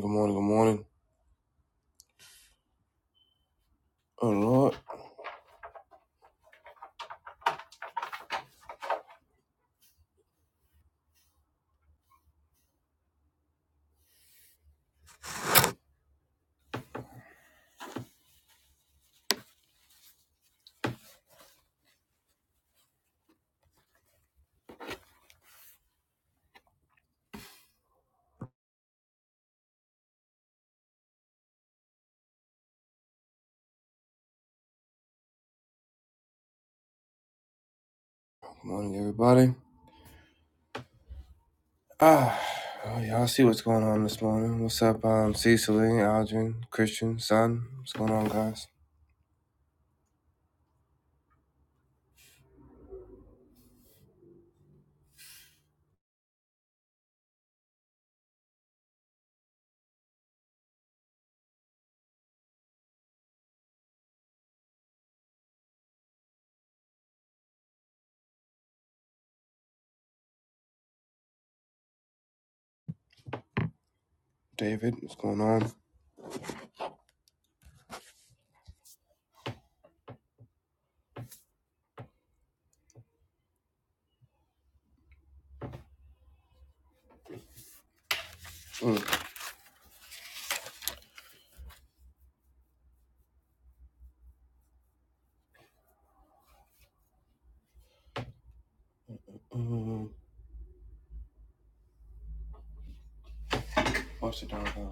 good morning, good morning. Oh Lord, good morning, everybody. Ah, oh, y'all see what's going on this morning. What's up, um, Cecily, Algin, Christian, Son? What's going on, guys? David, what's going on? Mm, mm, mm. What's the dog? on?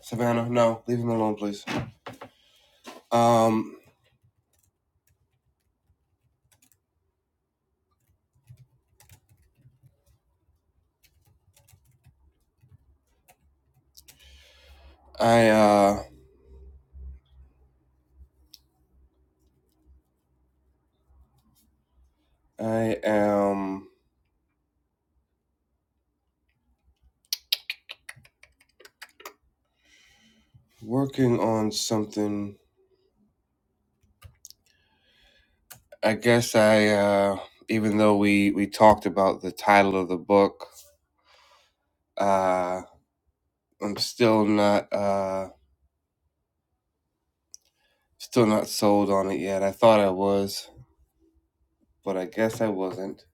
Savannah, no, leave him alone, please. Um, I uh, I am working on something. I guess I uh, even though we we talked about the title of the book, uh, I'm still not uh. Still not sold on it yet. I thought I was, but I guess I wasn't.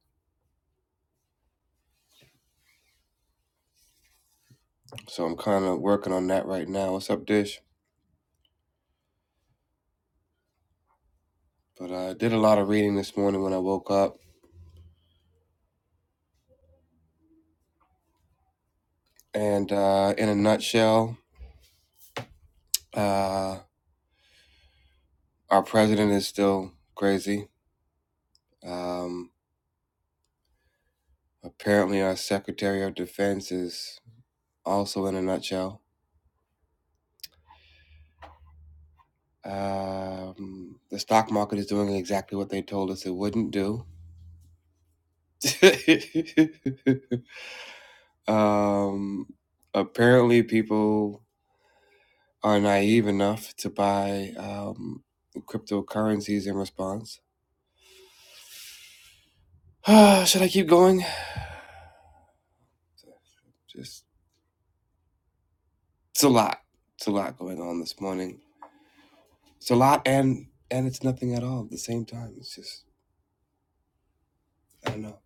So I'm kind of working on that right now. What's up, Dish? But uh, I uh, did a lot of reading this morning when I woke up. And uh, in a nutshell, uh, our president is still crazy. Um, apparently, our Secretary of Defense is also in a nutshell. Um, the stock market is doing exactly what they told us it wouldn't do. Um, apparently, people are naive enough to buy um, cryptocurrencies in response. Should I keep going? Just it's a lot. It's a lot going on this morning. It's a lot, and and it's nothing at all at the same time. It's just I don't know.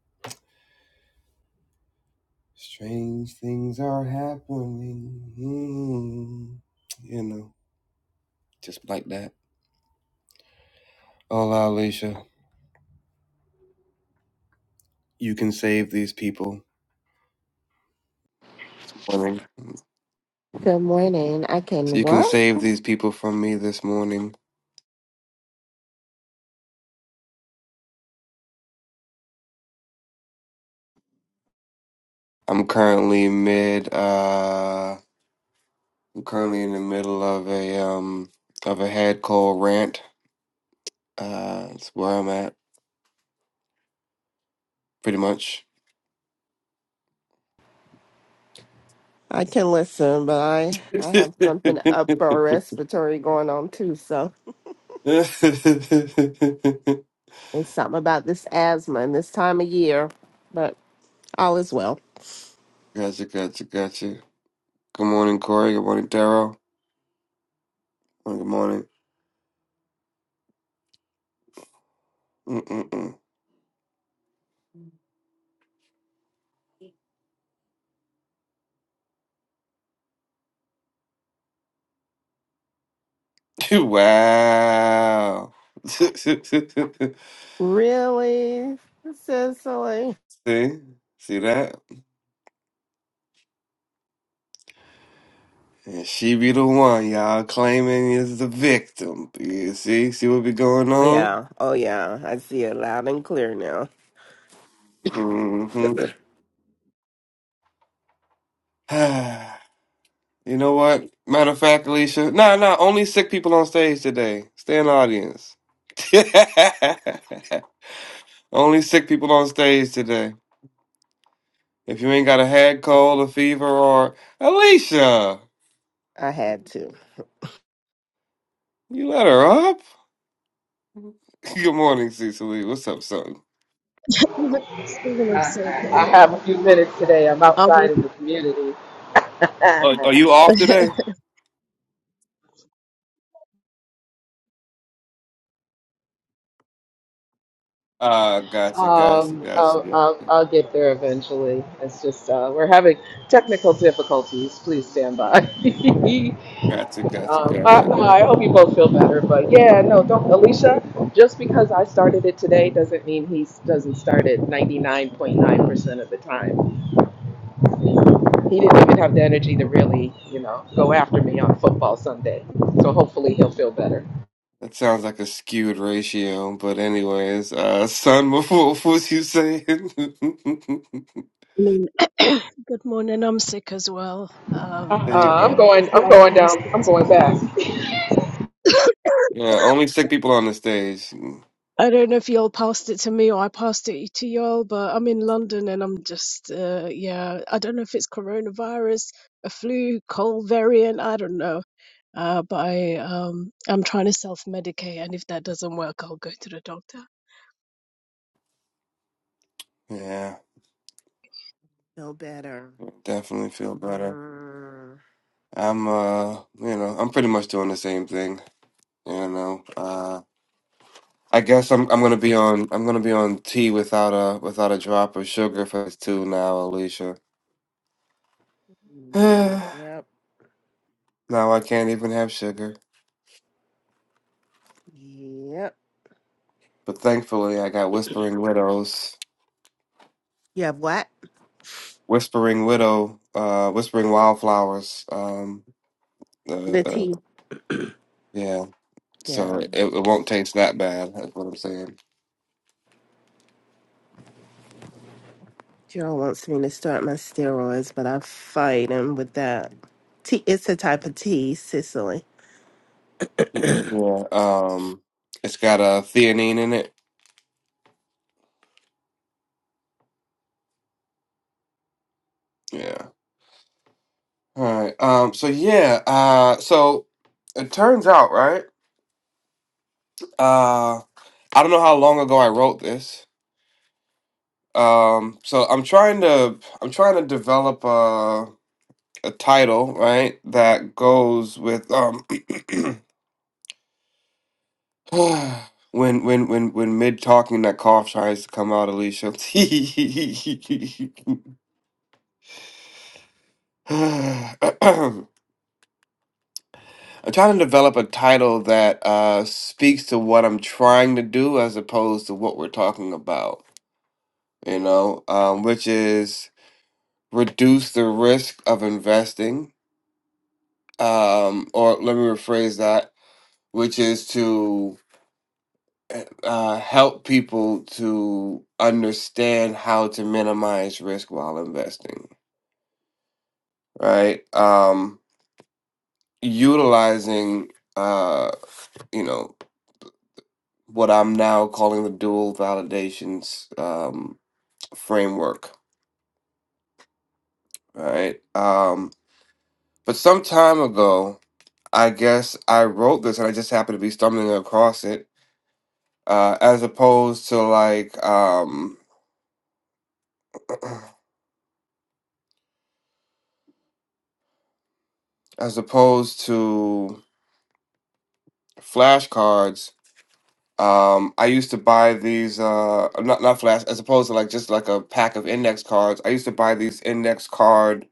Strange things are happening. Mm, you know, just like that. Hola, Alicia. You can save these people. this morning. Good morning. I So can you can what? save these people from me this morning. I'm currently mid uh I'm currently in the middle of a um of a head cold rant. Uh that's where I'm at, pretty much. I can listen, but I I gotcha, have something upper respiratory going on too. So it's something about this asthma and this time of year. But all is well. gotcha, gotcha. Good morning, Corey. Good morning, Daryl. Well, Good morning. Mm-mm-mm. wow. See? Really, Cicely? See that? And she be the one y'all claiming is the victim. You see, see what be going Oh on? yeah, oh yeah. I see it loud and clear now. Mm-hmm. you know what? Matter of fact, Alicia, nah, nah. Only sick people on stage today. Stay in the audience. only sick people on stage today. If you ain't got a head cold, a fever, or Alicia, I had to. you let her up. Good morning, Cecily. What's up, son? Speaking of sick, I, I'm, have a few minutes today. I'm outside in I'm- the community. Are, are you off today? Ah, gotcha, gotcha, Um, gotcha. I'll, I'll, gotcha. I'll get there eventually. It's just uh, we're having technical difficulties. Please stand by. Gotcha, gotcha, um, I, gotcha. I hope you both feel better. But yeah, no, don't Alicia. Just because I started it today doesn't mean he s- doesn't start it 99.9% of the time. He didn't even have the energy to really, you know, go after me on football Sunday. So hopefully he'll feel better. That sounds like a skewed ratio, but anyways, uh, son, what what was you saying? Mm. good morning. I'm sick as well. Um, There I you don't Uh, know I'm go. if going. I'm y'all going passed down. it I'm to going me. fast. Yeah, only sick people on the stage. Mm, I don't know if y'all passed it to me or I passed it to y'all, but I'm in London and I'm just, uh, yeah, I don't know if it's coronavirus, a flu, cold variant, I don't know. Uh, but I, um, I'm trying to self-medicate, and if that doesn't work, I'll go to the doctor. Yeah, No better. definitely feel better. Mm, I'm, uh, you know, I'm pretty much doing the same thing. You know, uh, I guess I'm I'm gonna be on I'm gonna be on tea without a without a drop of sugar for this too now, Alicia. now yep. I can't even have sugar. Yep. But thankfully, I got Whispering Widows. You have what? Whispering Widow, uh, Whispering Wildflowers. Um, uh, The uh, tea. yeah, Yeah. so it, it won't taste that bad. That's what I'm saying. Joe wants me to start my steroids, but I fight him with that. Tea, it's a type of tea, Sicily. I Y- Yeah. Um, it's got a theanine in it. Yeah. All right. Um, so yeah. Uh, so it turns out, right? Uh, I don't know how long ago I wrote this. Um, so I'm trying to I'm trying to develop a a title, right, that goes with um when when when when mid talking that cough tries to come out, Alicia. I'm trying to develop a title that uh speaks to what I'm trying to do as opposed to what we're talking about, you know, um, which is reduce the risk of investing. Um, or let me rephrase that, which is to uh, help people to understand how to minimize risk while investing right? Um, utilizing, uh, you know, what I'm now calling the dual validations um, framework, right? Um, but some time ago, I guess I wrote this and I just happened to be stumbling across it, uh, as opposed to like, um, as opposed to flashcards Um, I used to buy these uh not not flash as opposed to like just like a pack of index cards. I used to buy these index card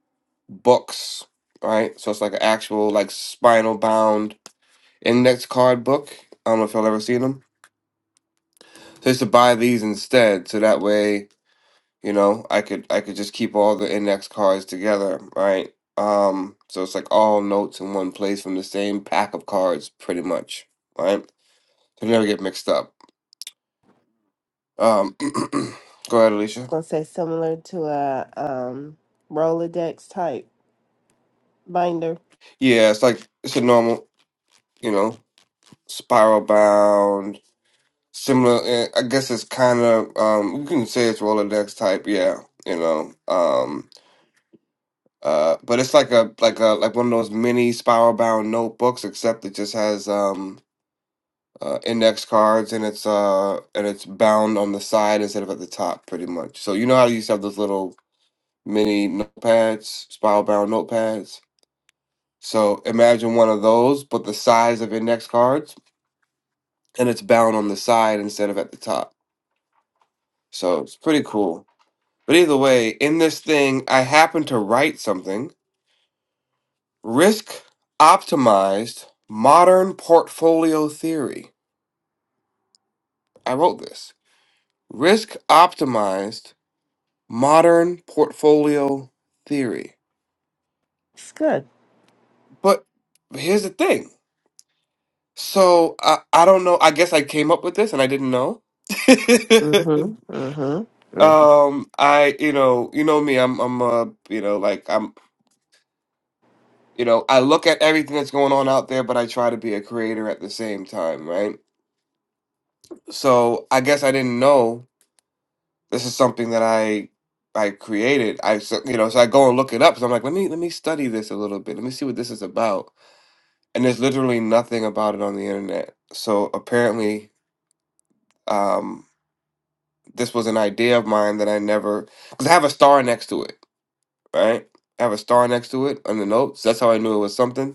books, right? So it's like an actual like spinal bound index card book. I don't know if y'all ever seen them. So I used to buy these instead, so that way, you know, I could I could just keep all the index cards together, right? Um, so it's like all notes in one place from the same pack of cards, pretty much, right? So they never get mixed up. Um, go ahead, Alicia. was gonna say similar to a um, Rolodex type binder. Yeah, it's like it's a normal, you know, spiral bound, similar. eh, I guess it's kind of um, you can say it's Rolodex type. Yeah, you know, um, uh, but it's like a like a like one of those mini spiral bound notebooks, except it just has um uh, index cards and it's uh and it's bound on the side instead of at the top, pretty much. So you know how you used to have those little mini notepads, spiral bound notepads. So imagine one of those, but the size of index cards and it's bound on the side instead of at the top. So it's pretty cool. But either way, in this thing, I happen to write something risk optimized modern portfolio theory. I wrote this risk optimized modern portfolio theory. It's good. But here's the thing. So I, I don't know. I guess I came up with this and I didn't know. Mm-hmm. Mm-hmm. hmm um, I you know you know me. I'm I'm uh you know like I'm You know, I look at everything that's going on out there, but I try to be a creator at the same time, right? So I guess I didn't know this is something that I I created. I so- you know, so I go and look it up. So I'm like, let me let me study this a little bit. Let me see what this is about. And there's literally nothing about it on the internet. So apparently, um, this was an idea of mine that I never because I have a star next to it, right? I have a star next to it on the notes. That's how I knew it was something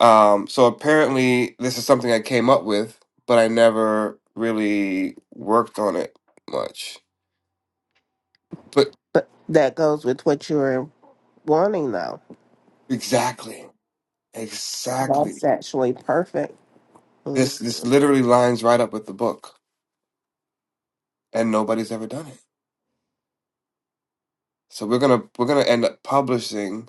Um, so apparently, this is something I came up with, but I never really worked on it much. But But that goes with what you're wanting, though. exactly, exactly. That's actually perfect. Mm. This this literally lines right up with the book, and nobody's ever done it. So we're gonna we're gonna end up publishing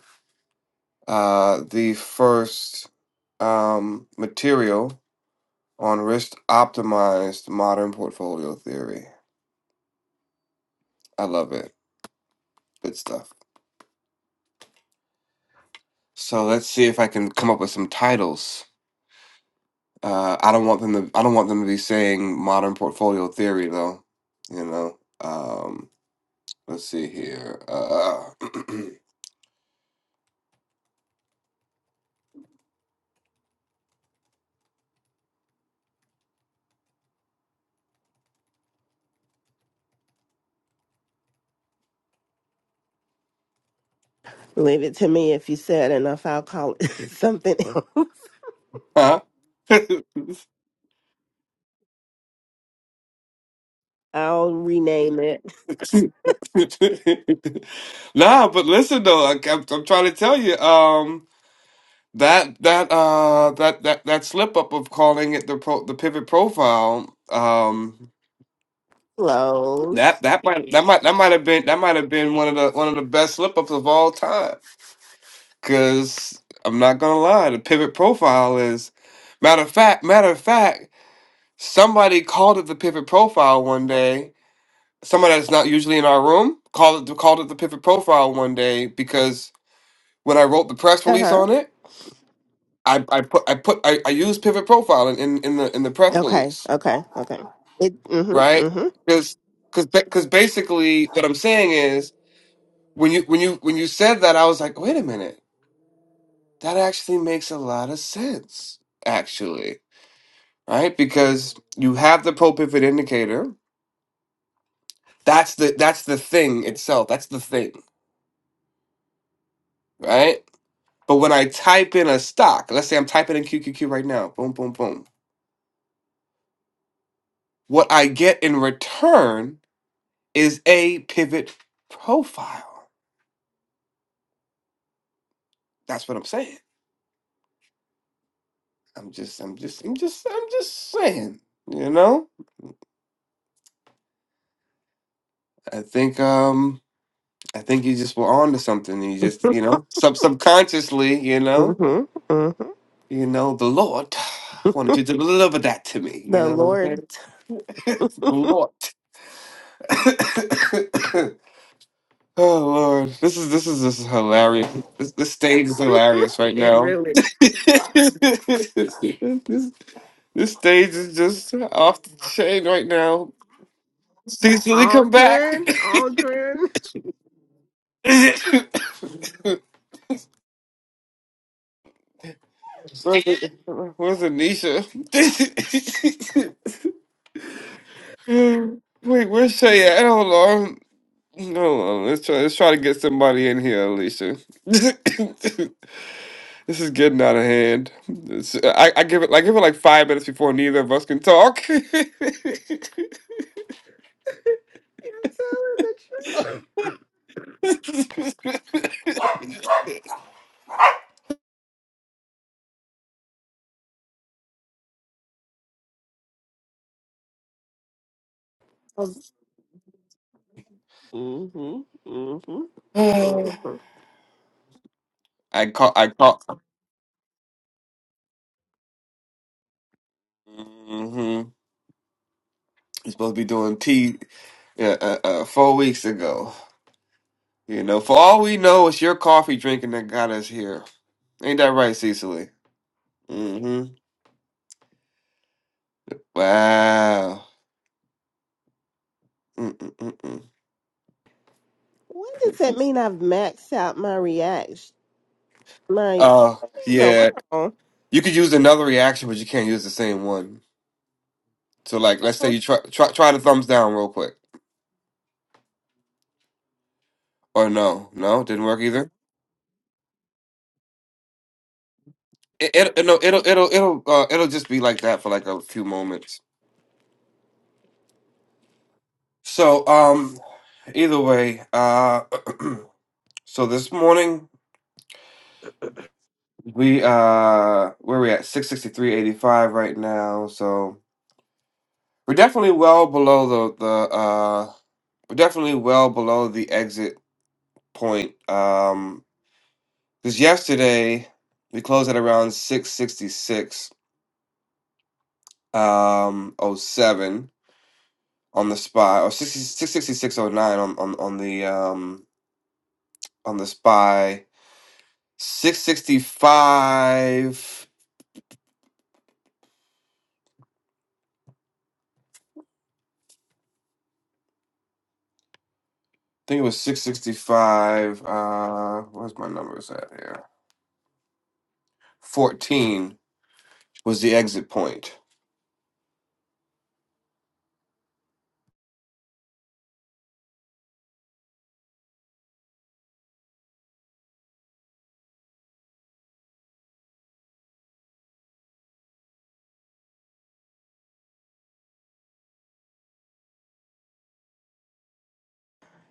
uh, the first um, material on risk optimized modern portfolio theory. I love it. Good stuff. So let's see if I can come up with some titles. Uh, I don't want them to. I don't want them to be saying modern portfolio theory though. You know. Um, let's see here. Uh, Leave it to me if you said enough. I'll call it something. else. huh? I'll rename it. nah, but listen though. I, I'm, I'm trying to tell you. Um, that that uh that that that slip up of calling it the pro, the pivot profile. Um, that Close. that might that might that might have been that might have been one of the one of the best slip ups of all time. Cause I'm not gonna lie, the pivot profile is matter of fact, matter of fact, somebody called it the pivot profile one day. Somebody that's not usually in our room called it called it the pivot profile one day because when I wrote the press Uh release huh. on it, I, I put I put I, I used pivot profile in, in, in the in the press Okay. release, Okay. Okay. It. Mm-hmm. right? mm-hmm. Because because because basically what I'm saying is when you when you when you said that I was like, wait a minute, that actually makes a lot of sense, actually right? Because you have the propivot indicator. That's the that's the thing itself. That's the thing, right? But when I type in a stock, let's say I'm typing in QQQ right now, boom, boom, boom. What I get in return is a pivot profile. That's what I'm saying. I'm just, I'm just, I'm just, I'm just saying. You know, I think, um, I think you just were on to something. You just, you know, sub subconsciously, you know. hmm hmm You know, the Lord wanted you to deliver that to me. You The know what I'm Lord. saying? the Lord. oh Lord, this is this is this is hilarious. This, this stage is hilarious right it now. really this, this stage is just off the chain right now. Cecily, come back. Aldrin, Aldrin, where's, where's Anisha? Wait, where's Shay at? Hold on. Hold on, let's try let's try to get somebody in here, Alicia. this is getting out of hand. It's- I, I give it like give it like five minutes before neither of us can talk. you're telling the truth. Mm-hmm. Mm-hmm. Mm-hmm. I caught I caught. hmm He's supposed to be doing tea uh, uh, uh, four weeks ago. You know, for all we know, it's your coffee drinking that got us here. Ain't that right, Cecily? Mm-hmm. Wow. Mm-mm-mm-mm. What does that mean? I've maxed out my reaction. My Uh, what in the yeah, world? you could use another reaction, but you can't use the same one. So, like, let's say you try try try the thumbs down real quick, or no, no, didn't work either. It, it, it no, it'll it'll it'll uh, it'll just be like that for like a few moments. So, um, either way, uh, so this morning we uh where we at six sixty three eighty five right now. So we're definitely well below the the uh we're definitely well below the exit point. Um Because yesterday we closed at around six sixty six um oh seven on the spy or 60, 666.09 on, on on the um on the spy six sixty five. I think it was six sixty five. Uh, where's my numbers at here? Fourteen was the exit point.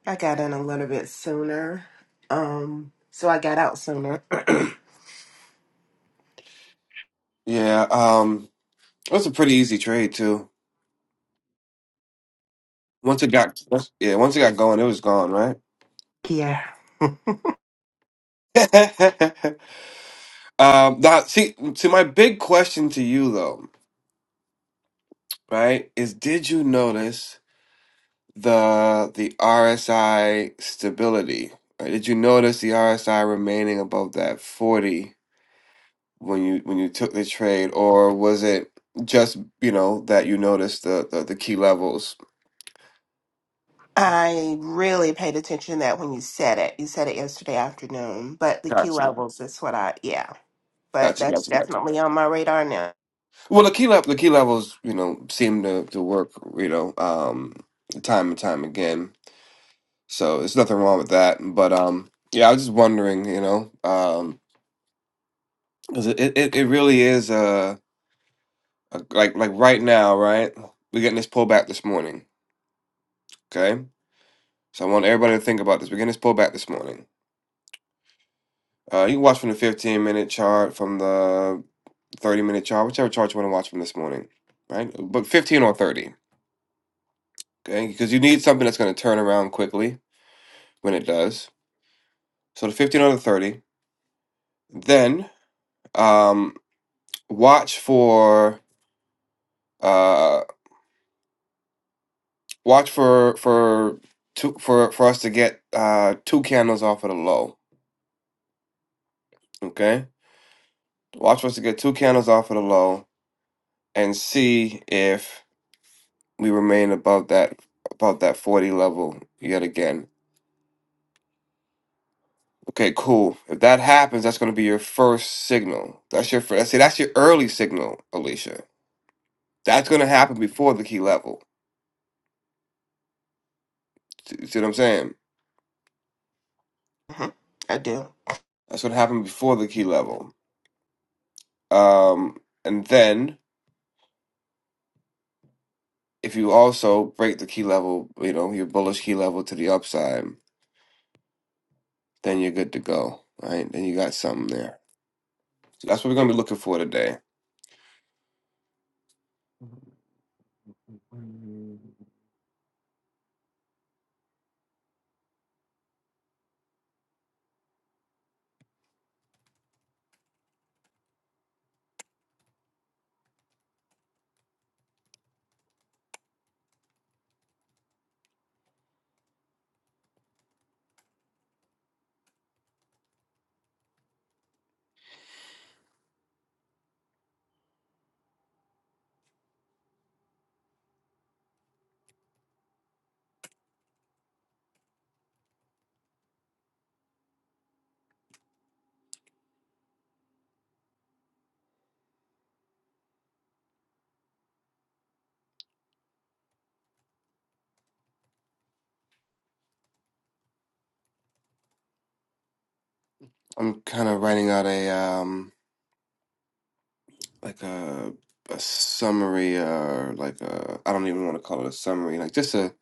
I got in a little bit sooner. Um, so I got out sooner. Yeah. Um, it was a pretty easy trade too. Once it got yeah, once it got going, it was gone, yeah. right? Um, that see, see, my big question to you though, right, is did you notice the the RSI stability? Right? Did you notice the RSI remaining above that 40 when you when you took the trade, or was it just, you know, that you noticed the the, the key levels? I really paid attention to that when you said it. You said it yesterday afternoon, but the key Gotcha. levels is what I, yeah. but Gotcha, that's gotcha, gotcha. definitely on my radar now. Well, the key level, the key levels, you know, seem to, to work, you know, um, time and time again. So there's nothing wrong with that. But um, yeah, I was just wondering, you know, um, because it, it it it really is uh a- like like right now, right? We're getting this pullback this morning. Okay, so I want everybody to think about this. We're getting this pullback this morning. Uh, you can watch from the 15 minute chart, from the 30 minute chart, whichever chart you want to watch from this morning, right? But 15 or 30, okay? Because you need something that's going to turn around quickly when it does. So the 15 or the 30. Then um, watch for. uh, Watch for for two for for us to get uh two candles off of the low. Okay. Watch for us to get two candles off of the low and see if we remain above that above that 40 level yet again. Okay, cool. If that happens, that's gonna be your first signal. That's your first see that's your early signal, Alicia. That's gonna happen before the key level. See see what I'm saying? hmm I do. That's gonna happen before the key level. Um and then If you also break the key level, you know, your bullish key level to the upside, then you're good to go, right? Then you got something there. So that's what we're gonna be looking for today. I'm kind of writing out a um like a a summary or like a I don't even want to call it a summary, like just a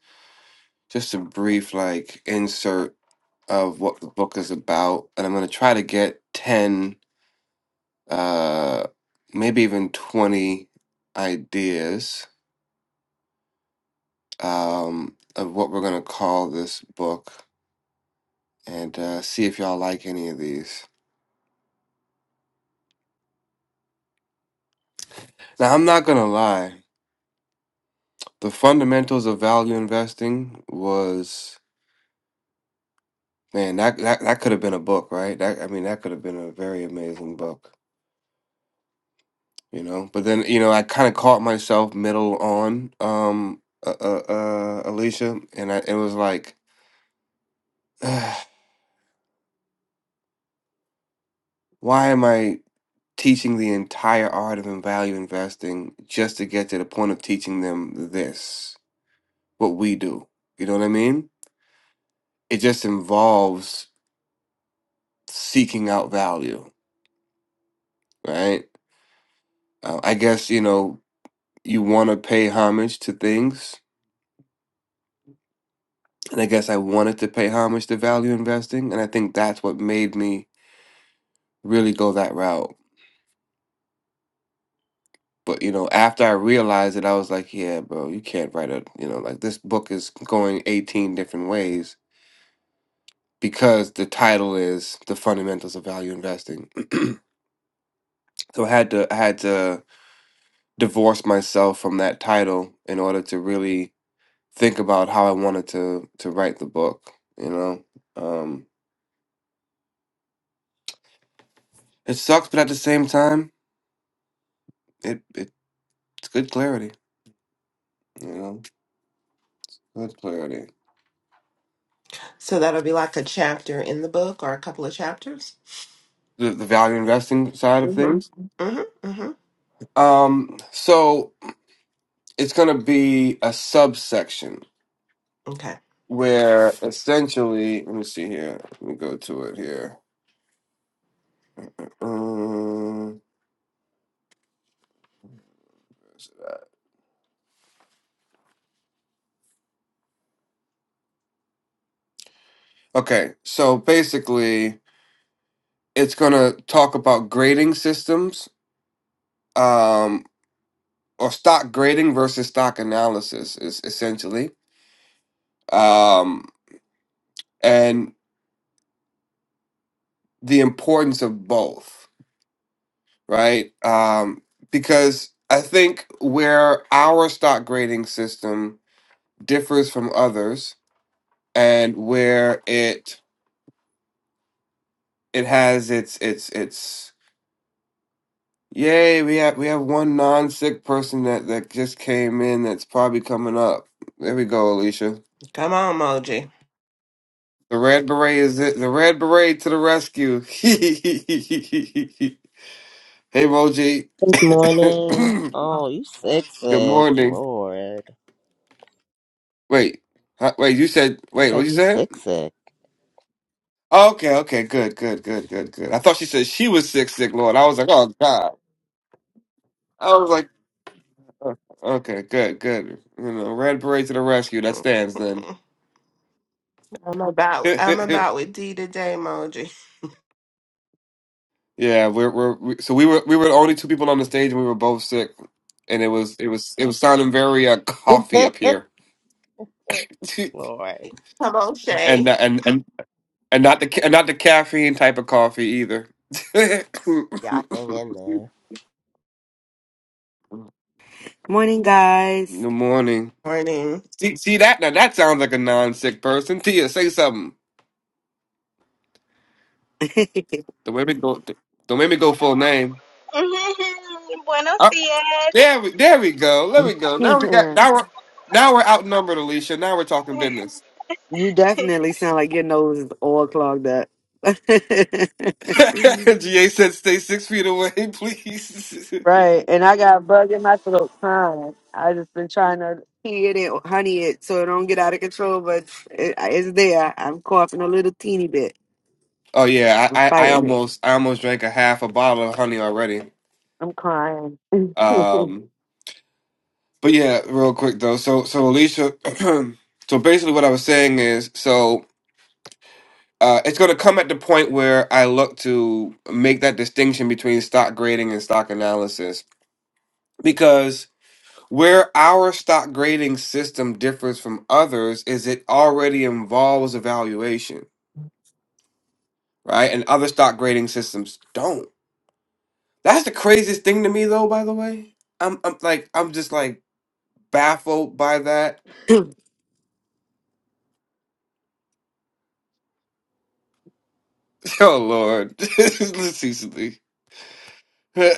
just a brief like insert of what the book is about, and I'm gonna try to get ten, uh, maybe even twenty ideas um, of what we're gonna call this book and uh, see if y'all like any of these. Now, I'm not gonna lie, the fundamentals of value investing was man that that, that could have been a book, right? That I mean, that could have been a very amazing book, you know. But then you know, I kind of caught myself middle on um, uh, uh, uh, Alicia, and I, it was like, why am I? Teaching the entire art of in- value investing just to get to the point of teaching them this what we do. You know what I mean? It just involves seeking out value, right? Uh, I guess, you know, you want to pay homage to things. And I guess I wanted to pay homage to value investing. And I think that's what made me really go that route. But, you know, after I realized it, I was like, yeah, bro, you can't write a, you know, like this book is going 18 different ways because the title is The Fundamentals of Value Investing. so I had to, I had to, divorce myself from that title in order to really think about how I wanted to to write the book. You know, um, it sucks, but at the same time, it it's good clarity. You know, good clarity. So that'll be like a chapter in the book or a couple of chapters. The, the value investing side of hmm things. hmm hmm Um, so it's going to be a subsection Okay. where essentially, let me see here. Let me go to it here. Um, okay, so basically, it's going to talk about grading systems um, or stock grading versus stock analysis is essentially, um, and the importance of both, right? Um, because I think where our stock grading system differs from others, and where it it has its its its yay we have we have one non sick person that that just came in that's probably coming up. There we go, Alicia. Come on, Moji. The red beret is it. The red beret to the rescue. hey, Moji. Good morning. Oh, you sick, good sick, morning. Lord. Wait, huh, wait. You said I wait. What said you you said? sick, sick, Oh, okay, okay. Good, good, good, good, good. I thought she said she was sick, sick, Lord. I was like, oh God. I was like, oh, okay, good, good. You know, red beret to the rescue. That stands then. Mhm. I'm about I'm yeah, about with D today, Moji. we're we're we, so we were we were the only two people on the stage, and we were both sick, and it was it was it was sounding very uh, coffee up here. Lord. Come on, Shay. and and and and not the and not the caffeine type of coffee either. Good Yeah, I hang in there. Morning, guys. morning. Morning. See, see that now that sounds like a non-sick person. Tia, say something. Don't make me go. Don't make me go full name. Mhm. Buenos Uh, dias. there we there we go. There we go. Now we got you now we're now we're outnumbered, Alicia. Now we're talking business. definitely sound like your nose is all clogged up. right. And Ga said, "Stay six feet away, please." I got a bug in my throat crying. I just been trying to pee it and honey it so it don't get out of control, but it, it's there. I'm coughing a little teeny bit. oh yeah, I'm I, I I fighting it. almost I almost drank a half a bottle of honey already. I'm crying. Um, But yeah, real quick though. So so Alicia, so basically what I was saying is, so uh, it's going to come at the point where I look to make that distinction between stock grading and stock analysis because where our stock grading system differs from others is it already involves evaluation, right? And other stock grading systems don't. That's the craziest thing to me though, by the way. I'm I'm like I'm just like baffled by that. Oh Lord. Listen, Cecily. oh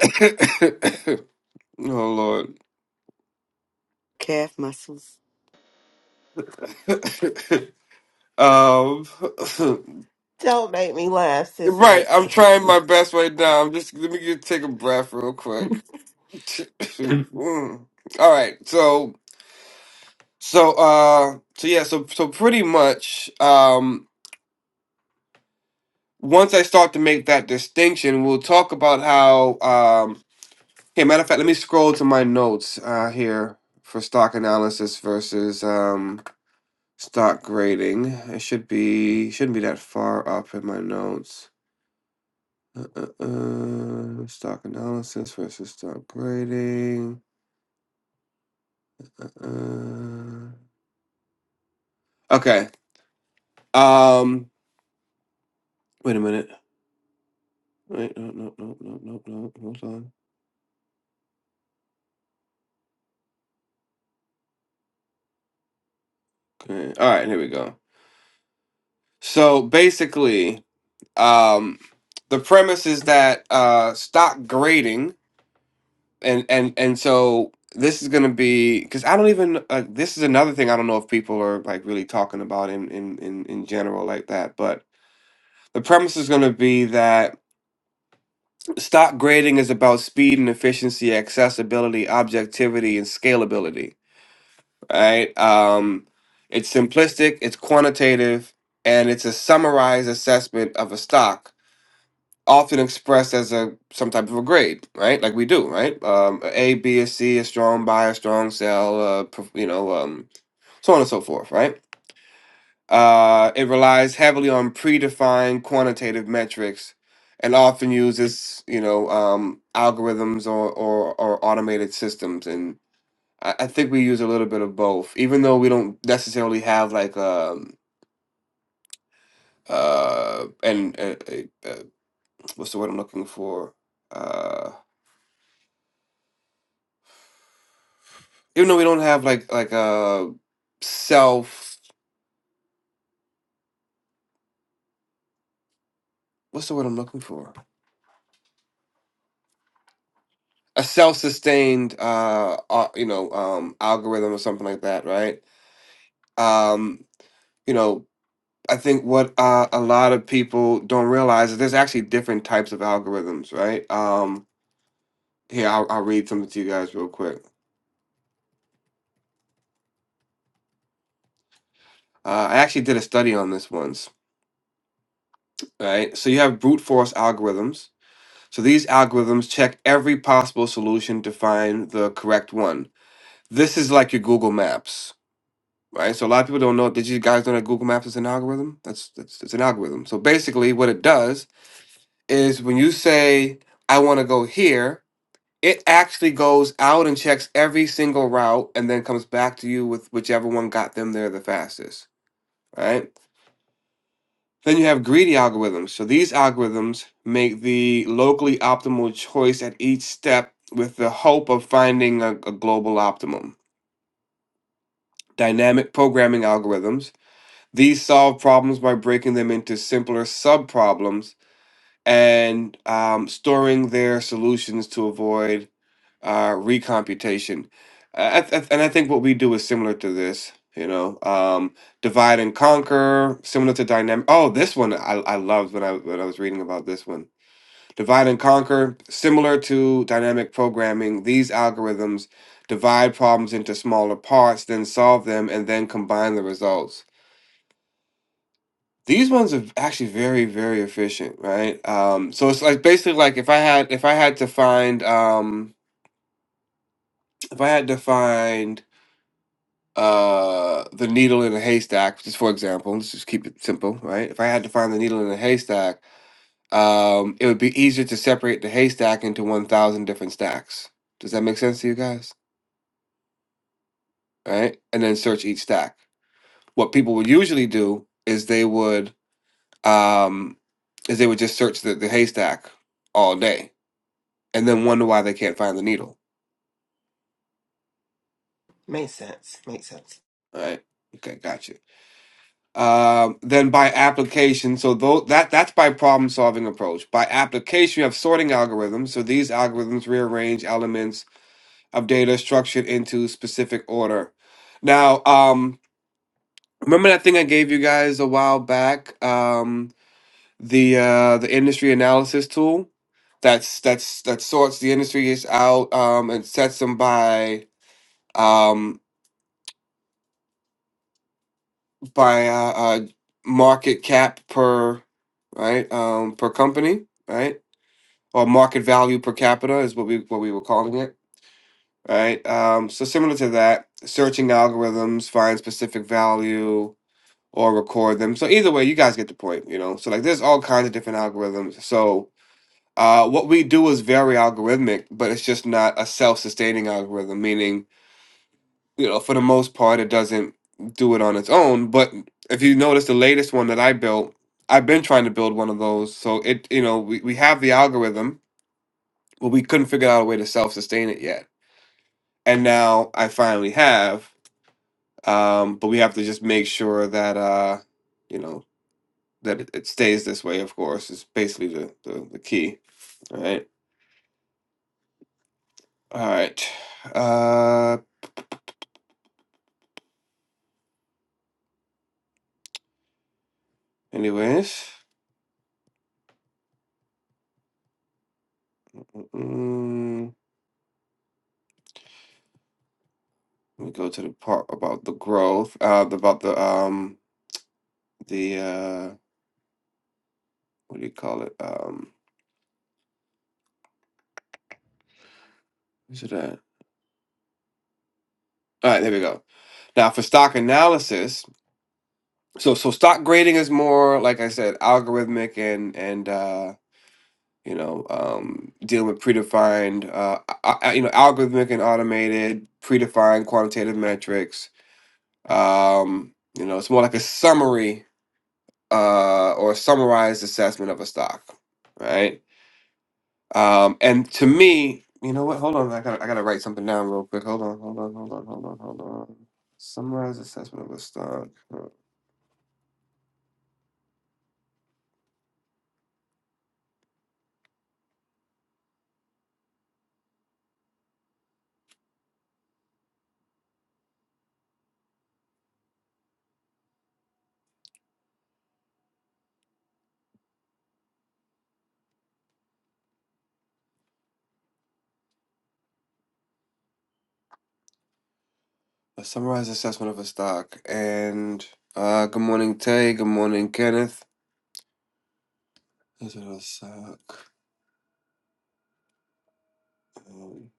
Lord. Calf muscles. um, Don't make me laugh, right, Cicely. I'm trying my best right now. I'm just let me get, take a breath real quick. Mm. All right, so so uh so yeah, so so pretty much um once I start to make that distinction, we'll talk about how um okay, matter of fact, let me scroll to my notes uh here for stock analysis versus um Stock grading. It should be shouldn't be that far up in my notes. Uh, uh, uh, stock analysis versus stock grading. Uh, okay. Um. Wait a minute. Wait. No. No. No. No. No. No. Hold on. Okay. All right. Here we go. So basically, um, the premise is that uh, stock grading and and and so this is gonna be because I don't even uh, this is another thing I don't know if people are like really talking about in in in in general like that, but the premise is going to be that stock grading is about speed and efficiency, accessibility, objectivity, and scalability. Right? Um, it's simplistic, it's quantitative, and it's a summarized assessment of a stock often expressed as a some type of a grade, right? Like we do, right? Um, a A, B, a C, a strong buy, a strong sell, uh, perf- you know, um, so on and so forth, right? Uh, it relies heavily on predefined quantitative metrics, and often uses you know um, algorithms or, or or automated systems. And I, I think we use a little bit of both, even though we don't necessarily have like um uh and uh, uh, uh, what's the word I'm looking for? Uh even though we don't have like like a self what's the word i'm looking for a self-sustained uh, uh you know um algorithm or something like that right um you know i think what uh, a lot of people don't realize is there's actually different types of algorithms right um here i'll, I'll read something to you guys real quick uh, i actually did a study on this once right so you have brute force algorithms so these algorithms check every possible solution to find the correct one This is like your Google Maps, right? So a lot of people don't know. Did you guys know that Google Maps is an algorithm? That's that's it's an algorithm. So basically, what it does is when you say I want to go here, it actually goes out and checks every single route and then comes back to you with whichever one got them there the fastest, right? Then you have greedy algorithms. So these algorithms make the locally optimal choice at each step with the hope of finding a, a global optimum. Dynamic programming algorithms These solve problems by breaking them into simpler subproblems and um, storing their solutions to avoid uh, recomputation. I, I, I- and I think what we do is similar to this. You know, um, divide and conquer, similar to dynamic. Oh, this one I, I loved when I when I was reading about this one. Divide and conquer, similar to dynamic programming. These algorithms divide problems into smaller parts, then solve them, and then combine the results These ones are actually very, very efficient, right? Um, so it's like basically like if I had if I had to find um, if I had to find uh, the needle in a haystack, just for example, let's just keep it simple, right? If I had to find the needle in a haystack, um, it would be easier to separate the haystack into one thousand different stacks. Does that make sense to you guys? Right? And then search each stack. What people would usually do is they would um, is they would just search the, the haystack all day and then wonder why they can't find the needle. Makes sense. Makes sense. All right. Okay, gotcha. Um, then by application, so though that that's by problem solving approach. By application, you have sorting algorithms. So these algorithms rearrange elements of data structured into specific order. Now, um, remember that thing I gave you guys a while back, um, the uh, the industry analysis tool that's that's that sorts the industries out um, and sets them by um, by uh, uh, market cap per right um, per company, right? Or market value per capita is what we what we were calling it, right? Um, so similar to that, searching algorithms find specific value or record them. So either way, you guys get the point, you know. So like, there's all kinds of different algorithms. So uh, what we do is very algorithmic, but it's just not a self-sustaining algorithm, meaning you know, for the most part, it doesn't do it on its own. But if you notice the latest one that I built, I've been trying to build one of those. So it, you know, we, we have the algorithm, but we couldn't figure out a way to self sustain it yet. And now I finally have. Um, but we have to just make sure that, uh, you know, that it, it stays this way, of course, is basically the, the, the key. All right. All right. Uh, anyways. mm, Let me go to the part about the growth, uh, about the um, the uh, what do you call it? Um, is it that? all right, there we go. Now for stock analysis, so so stock grading is more like I said, algorithmic and and uh, you know um, dealing with predefined, uh, a- a- you know, algorithmic and automated predefined quantitative metrics. Um, you know, it's more like a summary uh, or a summarized assessment of a stock, right? Um, and to me, you know what? Hold on, I gotta I gotta write something down real quick. Hold on, hold on, hold on, hold on, hold on. Summarize assessment of a stock. Uh, A summarized assessment of a stock. And uh, good morning, Tay. Good morning, Kenneth. This is a stock. Um,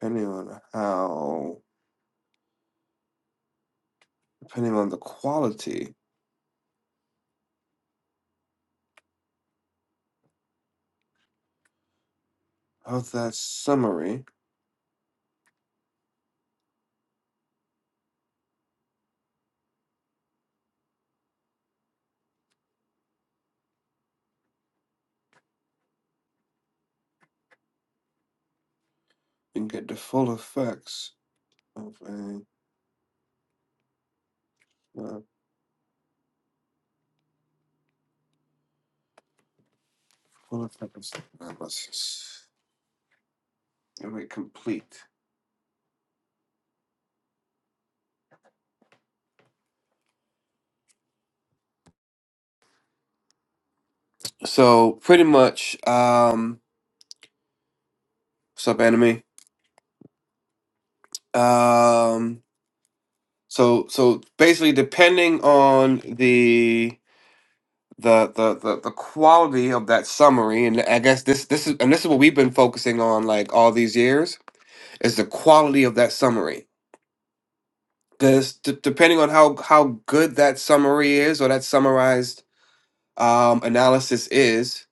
Depending on how, depending on the quality of that summary, you can get the full effects of a uh, full effect of. I must. Let me complete? So pretty much, um, what's up, enemy? Um, so so basically, depending on the the the the, the quality of that summary, and I guess this this is and this is what we've been focusing on like all these years is the quality of that summary. Because d- depending on how how good that summary is or that summarized um, analysis is,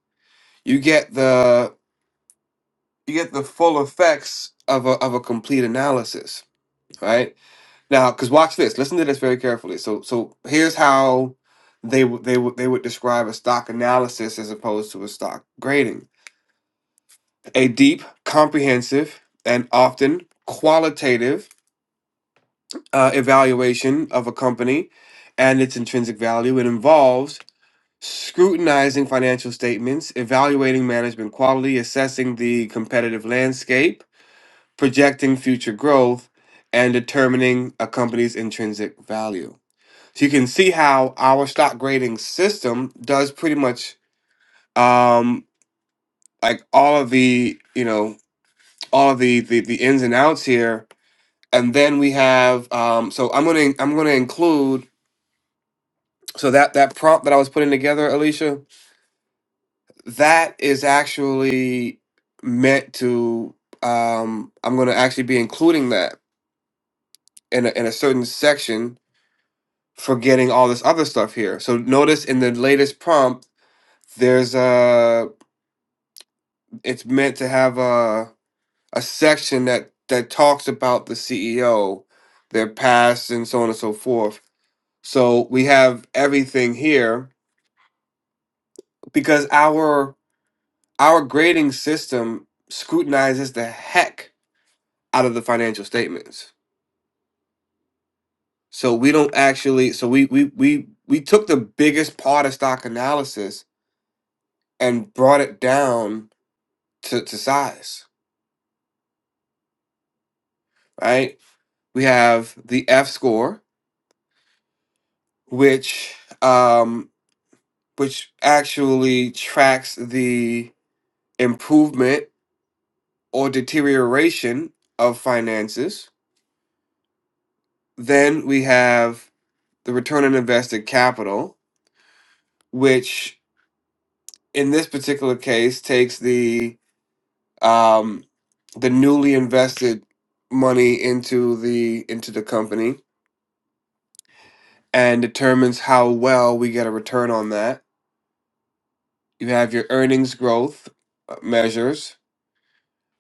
you get the you get the full effects of a of a complete analysis, right? Now, because watch this, listen to this very carefully. So, so here's how they would they would they would describe a stock analysis as opposed to a stock grading: a deep, comprehensive, and often qualitative uh, evaluation of a company and its intrinsic value. It involves scrutinizing financial statements, evaluating management quality, assessing the competitive landscape, projecting future growth, and determining a company's intrinsic value. So you can see how our stock grading system does pretty much um, like all of the you know all of the, the the ins and outs here, and then we have um, so I'm gonna I'm gonna include so that that prompt that I was putting together, Alicia, that is actually meant to um, I'm gonna actually be including that in a, in a certain section for getting all this other stuff here. So notice in the latest prompt, there's a. it's meant to have a a section that that talks about the CEO, their past, and so on and so forth. So we have everything here because our our grading system scrutinizes the heck out of the financial statements. So we don't actually. So we we we we took the biggest part of stock analysis and brought it down to, to size. Right. We have the F score, which um. which actually tracks the improvement or deterioration of finances. Then we have the return on invested capital, which in this particular case takes the um, the newly invested money into the into the company and determines how well we get a return on that. You have your earnings growth uh, measures,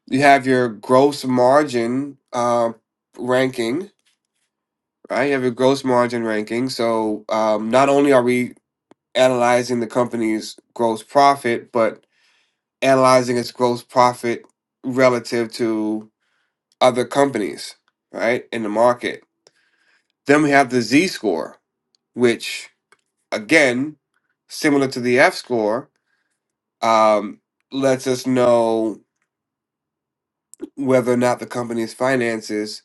you have your gross margin uh, ranking, right? You have your gross margin ranking. So um, not only are we analyzing the company's gross profit, but analyzing its gross profit relative to other companies, right, in the market. Then we have the Z score, which again, similar to the F score, um, lets us know whether or not the company's finances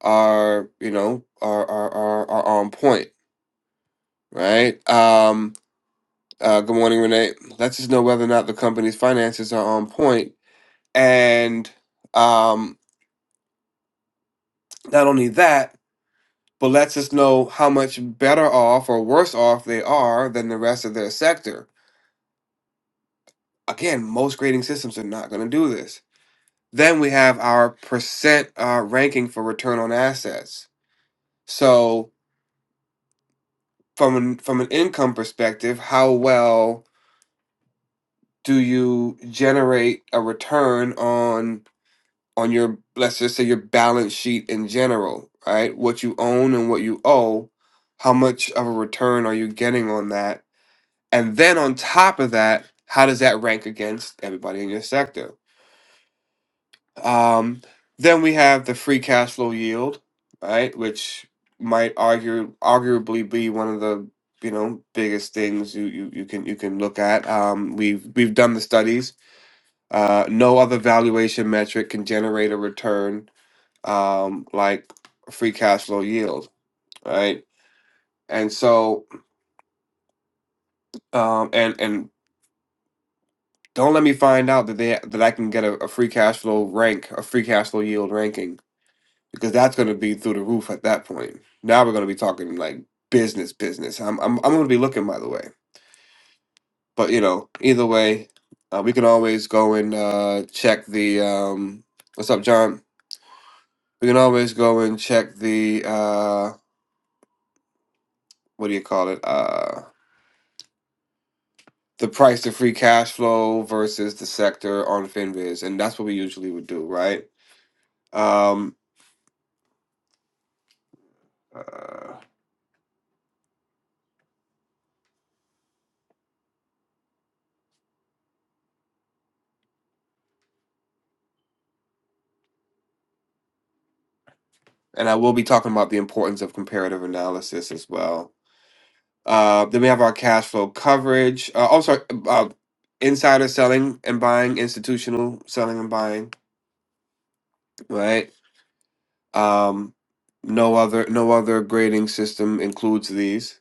are you know are are are, are on point, right? Um, uh, good morning, Renee. Let's just know whether or not the company's finances are on point, and um, not only that, but let's us know how much better off or worse off they are than the rest of their sector. Again, most grading systems are not going to do this. Then we have our percent uh, ranking for return on assets. So from an, from an income perspective, how well do you generate a return on on your let's just say your balance sheet in general right what you own and what you owe how much of a return are you getting on that and then on top of that how does that rank against everybody in your sector um, then we have the free cash flow yield right which might argue arguably be one of the you know biggest things you you, you can you can look at um, we've we've done the studies uh, no other valuation metric can generate a return um, like free cash flow yield, right? And so, um, and and don't let me find out that they that I can get a, a free cash flow rank, a free cash flow yield ranking, because that's going to be through the roof at that point. Now we're going to be talking like business, business. I'm I'm I'm going to be looking by the way, but you know, either way, uh, we can always go and uh, check the um, what's up, John? We can always go and check the. Uh, what do you call it? Uh, the price to free cash flow versus the sector on FinViz, and that's what we usually would do, right? Um, uh, and I will be talking about the importance of comparative analysis as well. Uh, then we have our cash flow coverage. Uh, oh, sorry, uh, insider selling and buying, institutional selling and buying, right? Um, no other, no other grading system includes these.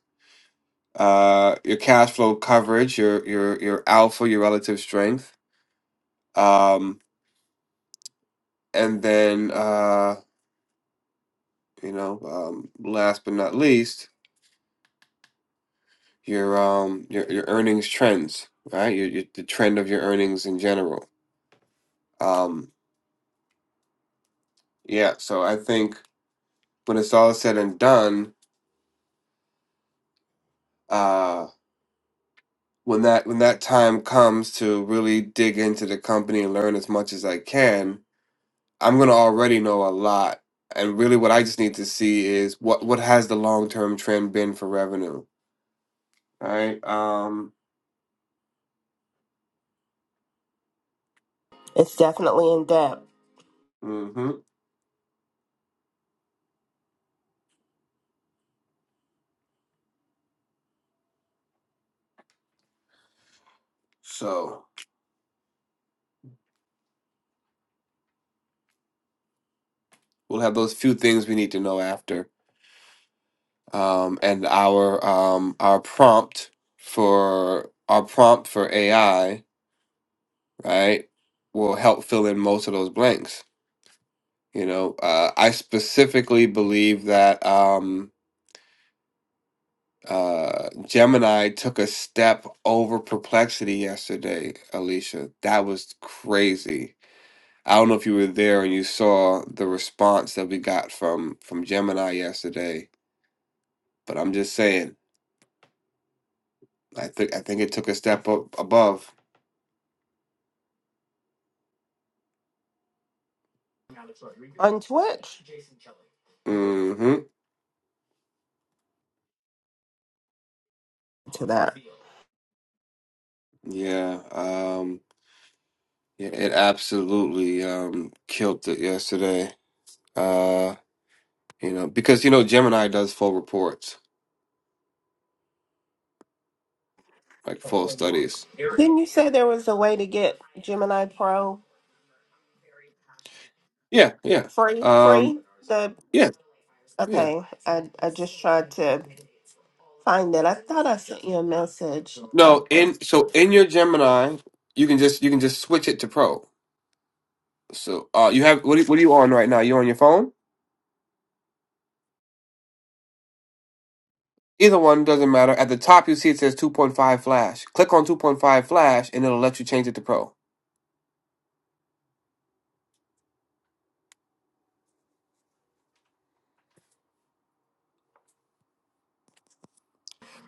Uh, your cash flow coverage, your your your alpha, your relative strength Um, and then uh, you know, um, last but not least, your um your your earnings trends, right? Your, your the trend of your earnings in general. Um, yeah. So I think when it's all said and done, uh, when that when that time comes to really dig into the company and learn as much as I can, I'm gonna already know a lot. And really, what I just need to see is what what has the long term trend been for revenue, right? Um, It's definitely in depth mhm. So we'll have those few things we need to know after. Um, and our um, our prompt for our prompt for AI, right, will help fill in most of those blanks. You know, uh, I specifically believe that um, uh, Gemini took a step over Perplexity yesterday, Alicia. That was crazy. I don't know if you were there and you saw the response that we got from from Gemini yesterday, but I'm just saying I think I think it took a step up above. on Twitch. hmm To that, Yeah. Um yeah, it absolutely um killed it yesterday. Uh you know, because you know Gemini does full reports, like full studies. didn't you say there was a way to get Gemini Pro Yeah, yeah. free? Um Free? yeah, yeah. Okay, I, I just tried to find it. I thought I sent you a message. Um, No, in so in your Gemini, you can just you can just switch it to Pro. So uh you have what are, what are you on right now? You on your phone? Either one doesn't matter. At the top you see it says 2.5 flash. Click on 2.5 flash and it'll let you change it to Pro.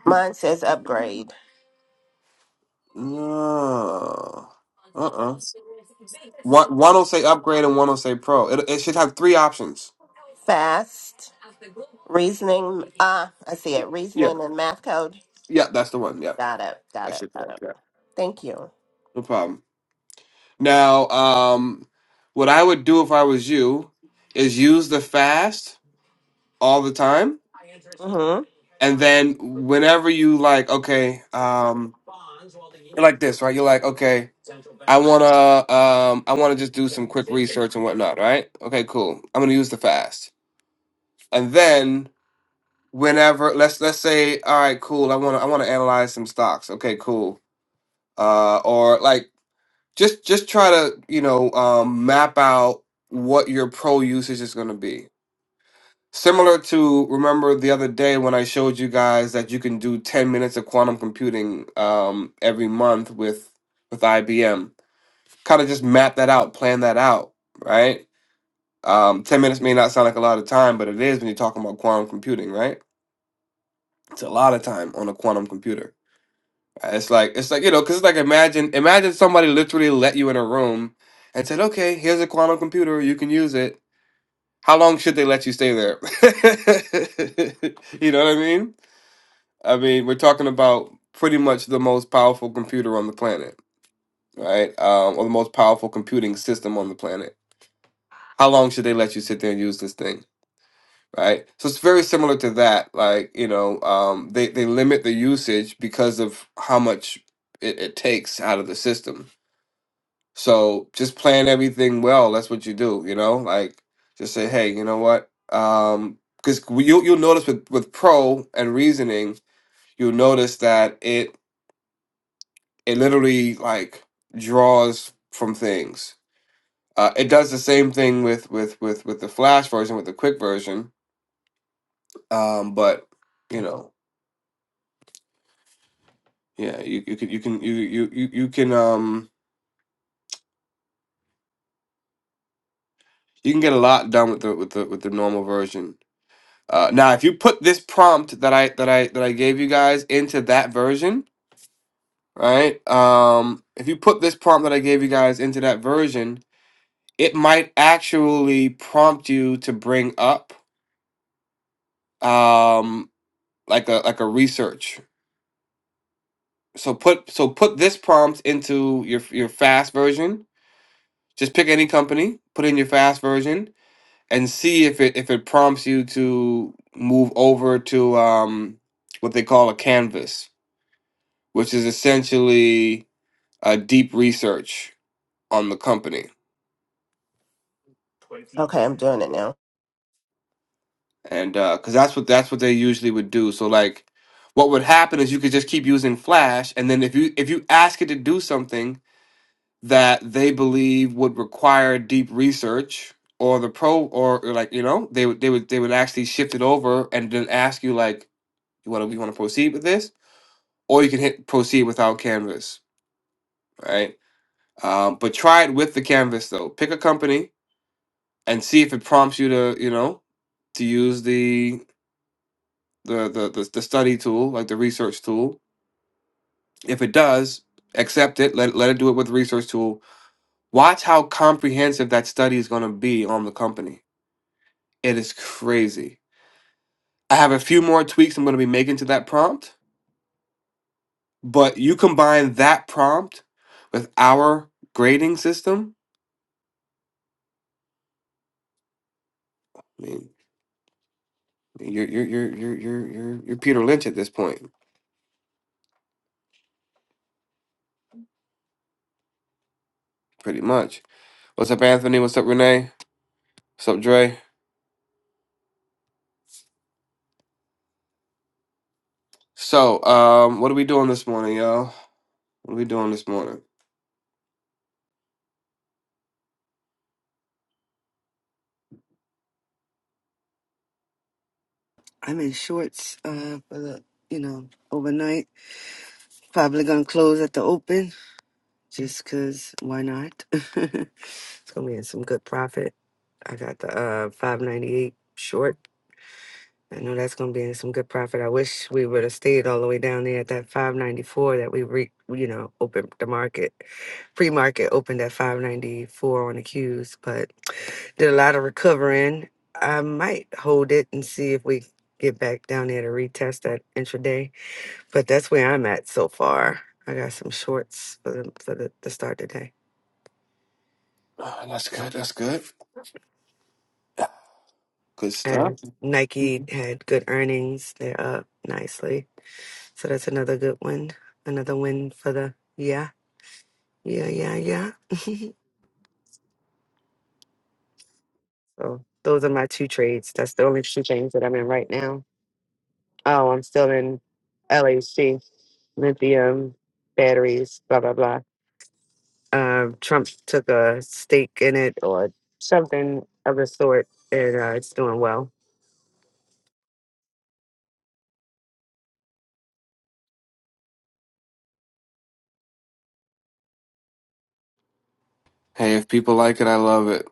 mine says upgrade. Uh uh. One one will say upgrade and one will say pro. It it should have three options. Fast, reasoning. Ah, I see it. Yeah. Reasoning and math code. Yeah, that's the one. Yeah. Got it. Got That it. should Got work. it. Yeah. Thank you. No problem. Now, um what I would do if I was you is use the fast all the time. Mm-hmm. And then whenever you like, okay, um you're like this, right? You're like, okay, I wanna um I wanna just do some quick research and whatnot, right? Okay, cool. I'm gonna use the fast. And then whenever let's let's say all right cool i want to i want to analyze some stocks okay cool uh or like just just try to you know um map out what your pro usage is going to be similar to remember the other day when i showed you guys that you can do 10 minutes of quantum computing um every month with with ibm kind of just map that out plan that out right um 10 minutes may not sound like a lot of time but it is when you're talking about quantum computing right it's a lot of time on a quantum computer It's like it's like you know, because it's like imagine imagine somebody literally let you in a room and said, "Okay, here's a quantum computer. You can use it." How long should they let you stay there? you know what I mean? I mean, we're talking about pretty much the most powerful computer on the planet, right? Um, or the most powerful computing system on the planet. How long should they let you sit there and use this thing? Right, so it's very similar to that. Like you know, um, they they limit the usage because of how much it, it takes out of the system So just plan everything well. That's what you do, you know? Like just say, hey, you know what? Um, because you you'll notice with with pro and reasoning, you'll notice that it it literally like draws from things. Uh, it does the same thing with with with with the flash version, with the quick version. Um, but you know, yeah, you you can you can you you you you can um you can get a lot done with the with the with the normal version Uh, now, if you put this prompt that I that I that I gave you guys into that version, right? Um, if you put this prompt that I gave you guys into that version, it might actually prompt you to bring up um, like a like a research. So put so put this prompt into your your fast version. Just pick any company, put in your fast version, and see if it if it prompts you to move over to um, what they call a canvas which is essentially a deep research on the company, Okay, I'm doing it now. and because that's what that's what they usually would do. So like, what would happen is you could just keep using Flash, and then if you if you ask it to do something that they believe would require deep research or the pro or or like you know they would they would they would actually shift it over and then ask you like you want to you want to proceed with this or you can hit proceed without canvas right um, but try it with the canvas though pick a company and see if it prompts you to you know to use the the the the, the study tool like the research tool if it does accept it let, let it do it with the research tool watch how comprehensive that study is going to be on the company it is crazy i have a few more tweaks i'm going to be making to that prompt but you combine that prompt with our grading system i mean you're you're you're you're you're, you're you're peter lynch at this point pretty much what's up anthony what's up renee what's up dre So, um, what are we doing this morning, y'all? What are we doing this morning? I'm in shorts uh, for the, you know, overnight. Probably going to close at the open. just because why not? it's going to be in some good profit. I got the uh 598 short. I know that's going to be in some good profit. I wish we would have stayed all the way down there at that 594 that we re, you know, opened the market. Pre-market opened at 594 on the Qs, but did a lot of recovering. I might hold it and see if we get back down there to retest that intraday. But that's where I'm at so far. I got some shorts for the, for the, the start today. Oh, that's good. That's good. Good stuff. And Nike had good earnings. They're up nicely. So that's another good one. Another win for the yeah, yeah, yeah, yeah. so those are my two trades. That's the only two things that I'm in right now. Oh, I'm still in LHC, lithium, batteries, blah, blah, blah. Um, Trump took a stake in it or something of the sort, and uh, it's doing well. Hey, if people like it, I love it.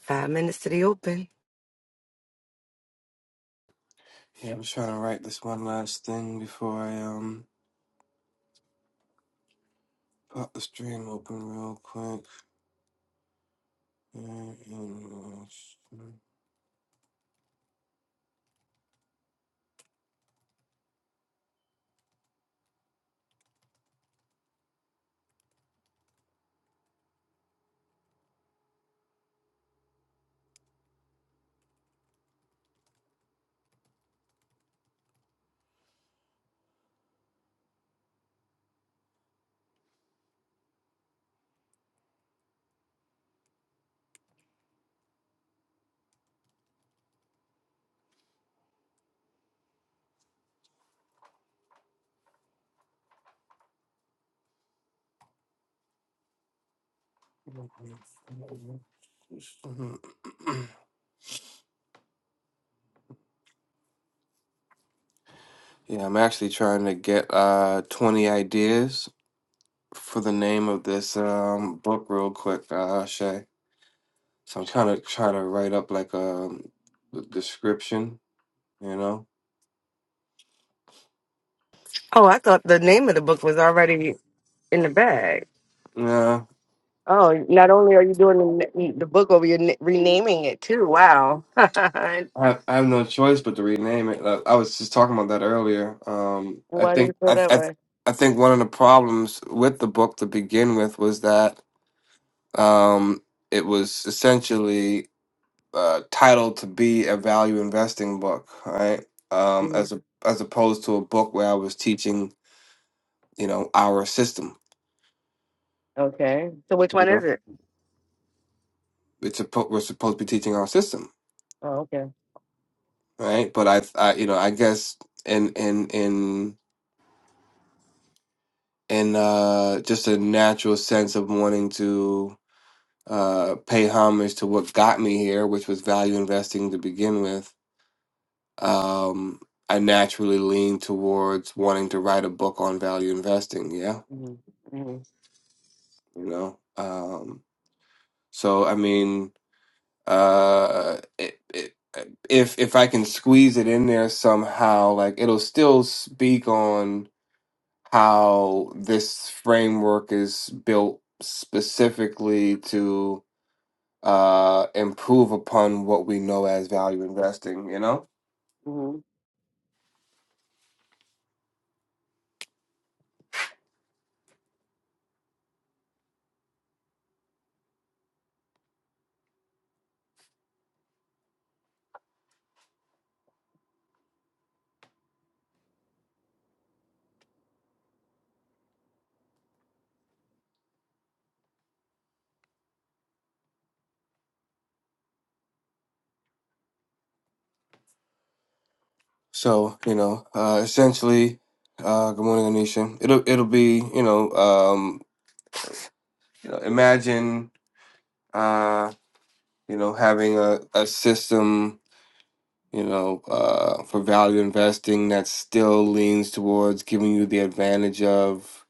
Five minutes to the open. Yeah, I'm trying to write this one last thing before I um pop the stream open real quick. Yeah, I'm actually trying to get uh 20 ideas for the name of this um book real quick, uh Shay. So I'm trying to try to write up like a, a description, you know? Oh, I thought the name of the book was already in the bag. Nah, Oh, not only are you doing the, n- the book over, you're n- renaming it too. Wow. I, I have no choice but to rename it. I, I was just talking about that earlier. Um, I Why do you think feel I, that I way? I think one of the problems with the book to begin with was that um, it was essentially uh, titled to be a value investing book, right? Um, hmm as a as opposed to a book where I was teaching, you know, our system. Okay. So which You one is know? it? It's suppo- we're supposed to be teaching our system Oh, okay. right? But I, I, you know, I guess in in in in uh, just a natural sense of wanting to uh, pay homage to what got me here, which was value investing to begin with. Um, I naturally lean towards wanting to write a book on value investing. Yeah, hmm hmm you know. Um, so I mean, uh, it, it, if if I can squeeze it in there somehow, like it'll still speak on how this framework is built specifically to uh, improve upon what we know as value investing. You know, hmm so you know, uh, essentially, uh, good morning, Anisha. It'll it'll be you know, um, you know, imagine uh, you know having a a system. You know, uh, for value investing that still leans towards giving you the advantage of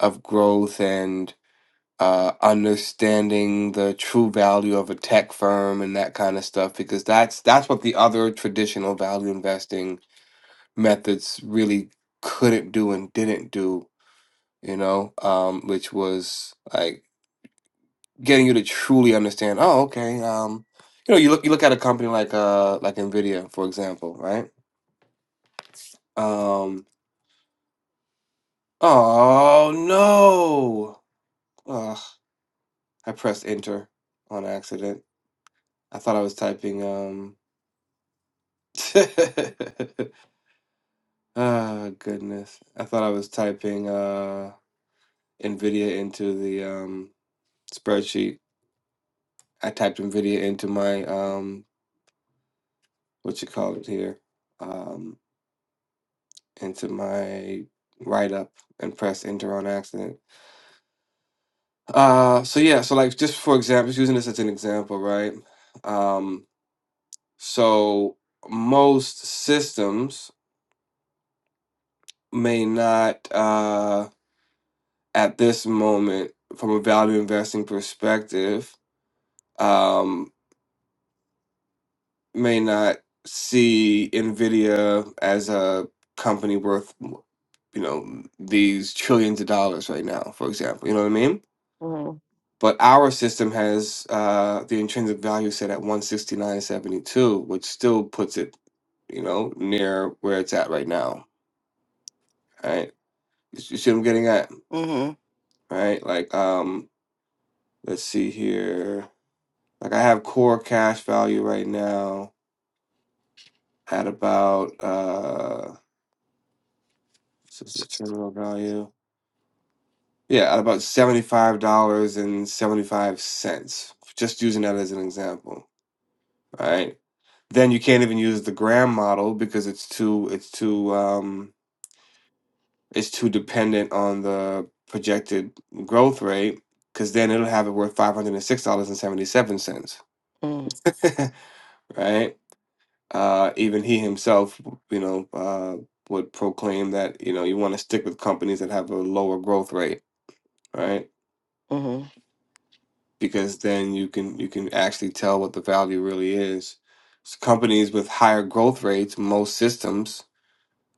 of growth and. uh, understanding the true value of a tech firm and that kind of stuff because that's that's what the other traditional value investing methods really couldn't do and didn't do you know um, which was like getting you to truly understand oh okay um, you know you look you look at a company like uh like Nvidia for example right um, oh no Ugh, I pressed enter on accident I thought I was typing um. Ah, goodness. I thought I was typing uh NVIDIA into the um spreadsheet. I typed NVIDIA into my um what you call it here, um into my write up and pressed enter on accident. Uh, so yeah, so like just for example, just using this as an example, right? Um, so most systems may not. uh, at this moment from a value investing perspective um, may not see nvidia as a company worth you know these trillions of dollars right now for example you know what i mean hmm but our system has uh, the intrinsic value set at 169.72 which still puts it you know near where it's at right now right you see what i'm getting at hmm right like um let's see here Like I have core cash value right now at about uh what's the terminal value. Yeah, at about seventy-five dollars and seventy-five cents. Just using that as an example. All right. Then you can't even use the gram model because it's too it's too um it's too dependent on the projected growth rate because then it'll have it worth five hundred and six dollars and seventy seven cents. hmm right? Uh, even he himself, you know, uh, would proclaim that, you know, you want to stick with companies that have a lower growth rate, right? hmm Because then you can you can actually tell what the value really is. So companies with higher growth rates, most systems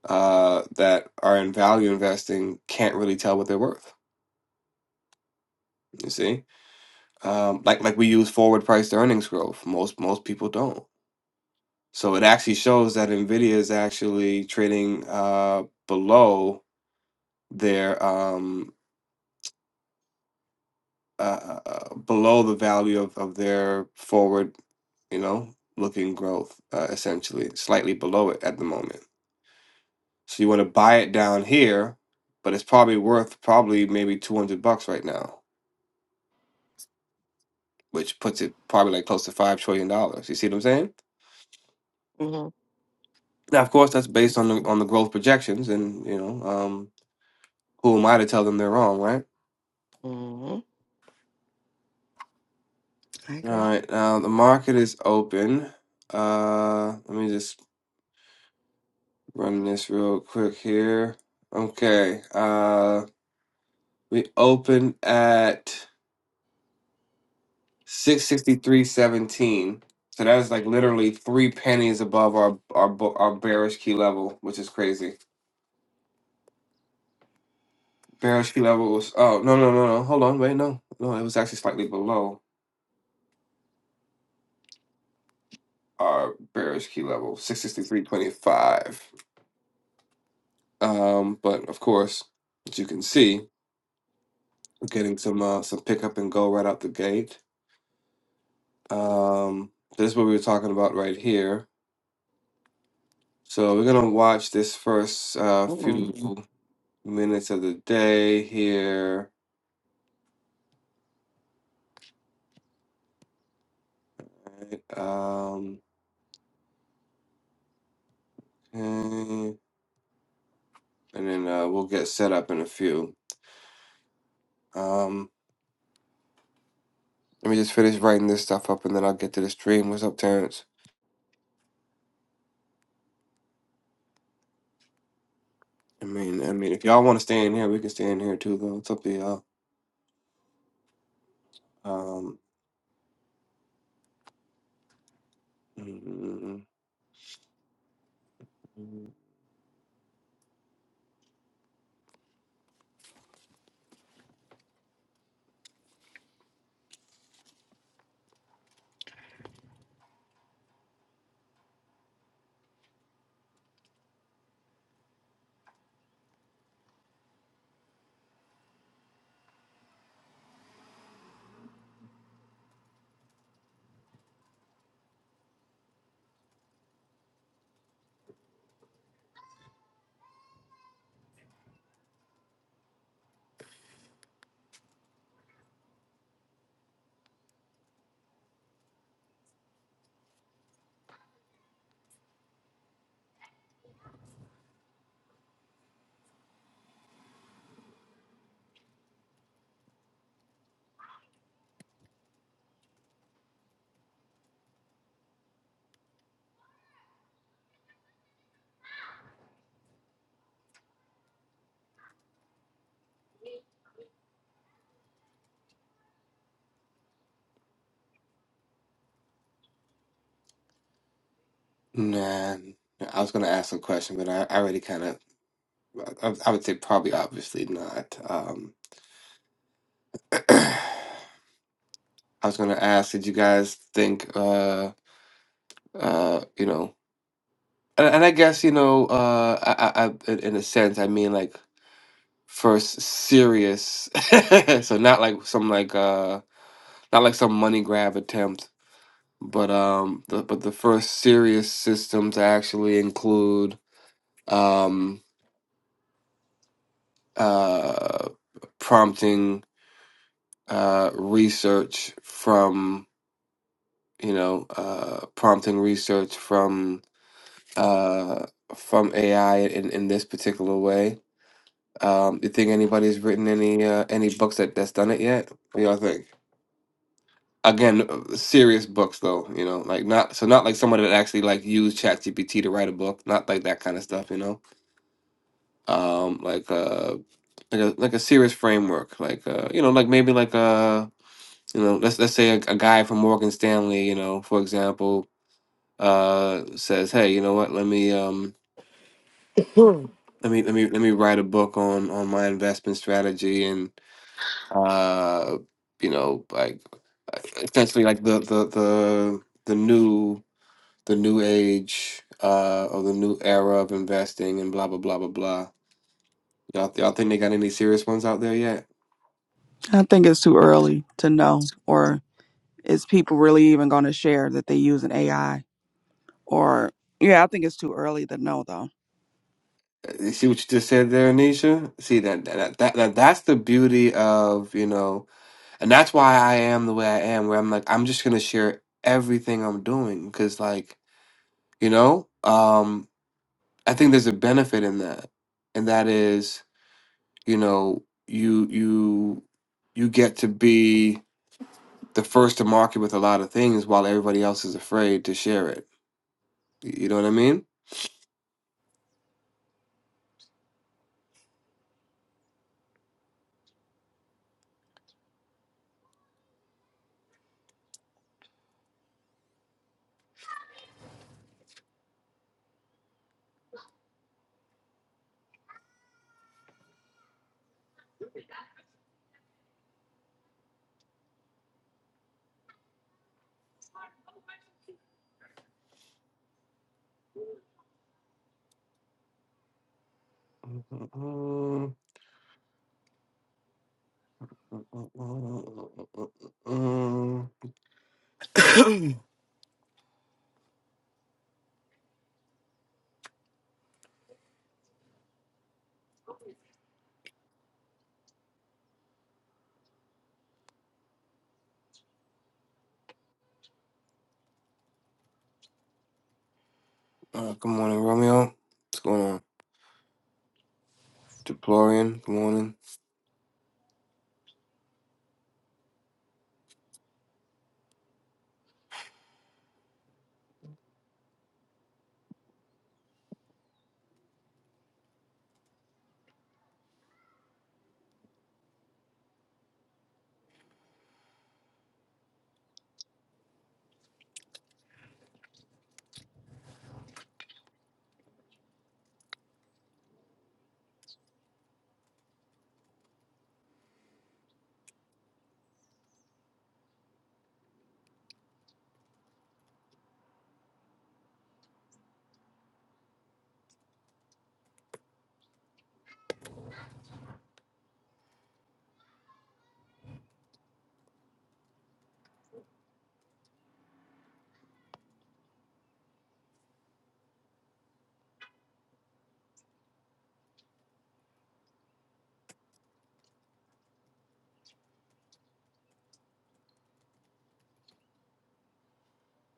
uh, that are in value investing can't really tell what they're worth. You see, um, like like we use forward price to earnings growth. Most most people don't. So it actually shows that Nvidia is actually trading uh, below their um uh, uh, uh, below the value of, of their forward you know looking growth uh, essentially slightly below it at the moment so you want to buy it down here but it's probably worth probably maybe 200 bucks right now which puts it probably like close to five trillion dollars you see what i'm saying hmm now of course that's based on the on the growth projections and you know um who am i to tell them they're wrong right hmm I all agree. right now the market is open uh let me just Run this real quick here. Okay. Uh we opened at 663.17. So that is like literally three pennies above our our bo- our bearish key level, which is crazy. Bearish key level was oh no no no no hold on wait no no it was actually slightly below our bearish key level 663.25. Um, but of course, as you can see, we're getting some uh, some pickup and go right out the gate. Um, this is what we were talking about right here. So we're gonna watch this first uh, Mm-mm. few minutes of the day here. right? Um, okay. And then uh, we'll get set up in a few. Um, let me just finish writing this stuff up, and then I'll get to the stream. What's up, Terrence? I mean, I mean, if y'all want to stay in here, we can stay in here too, though. It's up to y'all. Um, mm, mm, mm, mm. nah, I was gonna ask a question, but I, I already kind of I, I would say probably obviously not. Um, I was gonna ask, did you guys think, uh, uh, you know, and, and I guess you know, uh, I, I, I, in in a sense, I mean like first serious, so not like some like uh, not like some money grab attempt, but um, the, but the first serious system to actually include um, uh, prompting uh, research from. you know, uh, prompting research from uh, from AI in, in this particular way. Um, you think anybody's written any uh, any books that that's done it yet? What y'all think? Again, uh, serious books though, you know, like not so not like someone that actually like used ChatGPT to write a book, not like that kind of stuff, you know, um, like uh, like a like a serious framework, like uh, you know, like maybe like uh, you know, let's let's say a, a guy from Morgan Stanley, you know, for example, uh says, "Hey, you know what? Let me um Mm. let me let me let me write a book on on my investment strategy and uh you know like essentially like the the the the new the new age uh or the new era of investing and blah blah blah blah blah." Y'all y'all think they got any serious ones out there yet? I think it's too early to know, or is people really even going to share that they use an AI? Or yeah, I think it's too early to know though. Uh, You see what you just said there, Anisha? See that that, that that that's the beauty of you know And that's why I am the way I am, where I'm like, I'm just gonna share everything I'm doing because, like, you know, um, I think there's a benefit in that, and that is, you know, you you you get to be the first to market with a lot of things while everybody else is afraid to share it. Y- You know what I mean? Uh, good morning, Romeo. What's going on? Deplorian, good morning.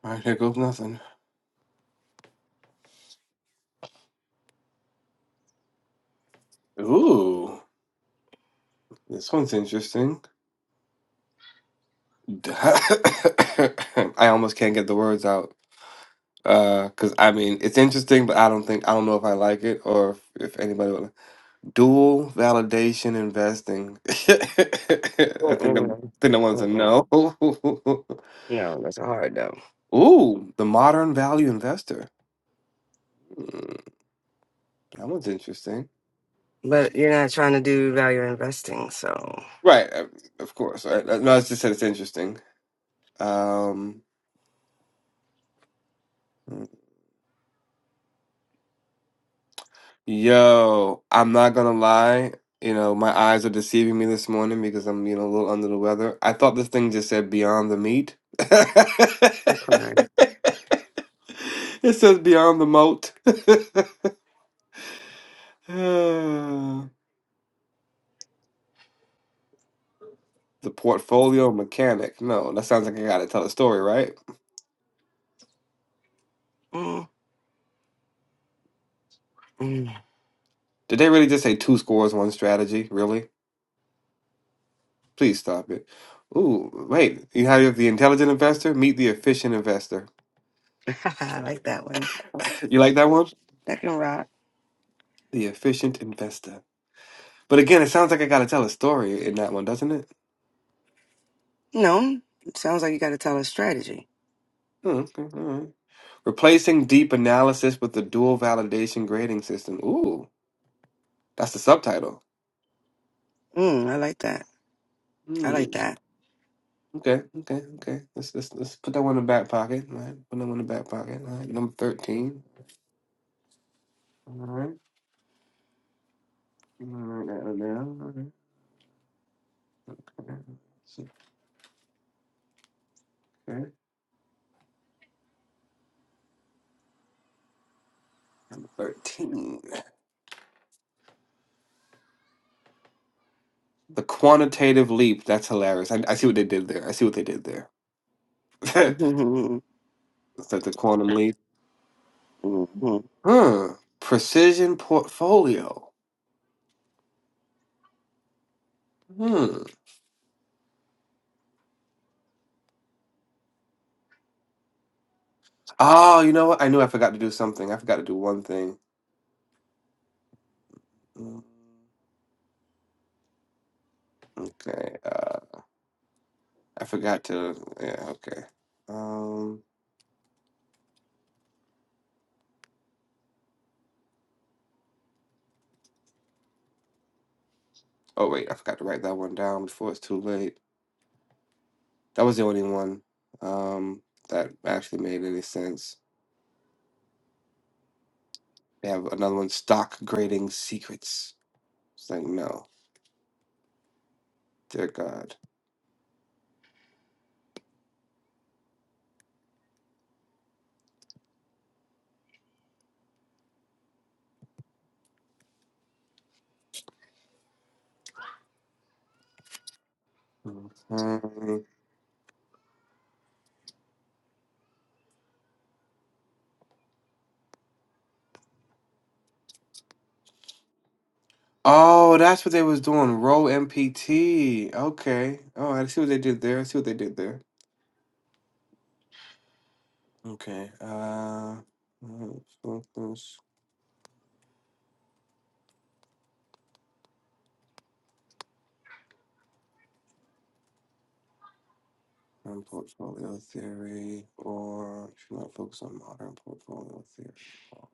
All right, here goes nothing. Ooh. This one's interesting. I almost can't get the words out. Uh, cause I mean, it's interesting, but I don't think I don't know if I like it or if, if anybody would. Dual validation investing. I think the Mm-mm. think that one's a Mm-mm. no. No, that's hard though. Ooh, the modern value investor. Mm, that one's interesting. but you're not trying to do value investing, so Right, uh, of course. Right? Uh, No, I just said it's interesting. Um, hmm. Yo, I'm not gonna lie. You know, my eyes are deceiving me this morning because I'm, you know, a little under the weather. I thought this thing just said Beyond the Meat. Okay. It says Beyond the Moat. The portfolio mechanic. No, that sounds like I gotta tell a story, right? mm, mm. Did they really just say two scores, one strategy? Really? Please stop it. Ooh, wait. You have the intelligent investor, meet the efficient investor. I like that one. You like that one? That can rock. The efficient investor. But again, it sounds like I gotta tell a story in that one, doesn't it? No, it sounds like you got to tell a strategy. Hmm, okay, all right. Replacing deep analysis with the dual validation grading system. Ooh, that's the subtitle. Mm, I like that. I Hmm. like that. Okay, okay, okay. Let's let's let's put that one in the back pocket. All right, put that one in the back pocket. All right, number thirteen. All right, I'm gonna write that one down. All right, all right. It's Okay. Thirteen. The quantitative leap. That's hilarious. I, I see what they did there. I see what they did there. it's like the quantum leap. Mhm. Huh. Precision portfolio. Hmm. Oh, you know what? I knew I forgot to do something. I forgot to do one thing. Mm, Okay. Uh, I forgot to. Yeah. Okay. Um. Oh wait, I forgot to write that one down before it's too late. That was the only one. Um. That actually made any sense. They have another one. Stock grading secrets. It's like no, dear God. Okay. Oh, that's what they was doing. Row MPT. Okay. Oh, I see what they did there. I see what they did there. Okay. Uh, focus on portfolio theory, or should not focus on modern portfolio theory.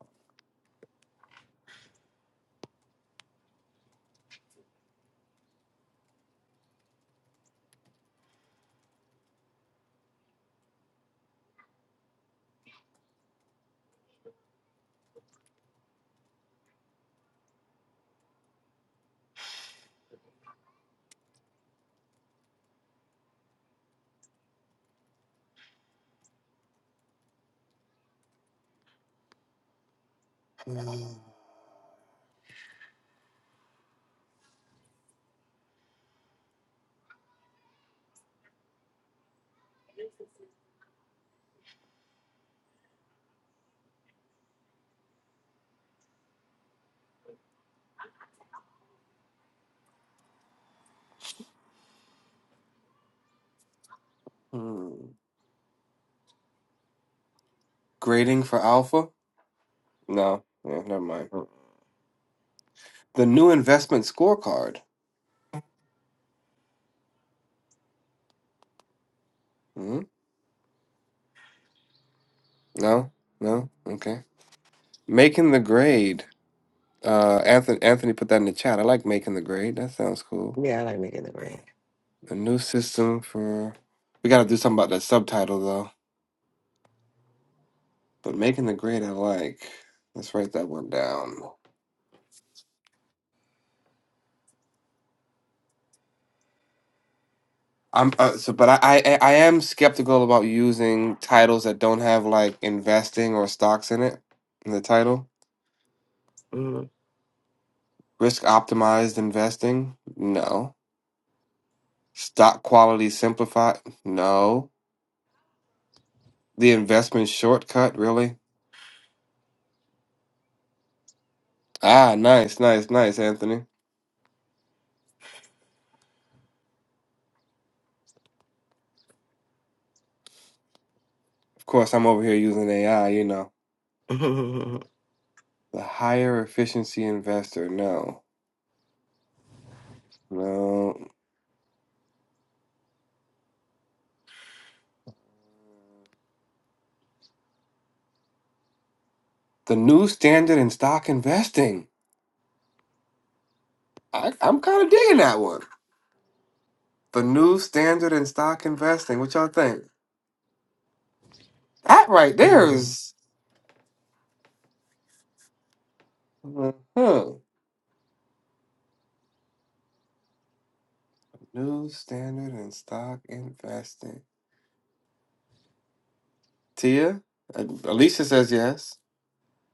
Hmm. Hmm. Grading for alpha? No. Yeah, never mind. The new investment scorecard. hmm No. No. Okay. Making the grade. Uh, Anthony. Anthony put that in the chat. I like making the grade. That sounds cool. yeah, I like making the bread. A new system for. We got to do something about that subtitle But making the grade, I like. Let's write that one down. I'm uh, so, but I, I I am skeptical about using titles that don't have like investing or stocks in it in the title. Mhm. Risk optimized investing, no. Stock quality simplified, no. The investment shortcut, really? Ah, nice, nice, nice, Anthony. Of course, I'm over here using AI. You know, the higher efficiency investor, no, no. The new standard in stock investing. I, I'm kind of digging that one. The new standard in stock investing. What y'all think? That right there Mm. is. Huh. New standard in stock investing. Tia? Uh, Alicia says yes.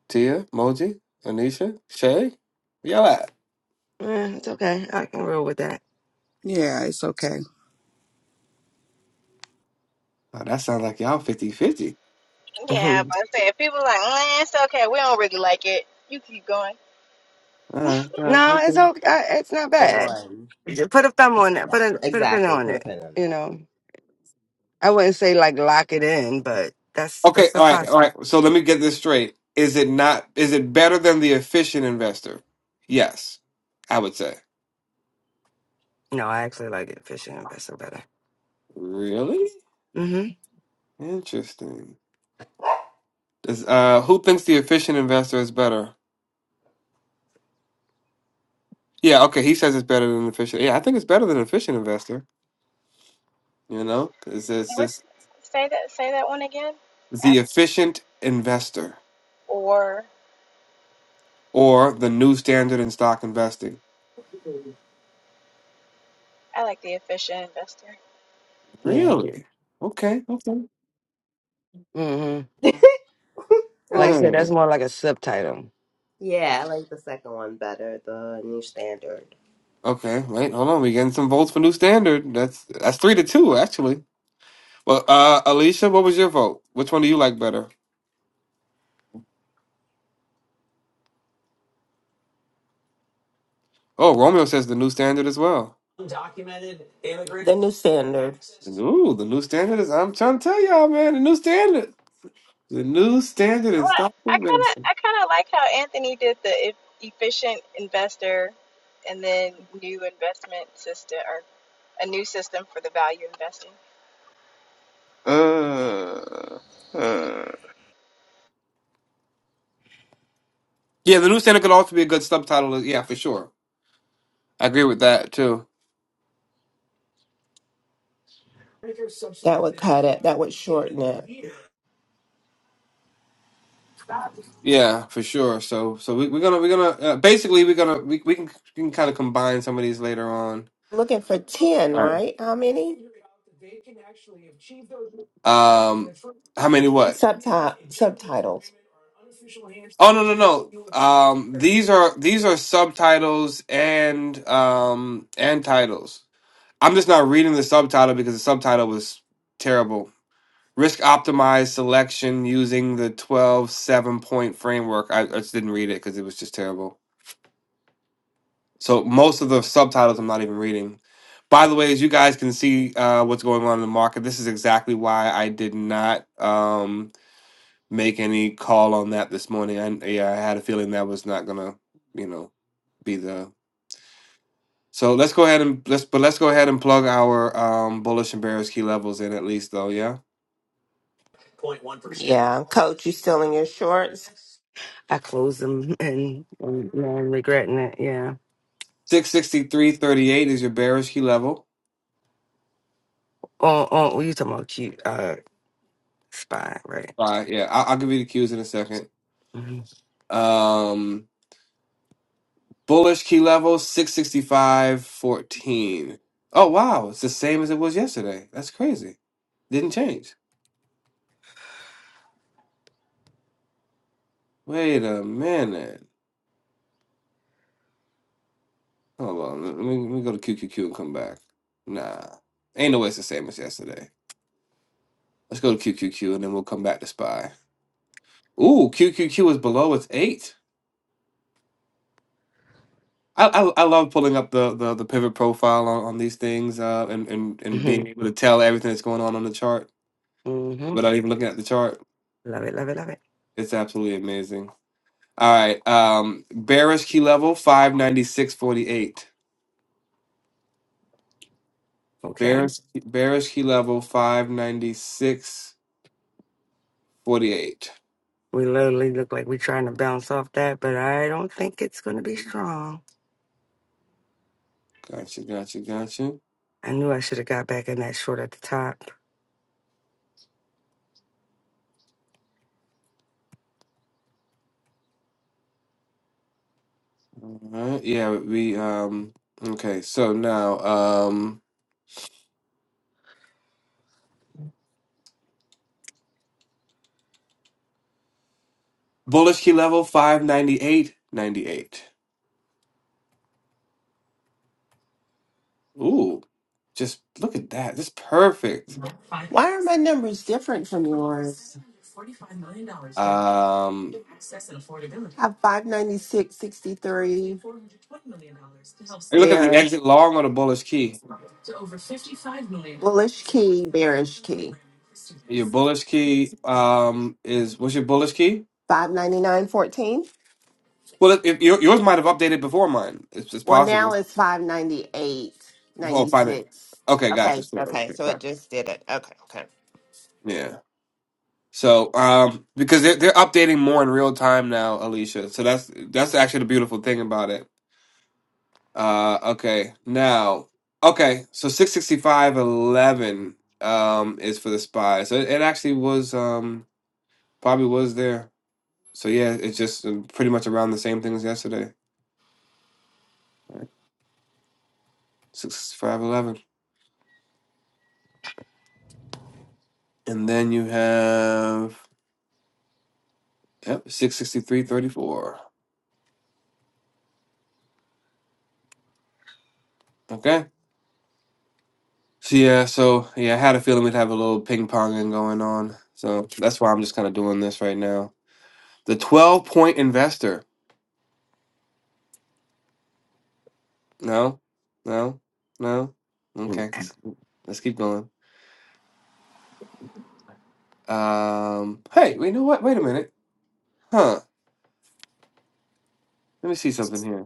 Tia? Moji? Anisha? Shay? Where Y'all at? Eh, it's okay. I can roll with that. Yeah, it's okay. Oh, that sounds like y'all 5050 Yeah, Mhm. but I said people like, mm, it's okay. We don't really like it. You keep going. All right. All right. no, it's Okay. okay. I- It's not The bad. one. Just put a thumb on it. Put a put a pin Exactly. on Put a it. pin on You that. know, I wouldn't say like lock it in, but that's Okay. that's the All right. All process. right. So let me get this straight. Is it not, is it better than the efficient investor? Yes, I would say. No, I actually like it fishing and vessel better. Really? Mm-hmm. Interesting. Does, uh, who thinks the efficient investor is better? Yeah, okay, he says it's better than efficient. Yeah, I think it's better than efficient investor, you know? It's, it's What's just say that? Say that one again. the After efficient investor or or the new standard in stock investing. I like the efficient investor. Yeah. Really? Okay, okay. Mm-hmm. I Like you like said, it. Hmm. that's more like a subtitle. Yeah, I like the second one better, the new standard. Okay, wait, hold on. we getting some votes for new standard. That's that's three to two, actually. Well, uh, Alicia, what was your vote? Which one do you like better? Oh, Romeo says the new standard as well. The new standard. Ooh, the new standard is, I'm trying to tell y'all, man, the new standard. The new standard Well, is stop I kind of convention. I kind of like how Anthony did the e- efficient investor, and then new investment system or a new system for the value investing. Mm. Mm. Yeah, the new standard could also be a good subtitle. Yeah, for sure. I agree with that too. That would cut it. That would shorten it. Yeah, for sure. So, so we, we're gonna we're gonna uh, basically we're gonna we, we can we can kind of combine some of these later on. Looking for 10, All right. right? How many? Um, how many? What? Subti- subtitles. Oh no no no. Um, these are these are subtitles and um and titles. I'm just not reading the subtitle because the subtitle was terrible. Risk optimized selection using the 12 7 point framework. I, I just didn't read it because it was just terrible. So most of the subtitles I'm not even reading. By the way, as you guys can see uh, what's going on in the market, this is exactly why I did not um, make any call on that this morning. I, yeah, I had a feeling that was not gonna, you know, be the. So let's go ahead and let's but let's go ahead and plug our um, bullish and bearish key levels in at least though. Yeah, Yeah, coach, you still in your shorts? I closed them and, and now I'm regretting it. Yeah. six sixty three thirty eight is your bearish key level. Oh, oh, oh, you talking about cute uh spy, right? All right, yeah, I'll, I'll give you the cues in a second. Mm-hmm. Um, bullish key level 665.14. Oh, wow, it's the same as it was yesterday. That's crazy. Didn't change. Wait a minute. Hold on, let me, let me go to QQQ and come back. Nah, ain't no way it's the same as yesterday. Let's go to QQQ and then we'll come back to SPY. Ooh, QQQ is below its eight. I, I, I love pulling up the, the, the pivot profile on, on these things uh, and, and, and hmm being able to tell everything that's going on on the chart. hmm without even looking at the chart. Love it, love it, love it. It's absolutely amazing. All right. Um bearish key level 596.48. Okay. Bearish bearish key level 596.48. We literally look like we're trying to bounce off that, but I don't think it's going to be strong. Gotcha, gotcha, gotcha. I knew I should have got back in that short at the top. All right. Yeah, we um okay, so now um bullish key level 598.98. Ooh. Just look at that. That's perfect. Why are my numbers different from yours? Um I have five ninety six sixty three look at the bearish exit long on the bullish key. bullish key bearish key Your bullish key um is what's your bullish key? five ninety nine fourteen. Well, if, if your, yours might have updated before mine. It's, it's Well, possible. now it's five ninety eight Oh, ninety fine. it. six. Okay, gotcha. Okay, So, okay, okay, so it gotcha. just did it. Okay, okay. Yeah. So, um, because they're they're updating more in real time now, Alicia. So that's that's actually the beautiful thing about it. Uh, okay. Now, okay. So six sixty five eleven um is for the spy. So it, it actually was um probably was there. So yeah, it's just uh, pretty much around the same thing as yesterday. Six six five eleven, and then you have yep six sixty three thirty four. Okay, so yeah, so yeah, I had a feeling we'd have a little ping ponging going on, so that's why I'm just kind of doing this right now. The twelve point investor. No, no, no. Mm. Okay, let's, let's keep going. Um, hey, you know what? Wait a minute, huh? Let me see something here.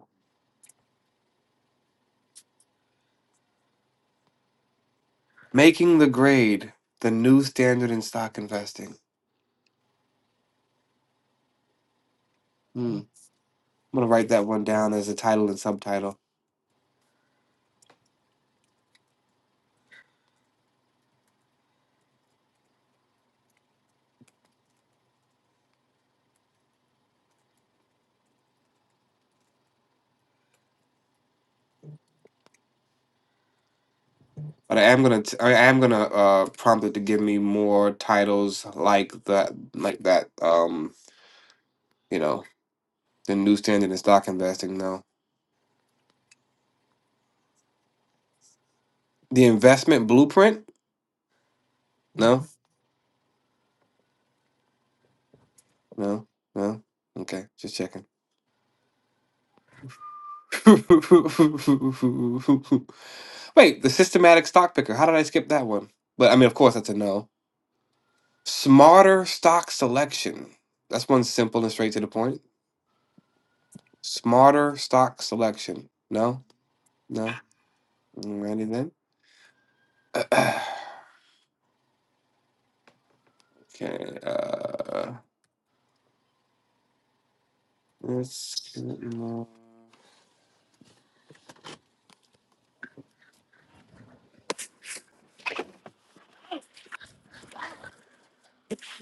Making the grade, the new standard in stock investing. Hmm. I'm gonna write that one down as a title and subtitle. But I am gonna t- I am gonna uh prompt it to give me more titles like that like that um you know the new standard in stock investing. No, the investment blueprint. No, no, no. Okay, just checking. Wait, the systematic stock picker. How did I skip that one? But I mean, of course, that's a no. Smarter stock selection. That's one simple and straight to the point. Smarter stock selection. No, no. Ready then? Okay. Uh, let's. get more-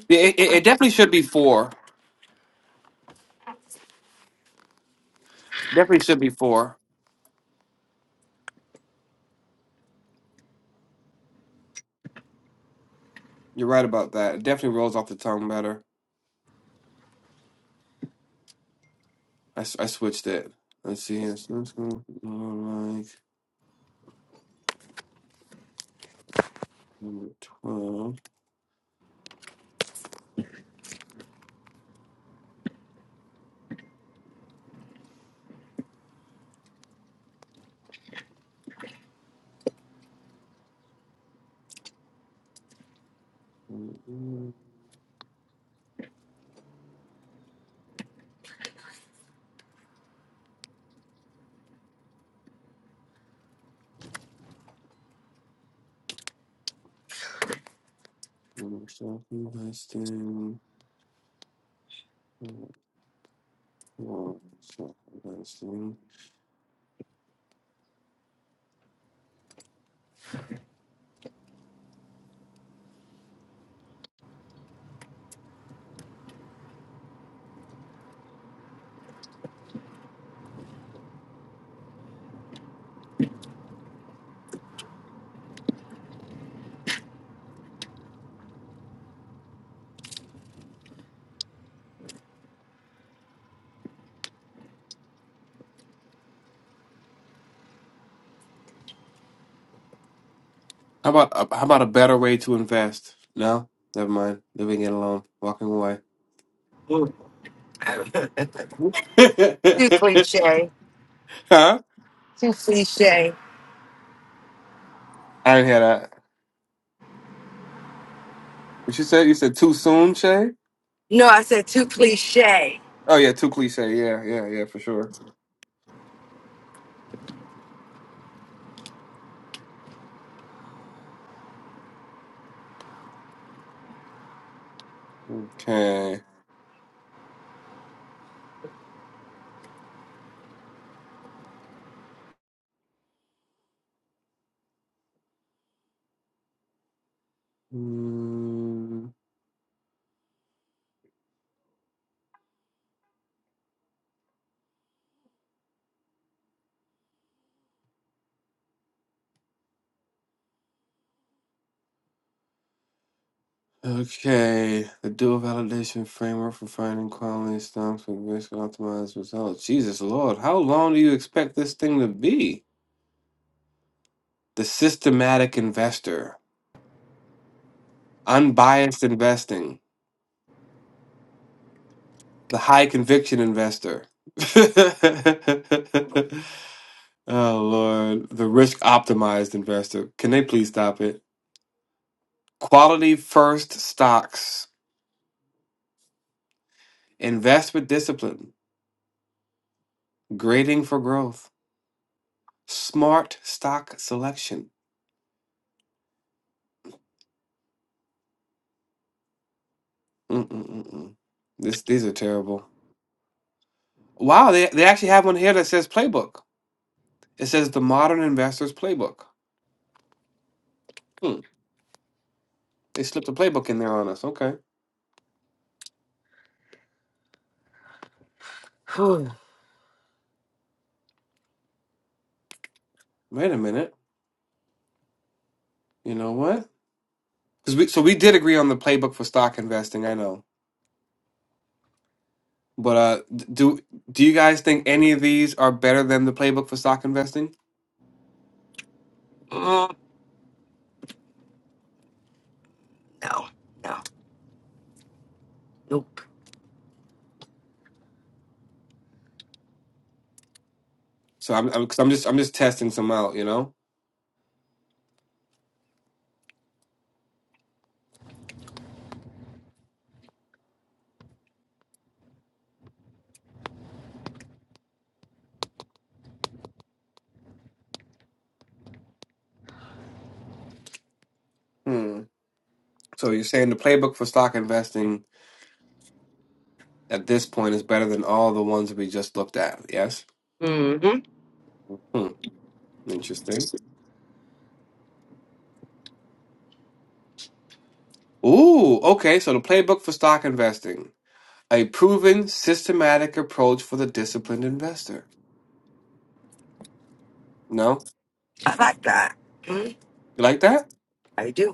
Yeah, It, it, it definitely should be four. Definitely should be four. You're right about that. It definitely rolls off the tongue better. I, s- I switched it. Let's see here. So let's go more like number 12. Mm, mm, self-investing, mm, mm, self-investing. How about uh, how about a better way to invest? No, never mind. Leaving it alone. Walking away. too cliche. huh? Too cliche. I didn't hear that. What you said? You said too soon, Shay? No, I said too cliche. Oh yeah, too cliche. Yeah, yeah, yeah, for sure. Okay. Mm, okay. The dual validation framework for finding quality stumps with risk optimized results. Jesus Lord, how long do you expect this thing to be? The systematic investor, unbiased investing, the high conviction investor. oh Lord, the risk optimized investor. Can they please stop it? Quality first stocks, investment discipline, grading for growth, smart stock selection. Mm-mm-mm-mm. This, these are terrible. Wow, they, they actually have one here that says playbook. It says the modern investor's playbook. Hmm. They slipped a playbook in there on us. Okay. Whew. Wait a minute. You know what? 'Cause we, so we did agree on the playbook for stock investing, I know. But uh, d- do do you guys think any of these are better than the playbook for stock investing? Mm, no, no, nope. So I'm, I'm, i I'm just I'm just testing some out, you know. Hmm. So you're saying the playbook for stock investing at this point is better than all the ones we just looked at, yes? hmm Hmm. Interesting. Ooh, okay. So the playbook for stock investing, a proven systematic approach for the disciplined investor. No? I like that. Mhm. You like that? I do.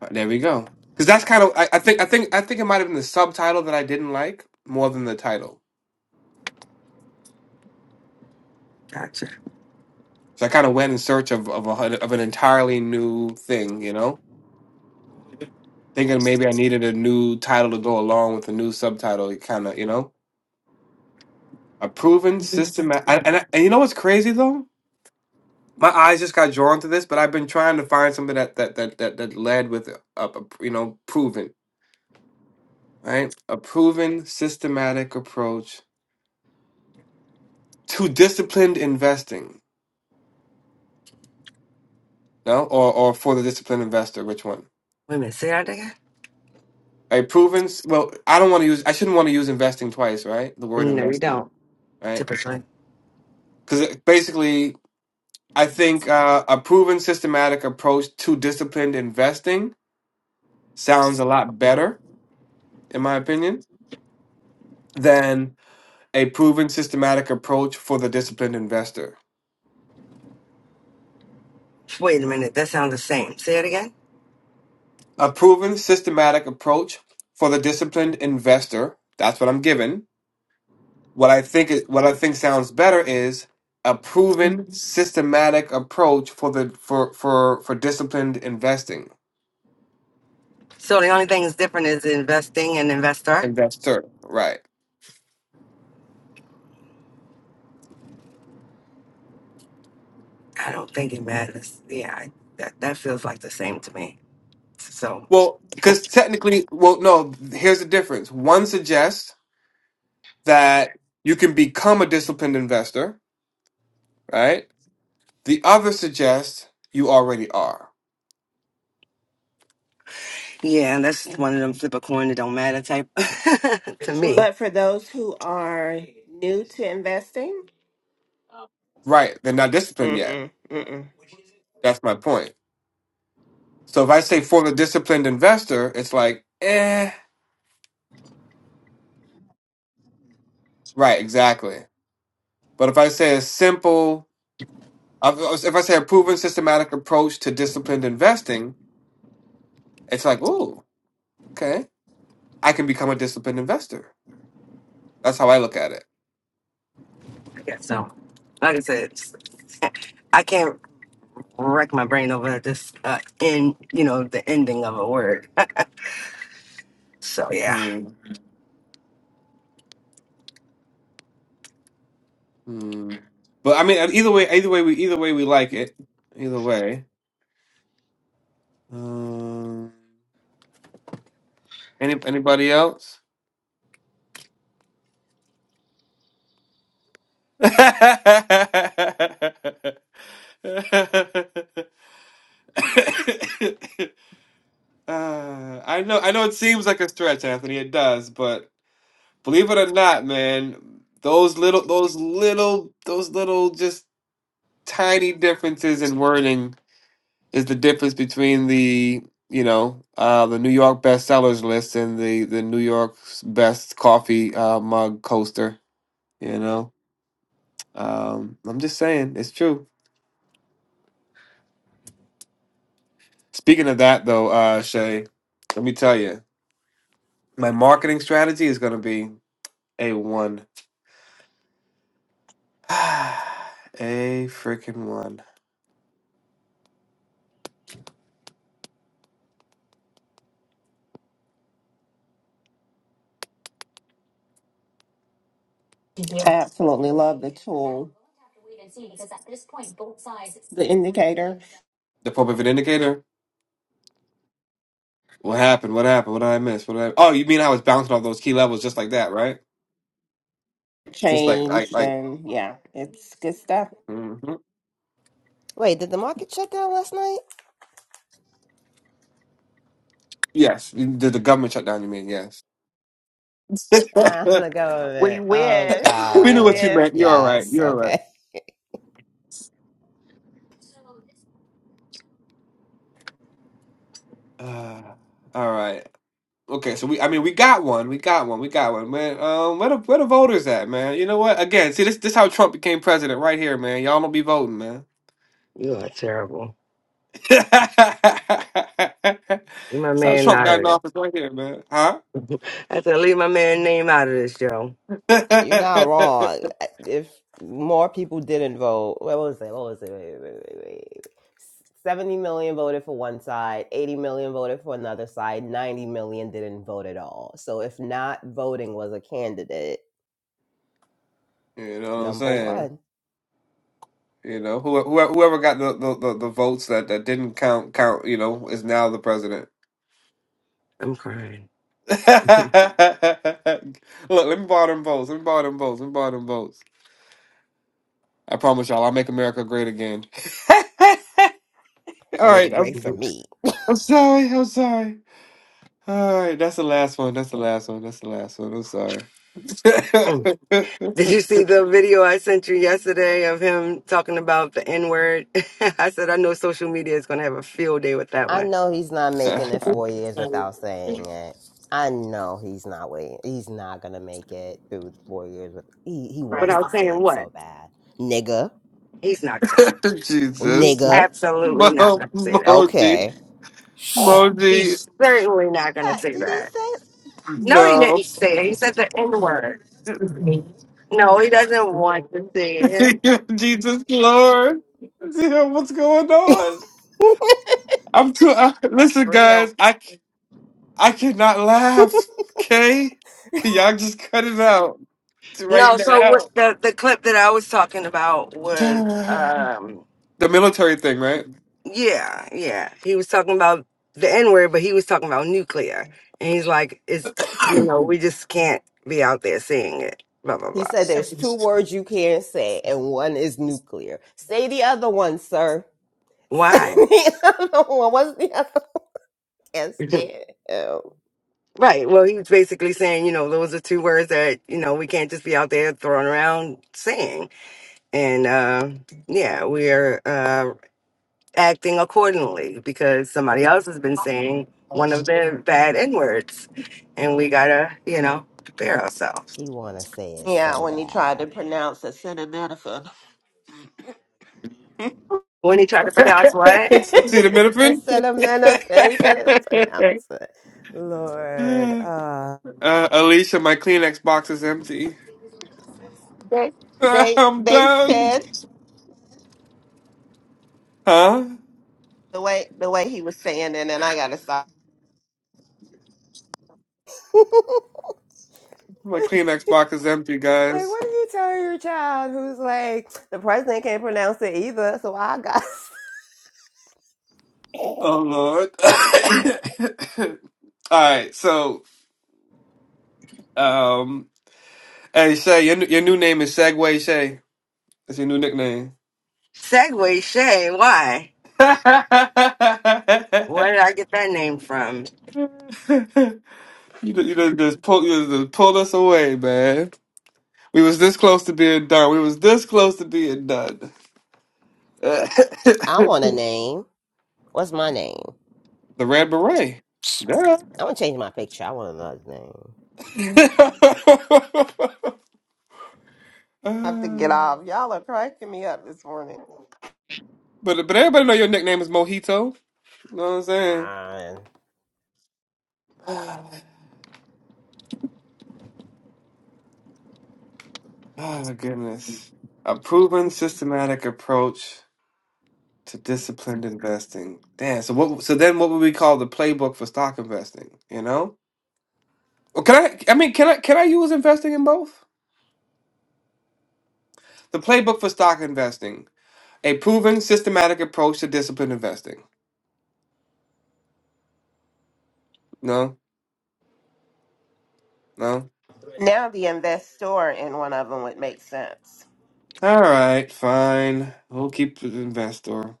Uh, There we go. Because that's kind of I, I think I think I think it might have been the subtitle that I didn't like more than the title. Gotcha. So I kind of went in search of of, a, of an entirely new thing, you know? thinking maybe I needed a new title to go along with a new subtitle. It kind of, you know, a proven system. And, and, I- and you know what's crazy though? My eyes just got drawn to this, but I've been trying to find something that that that that, that led with a, a you know proven right a proven systematic approach to disciplined investing. No, or or for the disciplined investor, which one? Wait a minute. Say that again? A proven. s- Well, I don't want to use. I shouldn't want to use investing twice, right? The word No, you investing, don't, right? typically. Because basically, I think uh, a proven systematic approach to disciplined investing sounds a lot better, in my opinion, than a proven systematic approach for the disciplined investor. Wait a minute. That sounds the same. Say it again. A proven systematic approach for the disciplined investor, that's what I'm given. What I think it, what I think sounds better is a Mm. proven systematic approach for the for for for disciplined investing So the only thing that's different is investing and investor. investor, right? I don't think it matters. Yeah, I, that, that feels like the same to me. So Well, because technically, well, no, here's the difference. One suggests that you can become a disciplined investor, right? The other suggests you already are. yeah, and that's one of them flip a coin that don't matter type to me. But for those who are new to investing, Right. They're not disciplined yet. mm-mm, mm-mm. That's my point. So if I say for the disciplined investor, it's like, eh, right, exactly. But if I say a simple, if I say a proven systematic approach to disciplined investing, it's like, ooh, okay, I can become a disciplined investor. That's how I look at I guess so. Like I said, it's- I can't wreck my brain over this uh, in you know the ending of a word. so yeah, it. Mm. But I mean, uh, either way, either way, we either way we like it. Either way. Um, any anybody else? Uh, I know, I know. It seems like a stretch, Anthony. It does, but believe it or not, man, those little, those little, those little, just tiny differences in wording is the difference between the you know uh, the New York bestsellers list and the the New York's best coffee uh, mug coaster. You know, um, I'm just saying it's true. Speaking of that, though, uh, Shay, let me tell you, my marketing strategy is going to be a one, a freaking one. I absolutely love the tool. The indicator The pop pivot indicator? What happened? What happened? What did I miss? What did I... Oh, you mean I was bouncing off those key levels just like that, right? Just like, like, changed, like, and yeah, it's good stuff. mhm. Wait, did the market shut down last night? yes. You did the government shutdown, you mean? Yes. Yeah, I'm gonna go with We it. Oh, wish, we we knew what God. you wish. meant. You're all right. Yes. You're all right. Okay. Uh, all right. Okay, so we I mean we got one, we got one, we got one, man. Um, where the where the voters at, man? You know what? Again, see this this how Trump became president right here, man. Y'all don't be voting, man. you are terrible. That's You my how man, Trump got in not office right here, man. Huh? I have to leave my man name out of this, yo. You're not wrong. If more people didn't vote, what was it? What was it? Wait, wait, wait, wait. wait. 70 million voted for one side, 80 million voted for another side, 90 million didn't vote at all. So if not voting was a candidate, you know what I'm number saying? one, You know, who whoever, whoever got the, the, the, the votes that, that didn't count count, you know, is now the president. I'm crying. Look, let me borrow them votes. Let me borrow them votes. Let me borrow them votes. I promise y'all, I'll make America great again. All I'll make it right, I'm, great for me. I'm sorry. I'm sorry. All right, that's the last one. That's the last one. That's the last one. I'm sorry. Mm. Did you see the video I sent you yesterday of him talking about the N word? I said, I know social media is going to have a field day with that I one. know he's not making it four years without But saying it. I know he's not waiting. He's not gonna make it through four years with. He he I wants was to say saying it what? so bad, nigga, He's not going to say Jesus, He's nigga. absolutely not Mo- going to say that. Moji, Okay. Moji, He's certainly not going to Yeah, say Did he that. say No, he no, didn't say it. He said the N word. No, he doesn't want to say it. Jesus Lord, Yeah, what's going on? I'm too. I, listen, guys, real? I I cannot laugh. Okay, y'all just cut it out right No, so what now. the, the clip that I was talking about was. um, The military thing, right? Yeah, yeah. He was talking about the N word, but he was talking about nuclear. And he's like, it's, you know, we just can't be out there seeing it, blah, blah, He said there's blah. two words you can't say, and one is nuclear. Say the other one, sir. Say Why? the other one. What's the other one? Can't stand him. right. Well, he was basically saying, you know, those are two words that, you know, we can't just be out there throwing around saying. And uh, yeah, we're uh, acting accordingly because somebody else has been saying one of the bad N words. And we got to, you know, prepare ourselves. He wanna say it Yeah, so when he tried bad. to pronounce acetaminophen, When he tried to pronounce what? Tita Middleton. Instead of manifest, he couldn't pronounce it. Lord, uh, uh, Alicia, my Kleenex box is empty. they they I'm they done. said Huh? the way the way he was saying it, and I gotta stop. My like Kleenex box is empty, guys. what do you tell your child who's like the president can't pronounce it either? So I got. Oh Lord. All right, so um, hey Shay, your your new name is Segway Shay. That's your new nickname. Segway Shay, why? you Where did I get that name from? ju- you done just pull you done just pulled us away, man. We was this close to being done. We was this close to being done. I the want a name. What's my name? Red Beret. Girl. I want to change my picture. I want another name. I have to get Uh, off. Y'all are cracking me up this morning. but but everybody know your nickname is Mojito. You know what I'm saying? Uh, Ah, Oh my goodness. A proven systematic approach to disciplined investing. Damn. So what so then what would we call the playbook for stock investing? You know? Well, can I I mean can I can I use investing in both? The playbook for stock investing. A proven systematic approach to disciplined investing. No, no. Now the investor in one of them would make sense. All right, fine. We'll keep the investor.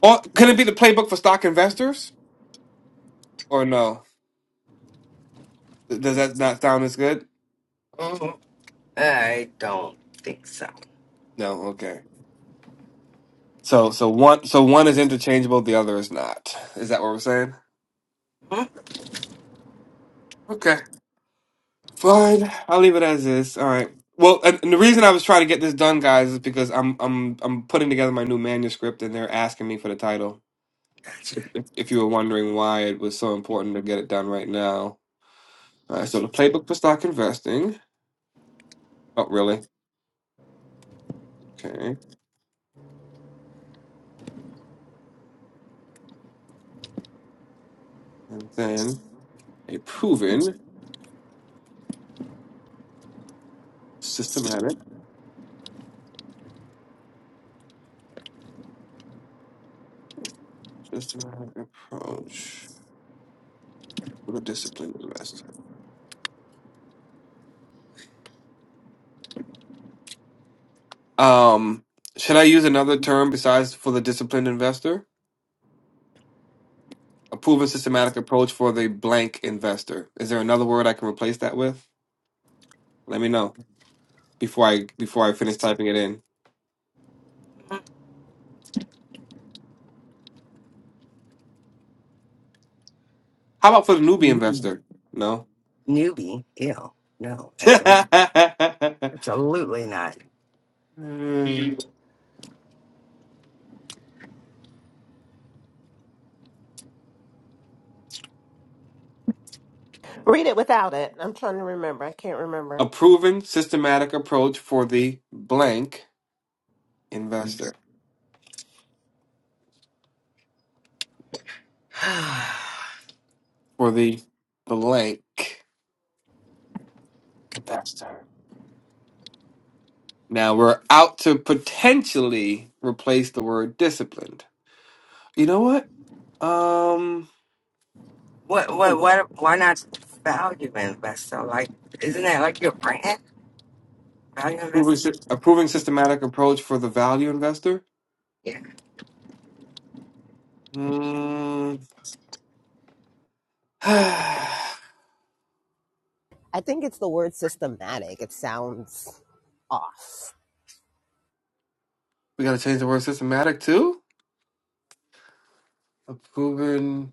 Or can it be the playbook for stock investors? Or no? Th- Does that not sound as good? Mm, I don't think so. No. Okay. So so one so one is interchangeable, the other is not. Is that what we're saying? Hmm, Okay. Fine. I'll leave it as is. All right. Well, and, and the reason I was trying to get this done, guys, is because I'm I'm I'm putting together my new manuscript, and they're asking me for the title. Gotcha. if, if you were wondering why it was so important to get it done right now. Uh, so the playbook for stock investing. Oh, really? Okay. And then a proven systematic, systematic approach for the disciplined investor. Um, should I use another term besides for the disciplined investor? A proven systematic approach for the blank investor. Is there another word I can replace that with? Let me know before I before I finish typing it in. Hmm, How about for the newbie investor? No. Newbie, ew. No, absolutely, a absolutely not. Read it without it. I'm trying to remember. I can't remember. proven systematic approach for the blank investor. For the blank investor. Now we're out to potentially replace the word disciplined. You know what? Um, what, what, what, why not value invest? So, like, isn't that like your brand? Value approving investor? sy- approving systematic approach for the value investor. Yeah. Mm, we got I think it's the word systematic. It sounds off. to change the word systematic too. Approving.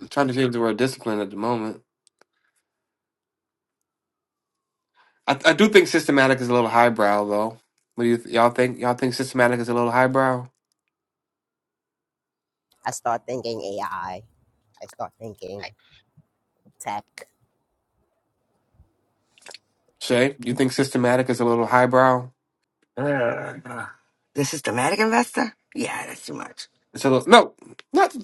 I'm trying to change the word discipline at the moment. I, I do think systematic is a little highbrow, though. What do you th- y'all think? Y'all think systematic is a little highbrow? I start thinking AI. I I start thinking tech. Shay, you think systematic is a little highbrow? Ugh. The systematic investor? Yeah, that's too much. It's a little no, not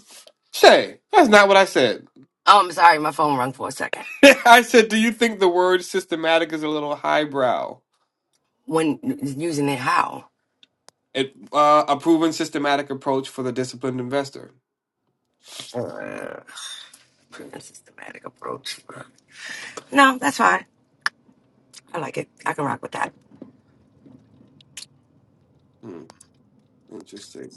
Shay. That's not what I said. Oh, I'm sorry, my phone rung for a second. I said, do you think the word systematic is a little highbrow? When using it, how? It uh, a proven systematic approach for the disciplined investor. A systematic approach. No, that's fine. I like it. I can rock with that. Hmm, interesting.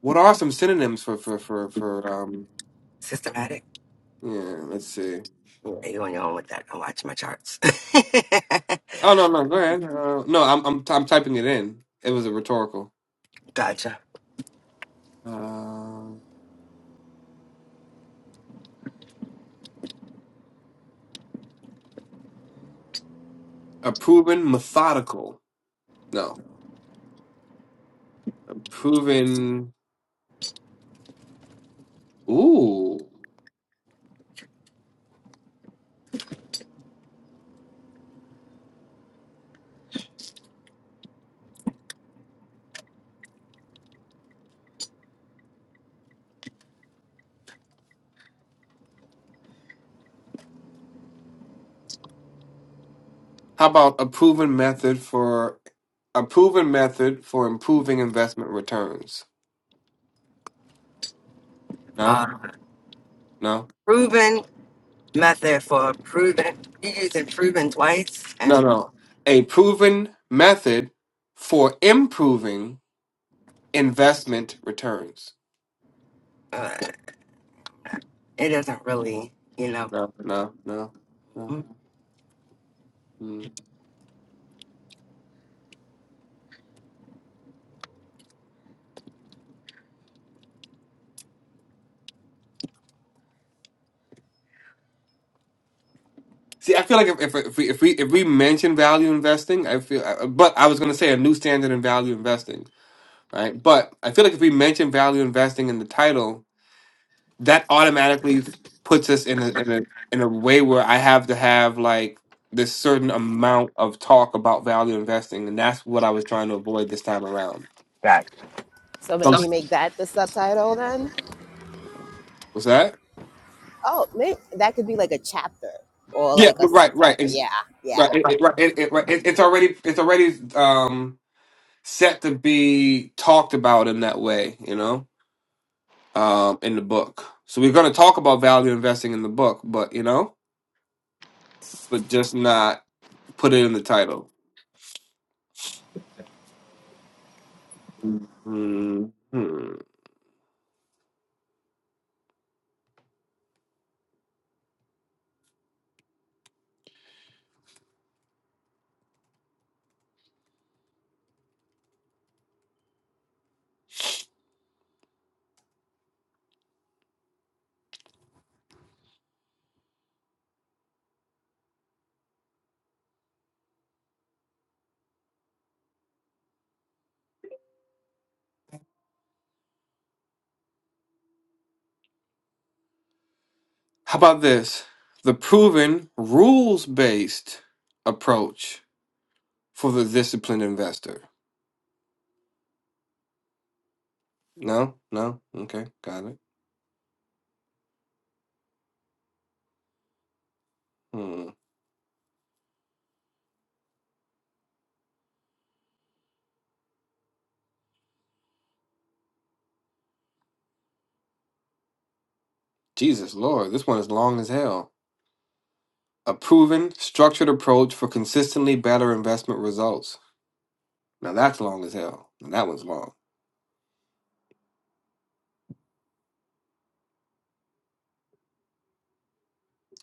What are some synonyms for for for for um? Systematic. Yeah, let's see. Yeah, you on your own with that. I'm watching my charts. Oh no no, go ahead. Uh, no, I'm I'm I'm typing it in. It was a rhetorical. gotcha. Uh, a proven methodical. No, a proven. Ooh, how about a proven method for a proven method for improving investment returns? No, Uh, no, proven method for proven. You using proven twice, no, and no. A proven method for improving investment returns. uh, it doesn't really, you know. No, no, no, no. Mm. See, I feel like if, if if we if we if we mention value investing, I feel. uh, But I was gonna say a new standard in value investing right? But I feel like if we mention value investing in the title, that automatically puts us in a in a in a way where I have to have like this certain amount of talk about value investing, and that's what I was trying to avoid this time around. So So I'm maybe s- make that the subtitle then. What's that? Oh, maybe that could be like a chapter or Yeah, like a but right, right, subtitle. it's, Yeah, yeah. right, it, it, right, it, it, right. It, it's already it's already um set to be talked about in that way, you know, um, in the book. So we're going to talk about value investing in the book, but you know, but just not. Put it in the title. Mhm. How about this? The proven rules based approach for the disciplined investor. No? No? Okay, got it. Hmm. Jesus Lord, this one is long as hell. A proven, structured approach for consistently better investment results. Now that's long as hell. That one's long.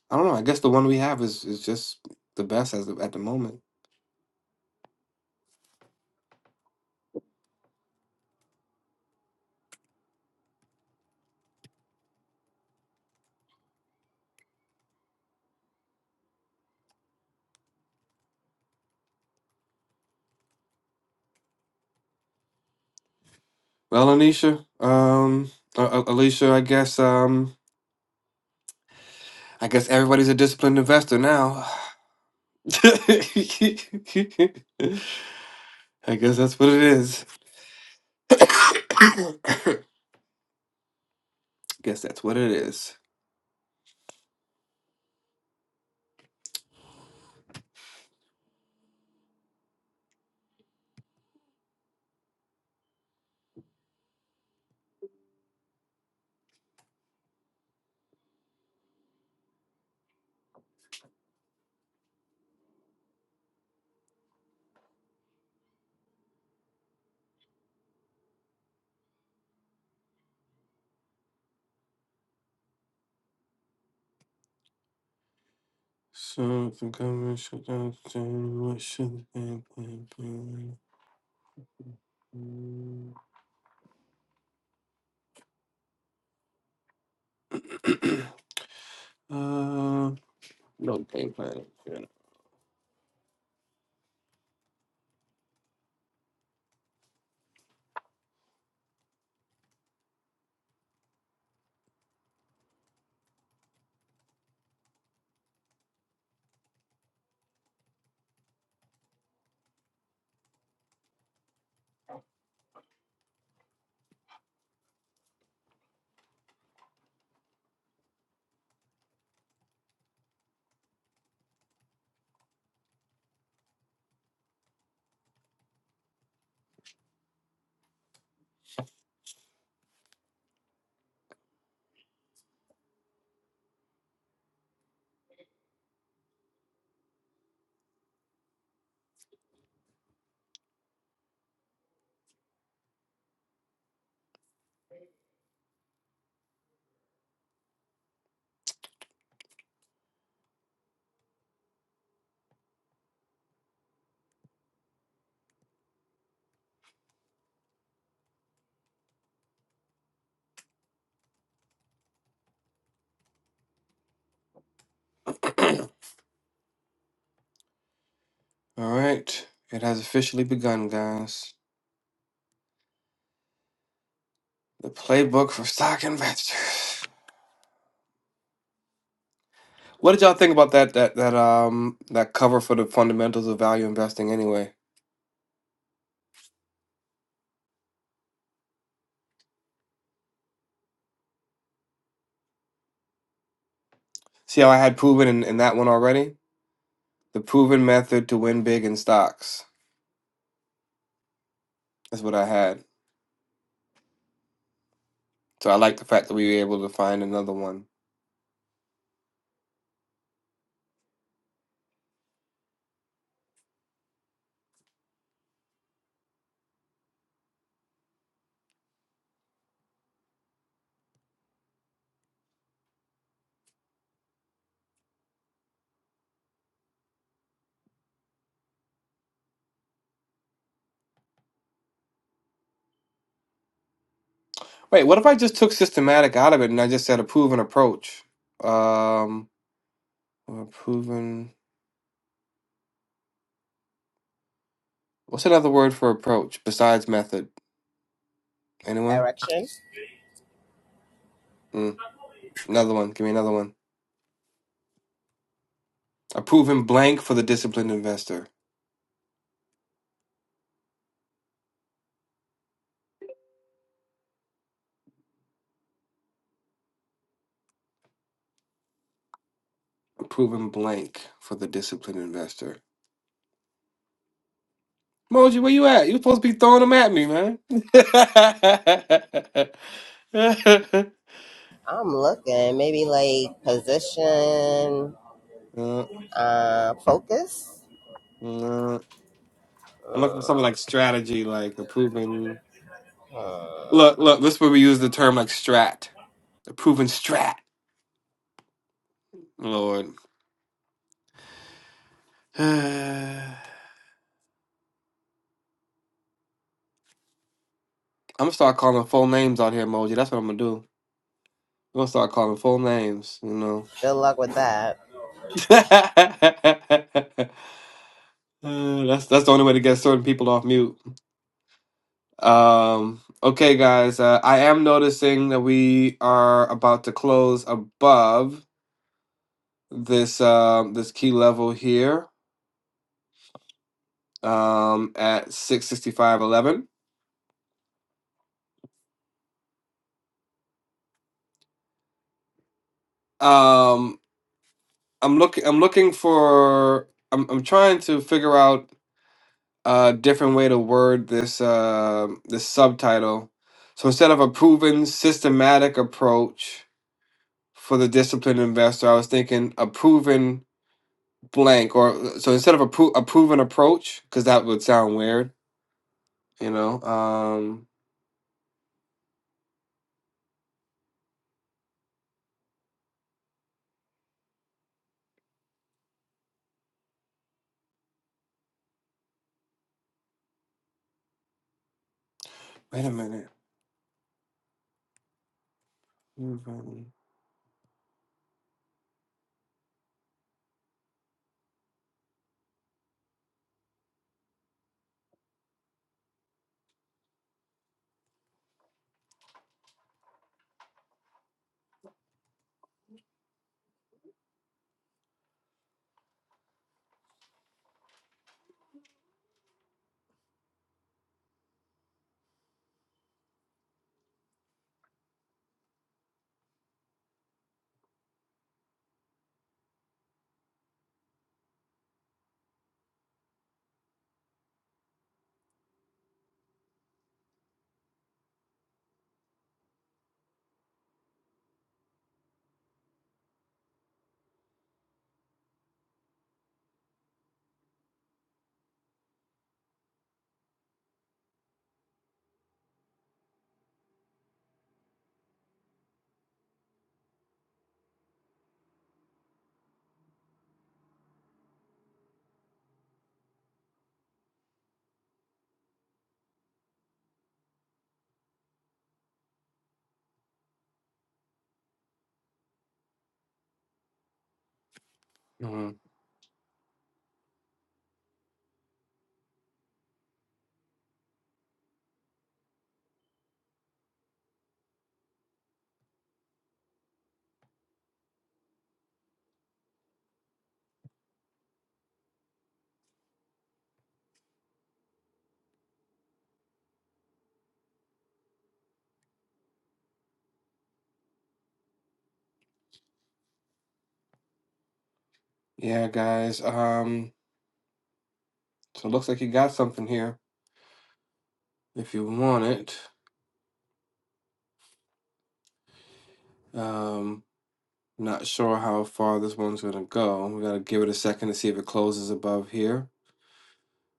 I don't know. I guess the one we have is, is just the best as of, at the moment. Well, Anisha, um, uh, uh, Alicia, I guess um, I guess everybody's a disciplined investor now. I guess that's what it is. guess that's what it is. So the government shut down what should the game plan be? Uh, no game plan. Yeah. All right, it has officially begun, guys. The playbook for stock investors. What did y'all think about that that that um that cover for the fundamentals of value investing? Anyway, See how I had proven in, in that one already? The proven method to win big in stocks. is what I had. So I like the fact that we were able to find another one. Wait, what if I just took systematic out of it and I just said a proven approach? Um, a proven. What's another word for approach besides method? Anyone? Direction. Mm, another one. Give me another one. A proven blank for the disciplined investor. A proven blank for the disciplined investor. Moji, where you at? You supposed to be throwing them at me, man. I'm looking. Maybe like position, Uh, uh, focus. uh, I'm looking for something like strategy, like a proven. Look, look. This is where we use the term like strat, a proven strat. Lord, I'm gonna start calling full names out here, Moji. That's what I'm gonna do. I'm gonna start calling full names. You know, Good luck with that. Uh, that's that's the only way to get certain people off mute. Um, okay, guys. Uh, I am noticing that we are about to close above this um this key level here. um, at six sixty five eleven. Um, I'm looking. I'm looking for. I'm I'm trying to figure out a different way to word this uh, this subtitle. So instead of a proven systematic approach for the disciplined investor, I was thinking a proven blank. Or so instead of a, pro- a proven approach, because that would sound weird, you know. Um, wait a minute. Proven- Mhm. Yeah, guys. Um, so it looks like you got something here. if you want it. Um, not sure how far this one's gonna go. We gotta give it a second to see if it closes above here.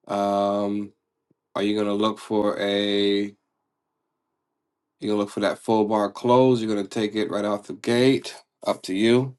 Um, are you gonna look for a? You're gonna look for that full bar close. You're gonna take it right off the gate. Up to you.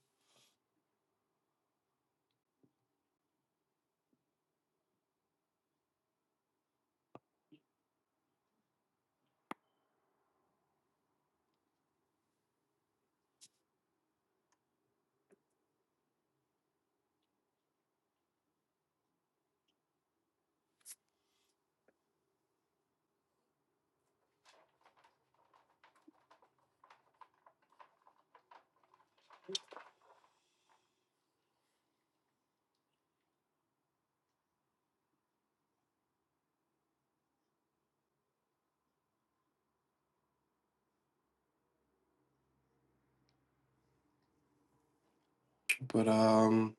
But um,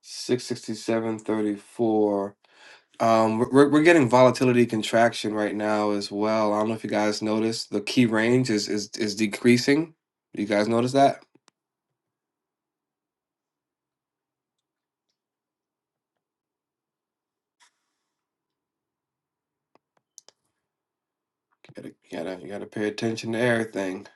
six sixty seven thirty four. Um, we're we're we're getting volatility contraction right now as well. I don't know if you guys noticed the key range is is is decreasing. You guys notice that? Gotta, gotta, you gotta pay attention to everything.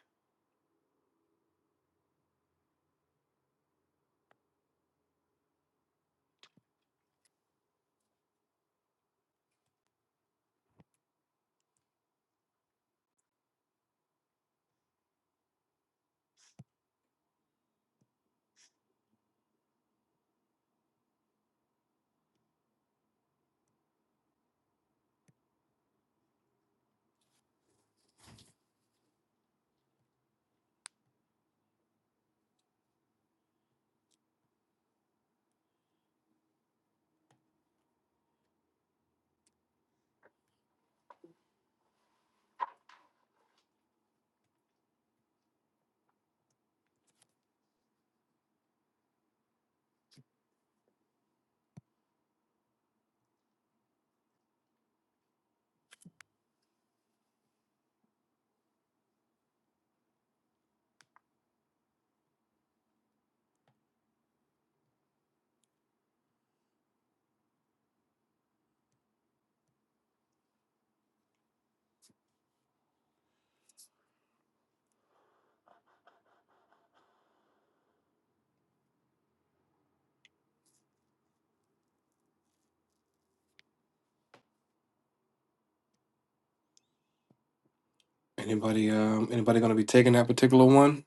Anybody, um, anybody gonna be taking that particular one?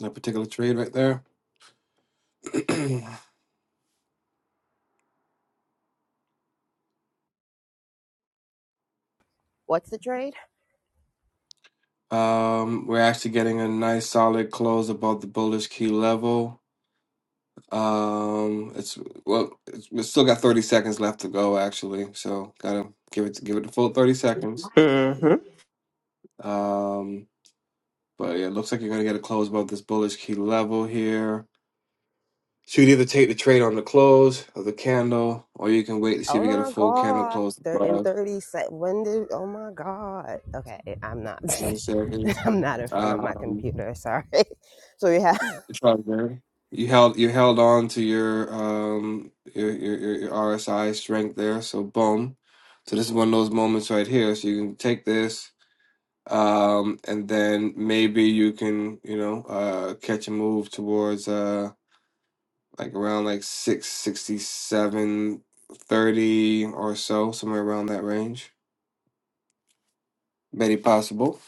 That particular trade right there. What's the trade? um, we're actually getting a nice solid close above the bullish key level. Um, it's well, it's, we still got 30 seconds left to go actually, so gotta give it give it the full 30 seconds. hmm Um, but yeah, it looks like you're gonna get a close above this bullish key level here. So you can either take the trade on the close of the candle, or you can wait to see if Oh you get a my full candle God. close Thir- In above 30 seconds, when did, oh my God. Okay, I'm not, twenty seconds. I'm not in front of my Um, computer, sorry. So we have, it's all good. You held you held on to your um your, your your your RSI strength there, so boom. So this is one of those moments right here. So you can take this, um, and then maybe you can you know uh catch a move towards uh like around like six sixty seven thirty or so, somewhere around that range. Very possible.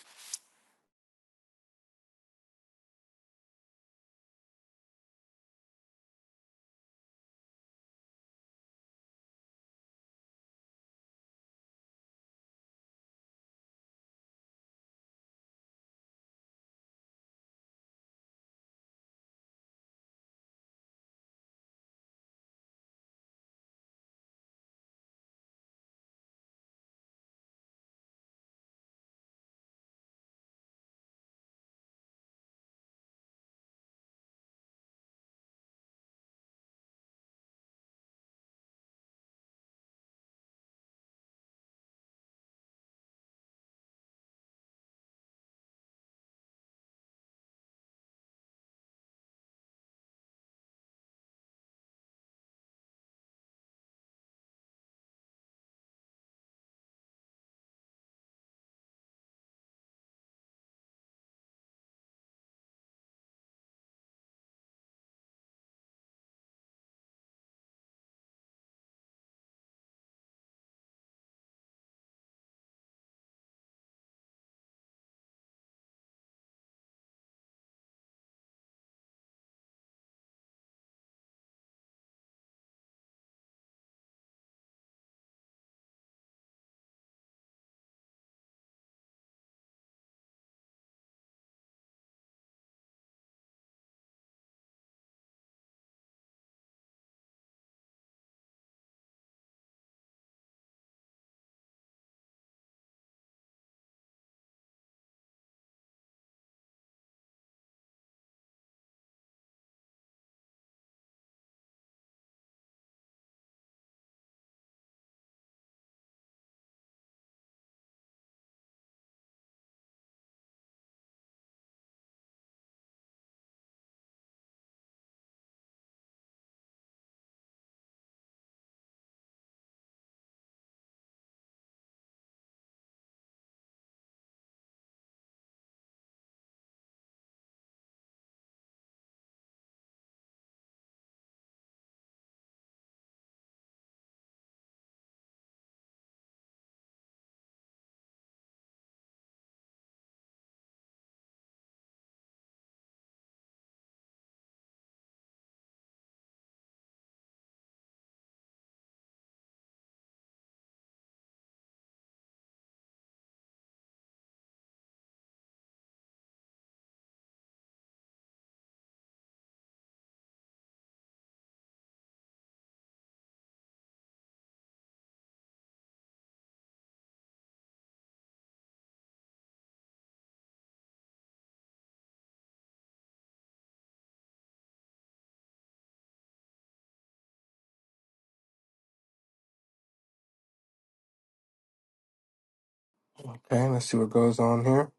Okay, let's see what goes on here.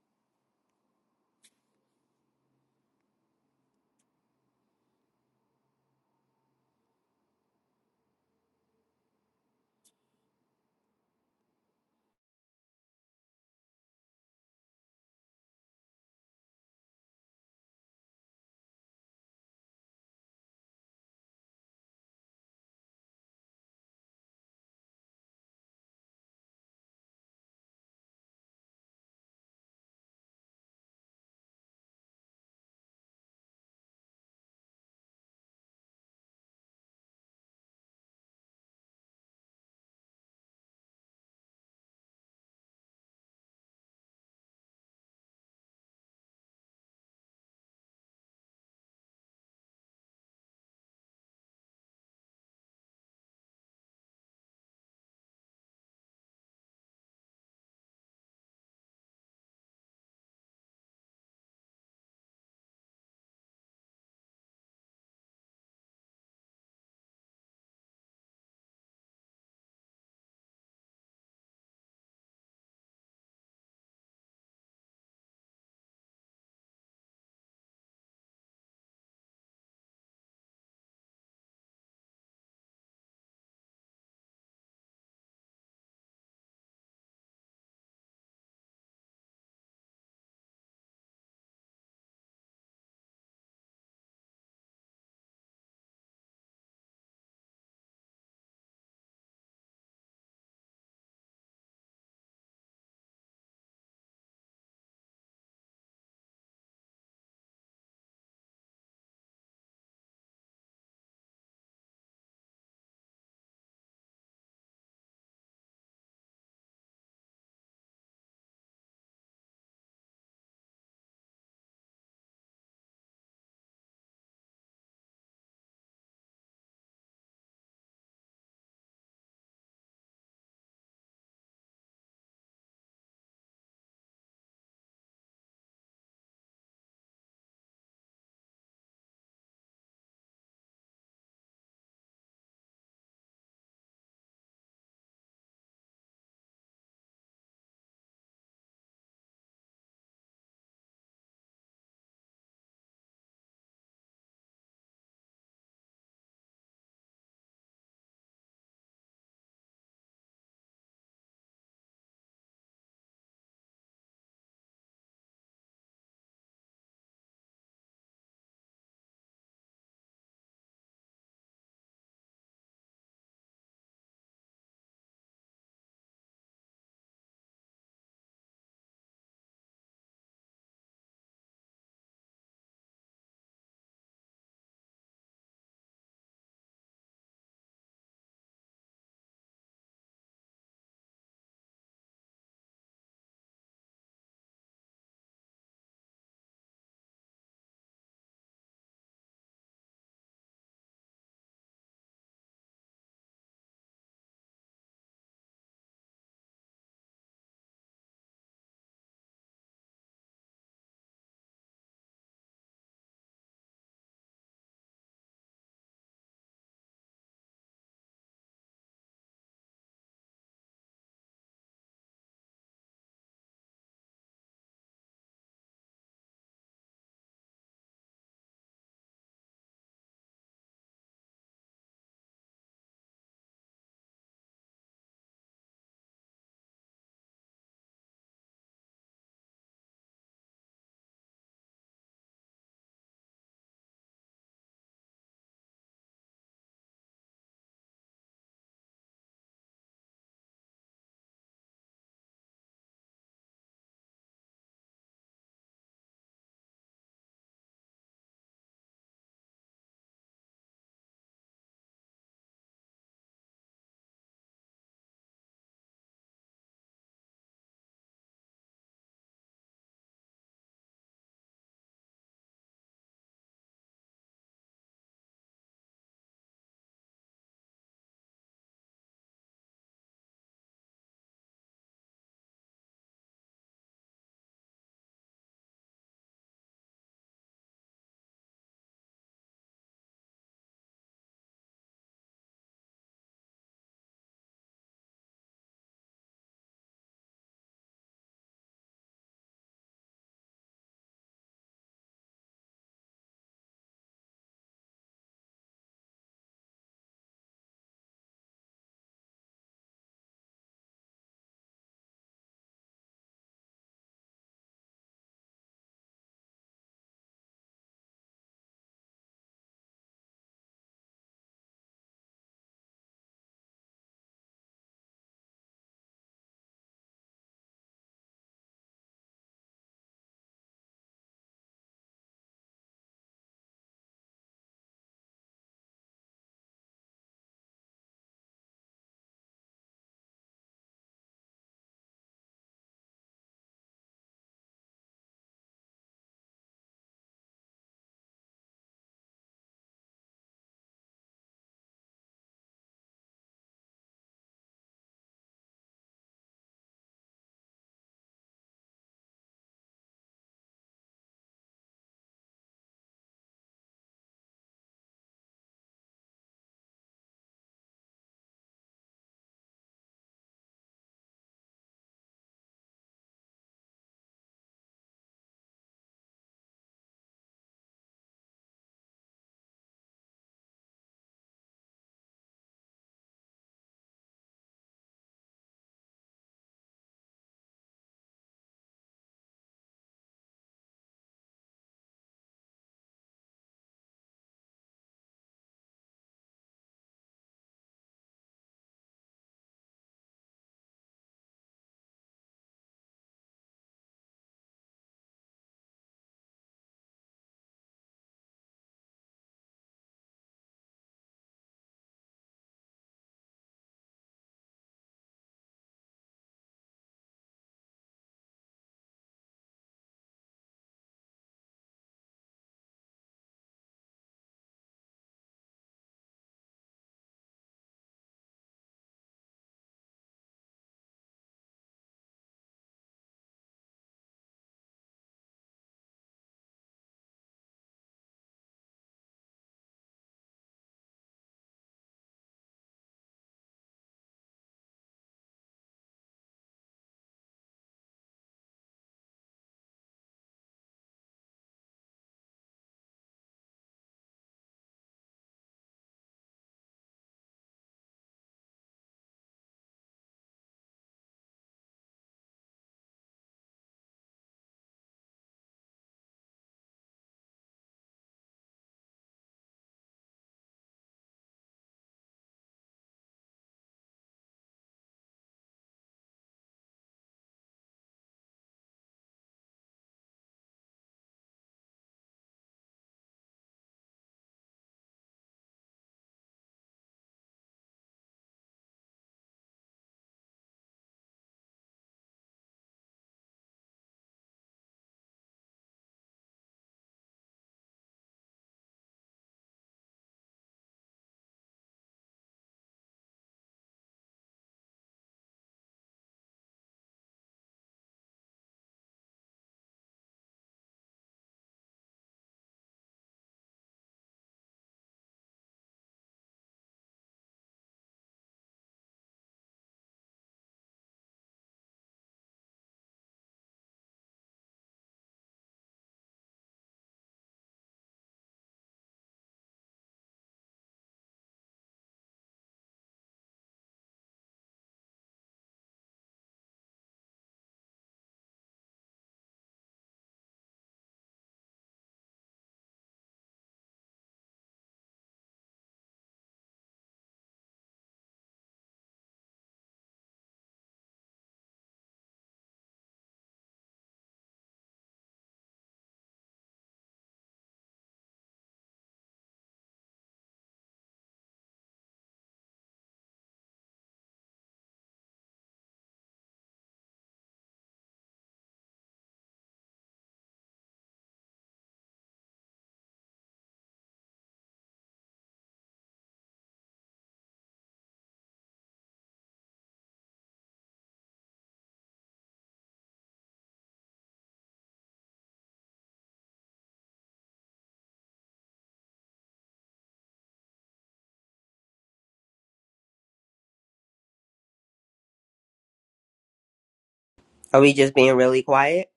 are we just being really quiet?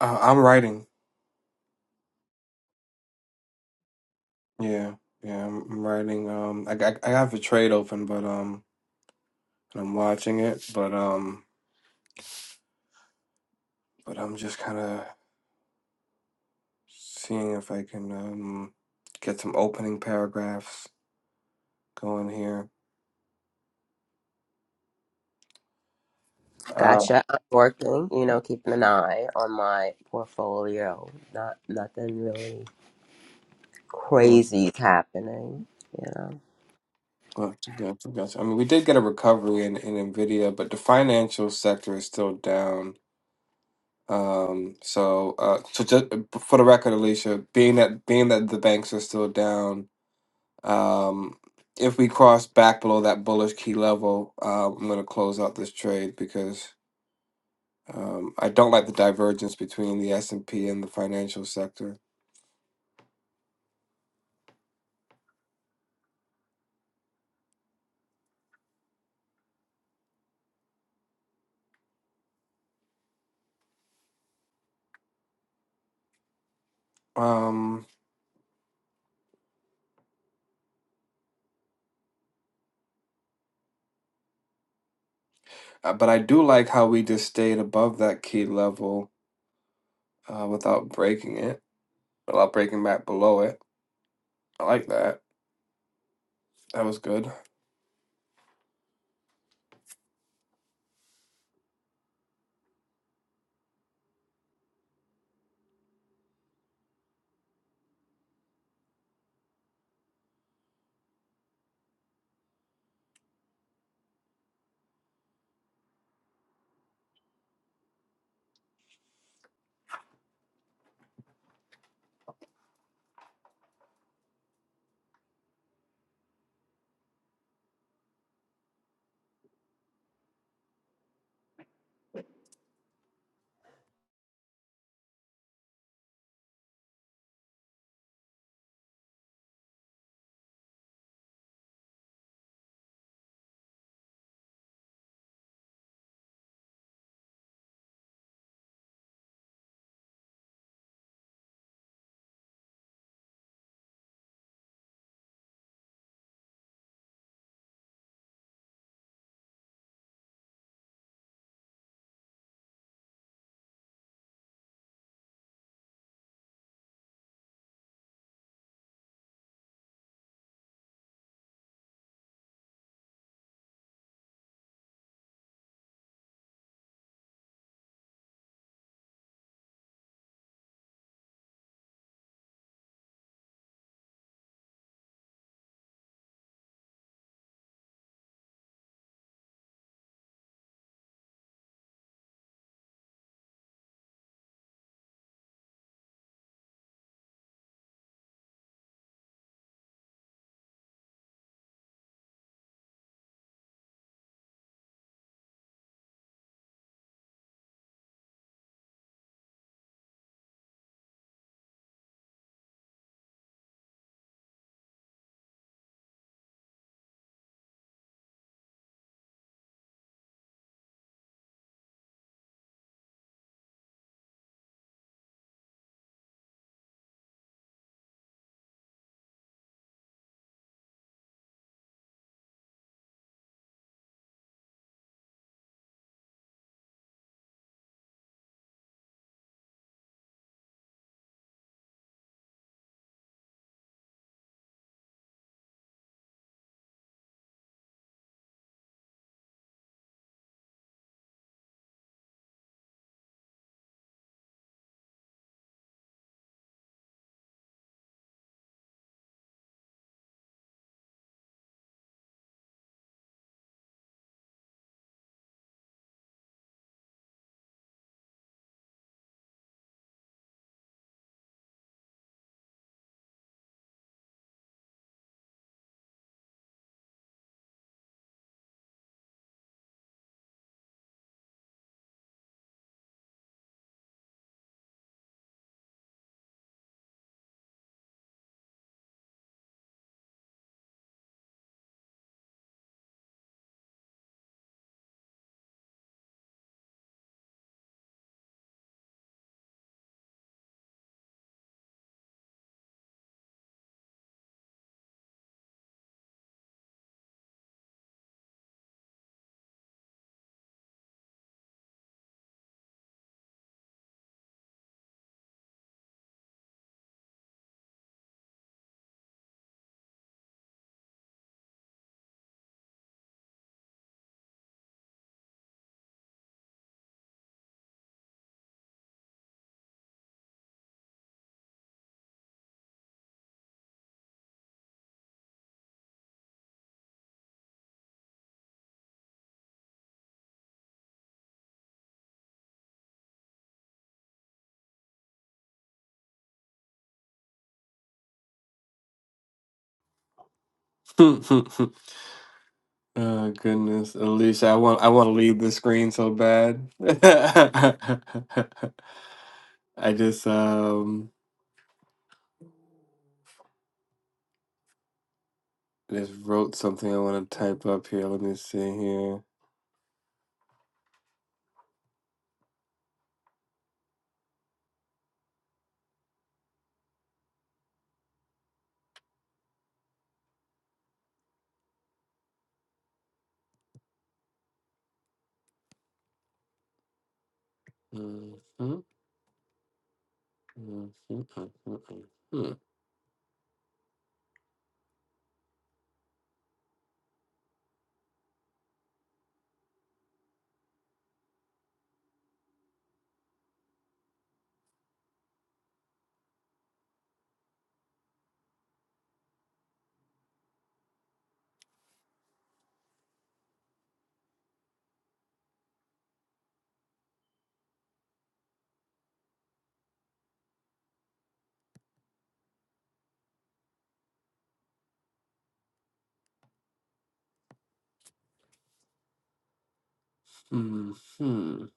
Uh, I'm writing. Yeah, yeah, I'm, I'm writing. Um, I, I I have a trade open, but um, and I'm watching it, but um, but I'm just kind of seeing if I can um get some opening paragraphs going here. Uh, Gotcha. I'm working, you know, keeping an eye on my portfolio. Not, nothing really crazy is happening, you know. gotcha, gotcha, gotcha. I mean, we did get a recovery in, in Nvidia, but the financial sector is still down. Um, so, uh, so just for the record, Alicia, being that being that the banks are still down, um, if we cross back below that bullish key level, uh, I'm going to close out this trade because um, I don't like the divergence between the S and P and the financial sector. Um, uh, but I do like how we just stayed above that key level uh, without breaking it, without breaking back below it. I like that. That was good. Oh goodness, Alicia, I want I want to leave the screen so bad. I just um I just wrote something I want to type up here. Let me see here. Mhm, mhm, mhm, mhm, mhm, mhm.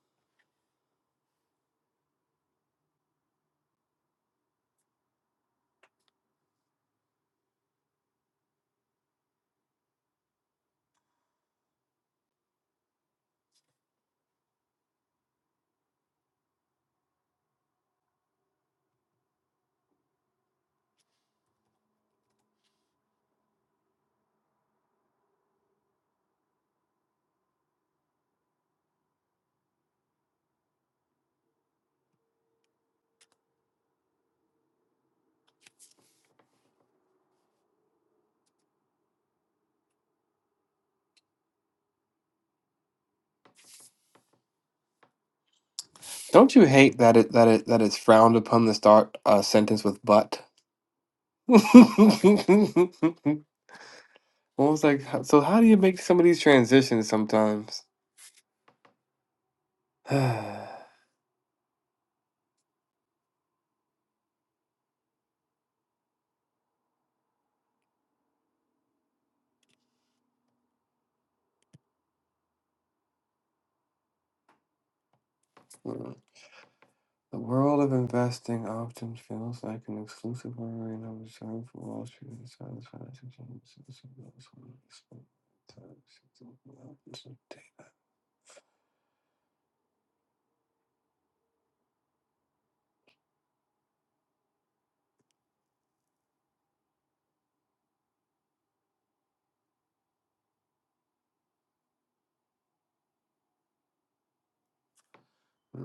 Don't you hate that it that it that it's frowned upon to start a sentence with but? I was like "H- so how do you make some of these transitions sometimes? The world of investing often feels like an exclusive arena reserved for Wall Street insiders, financial services, and those who are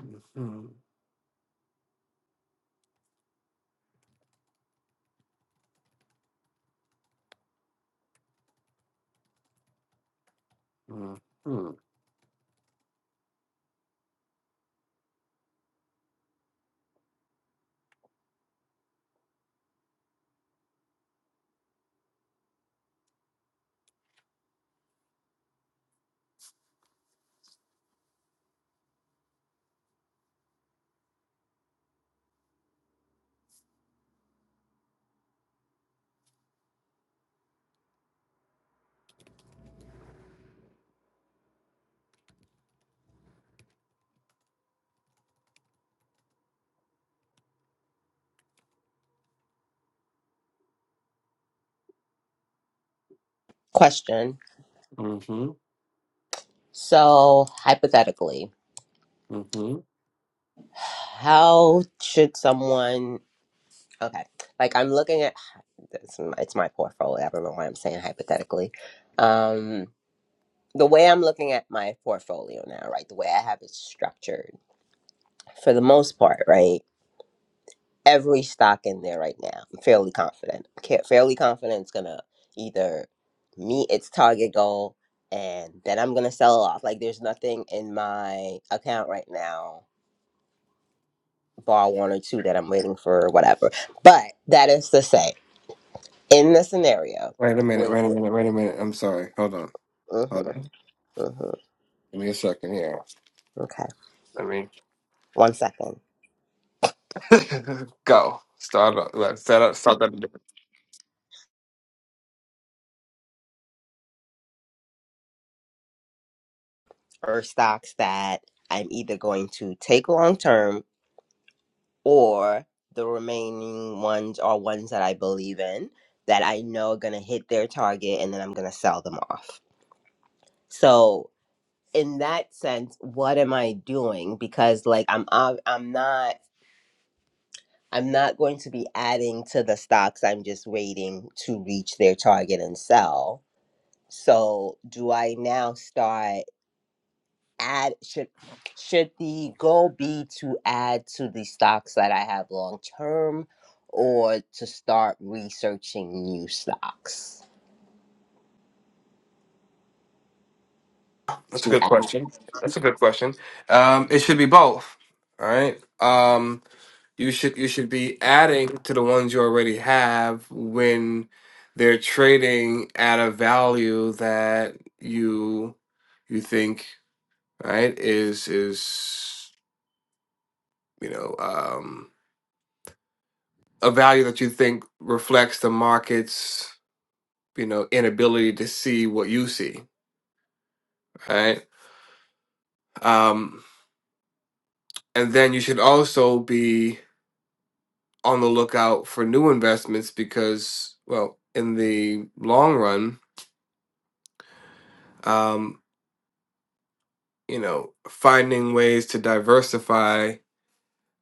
Question. So hypothetically, mm how should someone Okay. Like I'm looking at it's my, it's my portfolio. I don't know why I'm saying hypothetically. Um, the way I'm looking at my portfolio now, right? The way I have it structured, for the most part, right? Every stock in there right now, I'm fairly confident. Ca- Fairly confident it's gonna either meet its target goal, and then I'm gonna sell off. Like there's nothing in my account right now, bar one or two that I'm waiting for, or whatever. But that is to say, in the scenario. Wait a minute, where wait a you minute, wait a minute. I'm sorry. Hold on. Hold Uh-huh. on. Uh-huh. Give me a second here. Okay. Let me One second. go. Start up. Let's set up. Start that. Are stocks that I'm either going to take long term or the remaining ones are ones that I believe in that I know are gonna hit their target and then I'm gonna sell them off. So in that sense, what am I doing? Because like I'm ob- I'm not I'm not going to be adding to the stocks. I'm just waiting to reach their target and sell. So do I now start? add should should the goal be to add to the stocks that I have long term or to start researching new stocks That's a to good add? question. That's a good question. Um, it should be both. All right. Um, You should you should be adding to the ones you already have when they're trading at a value that you you think right is is you know um, a value that you think reflects the market's you know inability to see what you see right um, and then you should also be on the lookout for new investments because well in the long run um. you know, finding ways to diversify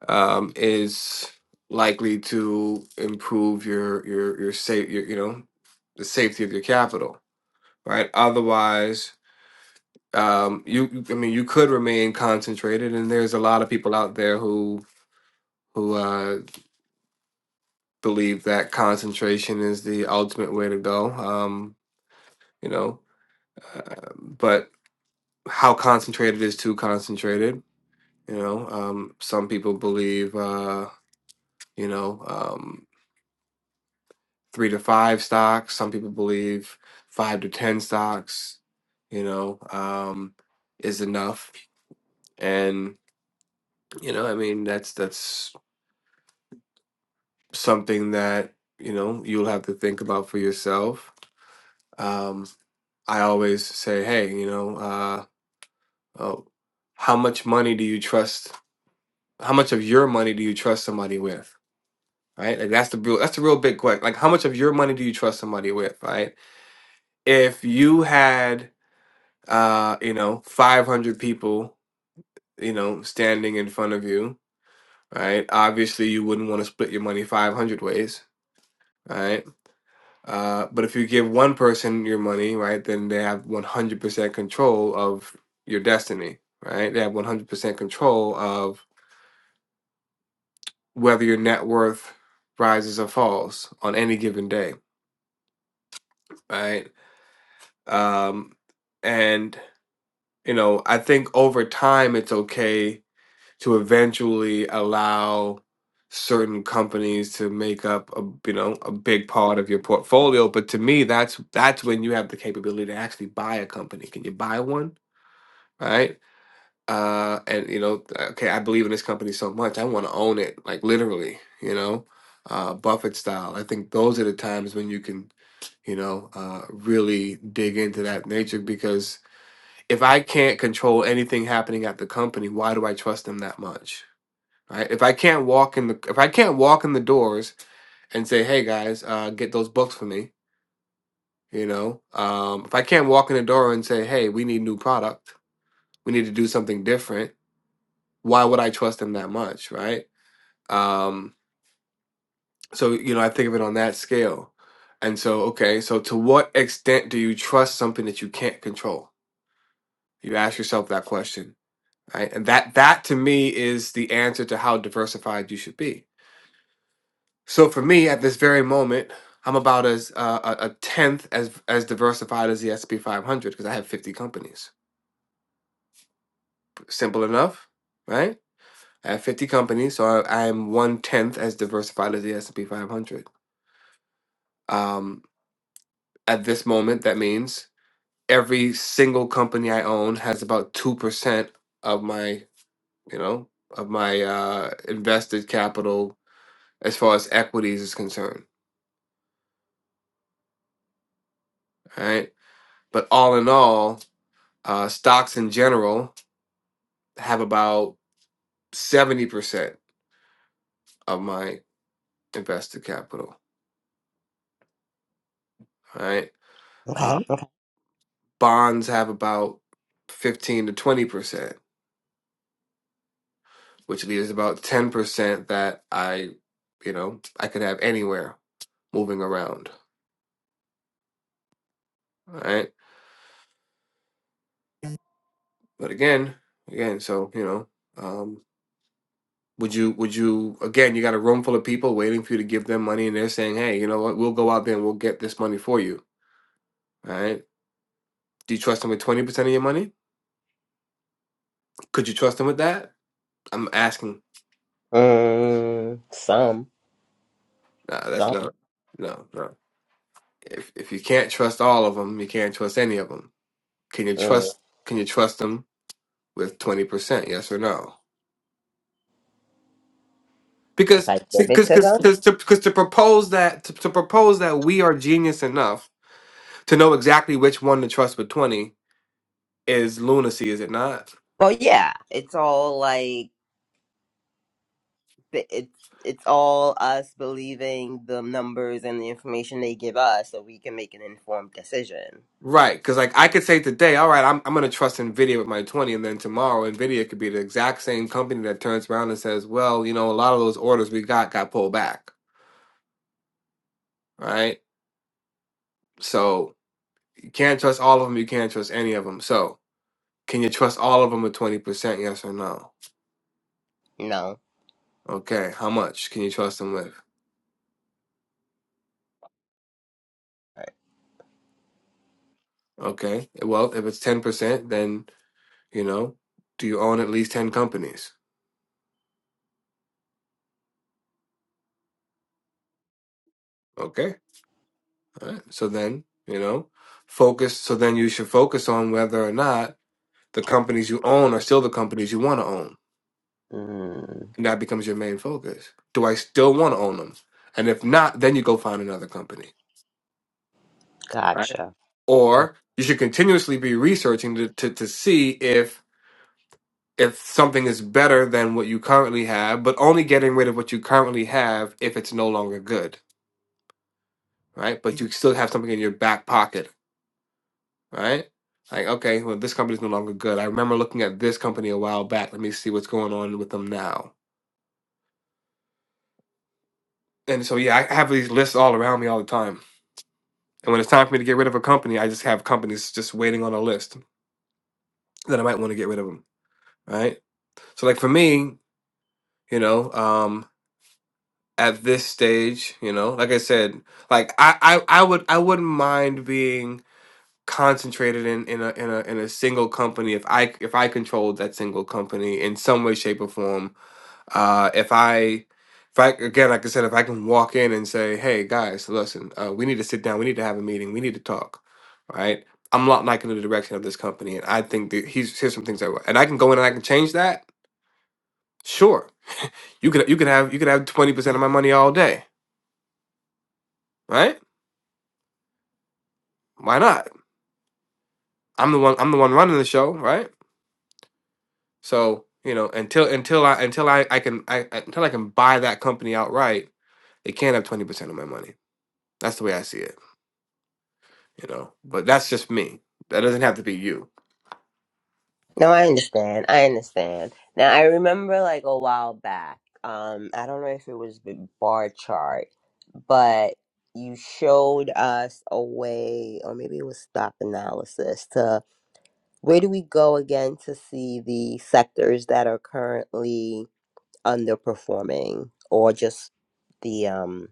um, is likely to improve your your your safe your, you know the safety of your capital, right? Otherwise, um, you you- I mean, you could remain concentrated, and there's a lot of people out there who who uh, believe that concentration is the ultimate way to go. Um, you know, uh, but how concentrated is too concentrated? You know, um, some people believe. Uh, you know, um, three to five stocks. Some people believe five to 10 stocks, you know, um, is enough. And, you know, I mean, that's, that's something that, you know, you'll have to think about for yourself. Um, I always say, hey, you know, uh, oh, how much money do you trust? How much of your money do you trust somebody with? Right, like that's the real, that's the real big question. Like, how much of your money do you trust somebody with? Right, if you had uh, you know, 500 people, you know, standing in front of you, right? Obviously, you wouldn't want to split your money 500 ways, right? Uh, but if you give one person your money, right, then they have 100% control of your destiny, right? They have 100% control of whether your net worth rises or falls on any given day, right? Um, and, you know, I think over time it's okay to eventually allow certain companies to make up a you know a big part of your portfolio but to me that's that's when you have the capability to actually buy a company can you buy one right uh and you know okay i believe in this company so much i want to own it like literally you know uh buffett style i think those are the times when you can you know uh really dig into that nature because if i can't control anything happening at the company why do i trust them that much right? If I can't walk in the if I can't walk in the doors and say, "Hey guys, uh, get those books for me," you know, um, if I can't walk in the door and say, "Hey, we need new product, we need to do something different," why would I trust them that much, right? Um, so you know, I think of it on that scale. And so, okay, so to what extent do you trust something that you can't control? You ask yourself that question, right? And that that to me is the answer to how diversified you should be So for me, at this very moment, I'm about as uh, a a tenth as as diversified as the S&P 500 because I have 50 companies. Simple enough, right? I have 50 companies, so I, I am one tenth as diversified as the S&P 500. Um, at this moment, that means every single company I own has about two percent of my, you know, of my uh, invested capital as far as equities is concerned, all right? But all in all, uh, stocks in general have about 70% of my invested capital. All right. Uh, Okay. bonds have about 15 to 20%, which leaves about 10% that I, you know, I could have anywhere moving around. All right. But again, again, so, you know, um, would you, would you, again, you got a room full of people waiting for you to give them money and they're saying, hey, you know what, we'll go out there and we'll get this money for you. All right. Do you trust them with 20% of your money? Could you trust them with that? I'm asking. Mm, some. Nah, that's Some. not. No, no. If if you can't trust all of them, you can't trust any of them. Can you Mm, trust? Can you trust them with twenty percent? Yes or no? if Because I give it because to them. because to, 'cause to propose that to, to propose that we are genius enough to know exactly which one to trust with twenty is lunacy, is it not? Well yeah. It's all like it's it's all us believing the numbers and the information they give us so we can make an informed decision. Right, because like I could say today, all right, I'm I'm gonna trust Nvidia with my twenty, and then tomorrow Nvidia could be the exact same company that turns around and says, well, you know, a lot of those orders we got got pulled back, right? So you can't trust all of them. You can't trust any of them. So can you trust all of them with twenty percent? Yes or no? You know? Okay. How much can you trust them with? Okay. Well, if it's ten percent, then you know, do you own at least ten companies? Okay. All right. So then you know, focus. So then you should focus on whether or not the companies you own are still the companies you want to own, Mm, and that becomes your main focus. Do I still want to own them? And if not, then you go find another company. Right. gotcha. Uh, or you should continuously be researching to, to, to see if if something is better than what you currently have, but only getting rid of what you currently have if it's no longer good, right? But you still have something in your back pocket, right? Like, okay, well, this company's no longer good. I remember looking at this company a while back. Let me see what's going on with them now. And so, yeah, I have these lists all around me all the time. And when it's time for me to get rid of a company, I just have companies just waiting on a list that I might want to get rid of them, right? So, like for me, you know, um, at this stage, you know, like I said, like I, I, I would I wouldn't mind being concentrated in, in a in a in a single company if I if I controlled that single company in some way, shape, or form. Uh if I if I again like I said, if I can walk in and say, Hey guys, listen, uh, we need to sit down, we need to have a meeting, we need to talk, right? I'm not liking the direction of this company and I think that he's here's some things I and I can go in and I can change that, sure. You could you could have you could have twenty percent of my money all day, right? why not? I'm the one I'm the one running the show, right? So, you know, until until I until I, I can I I- until I can buy that company outright, they can't have twenty percent of my money. That's the way I see it, you know. But that's just me. That doesn't have to be you. No, I understand. I understand. Now I remember like a while back. Um, I don't know if it was the bar chart, but you showed us a way, or maybe it was stock analysis Where do we go again to see the sectors that are currently underperforming or just the um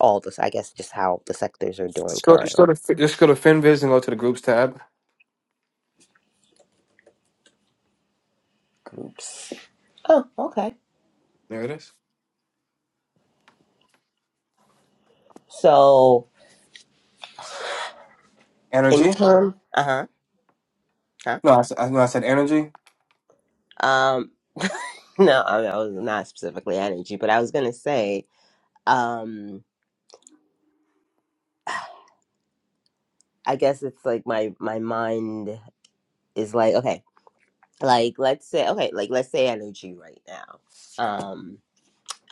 all this I guess just how the sectors are doing Just go, current just go or to Fi- just go to FinViz and go to the groups tab. groups. Oh, okay. There it is. So in Energy? term uh-huh. Huh? No, I, s- I- no, I said energy. huh. Um no, I, I was not specifically energy, but I was gonna say, um I guess it's like my my mind is like, okay, like let's say okay, like let's say energy right now. Um.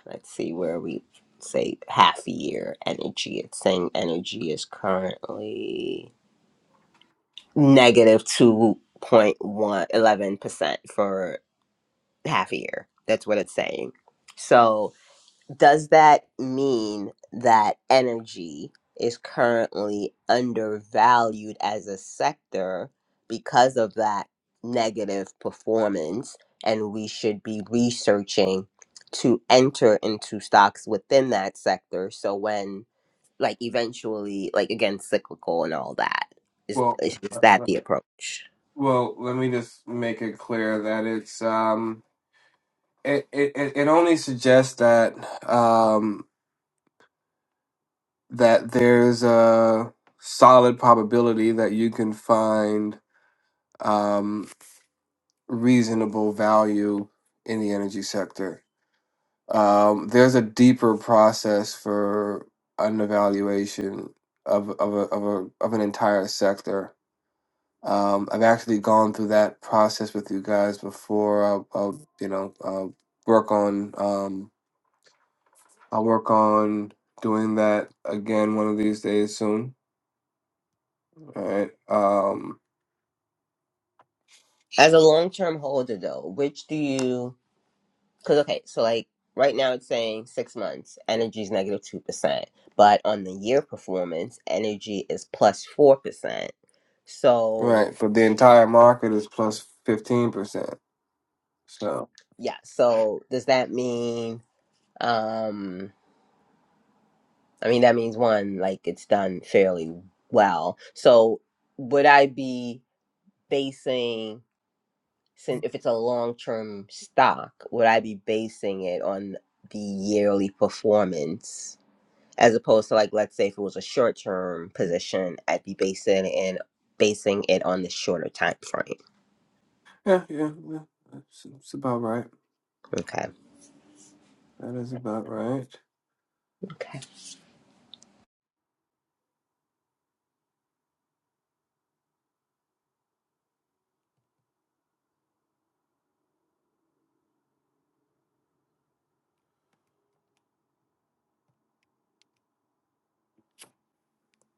Let's see where we say half a year energy. It's saying energy is currently negative two point one eleven percent for half a year. That's what it's saying. So does that mean that energy is currently undervalued as a sector because of that negative performance and we should be researching to enter into stocks within that sector so when like eventually like again cyclical and all that is Well, is, is uh, that uh, the approach well, let me just make it clear that it's um it it, it it only suggests that um that there's a solid probability that you can find um, reasonable value in the energy sector. Um, there's a deeper process for an evaluation of of a, of, a, of an entire sector. Um, I've actually gone through that process with you guys before. I'll, I'll you know I'll work on um, I'll work on doing that again one of these days soon. All right. Um, as a long term holder, though, which do you? Because okay, so like right now it's saying six months, energy is negative two percent, but on the year performance, energy is plus four percent. So Right, but the entire market is 15%. So, yeah, so does that mean? Um, I mean that means one, like it's done fairly well. So would I be? basing if it's a long-term stock would i be basing it on the yearly performance as opposed to like let's say if it was a short-term position i'd be basing in basing it on the shorter time frame yeah, yeah, yeah. It's, it's about right. okay That is about right. okay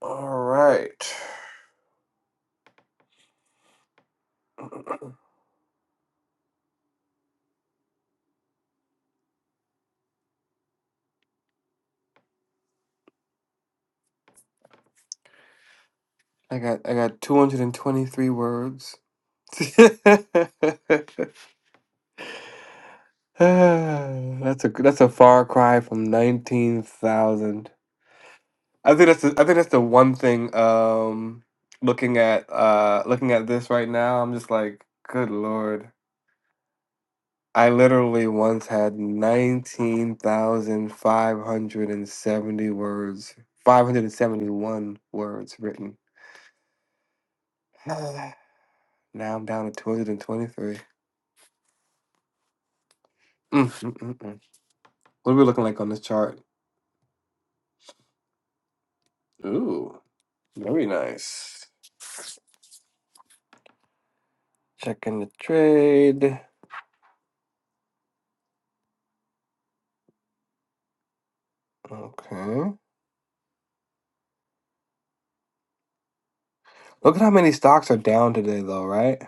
All right. I got I got 223 words. that's a that's a far cry from 19,000. I think that's the, I think that's the one thing um looking at uh looking at this right now, I'm just like, good lord. I literally once had 19,570 words, 571 words written. now I'm down to 223. Mm, mm, mm, mm. What are we looking like on this chart? Ooh, very nice. Checking the trade. Okay. Look at how many stocks are down today, though, right?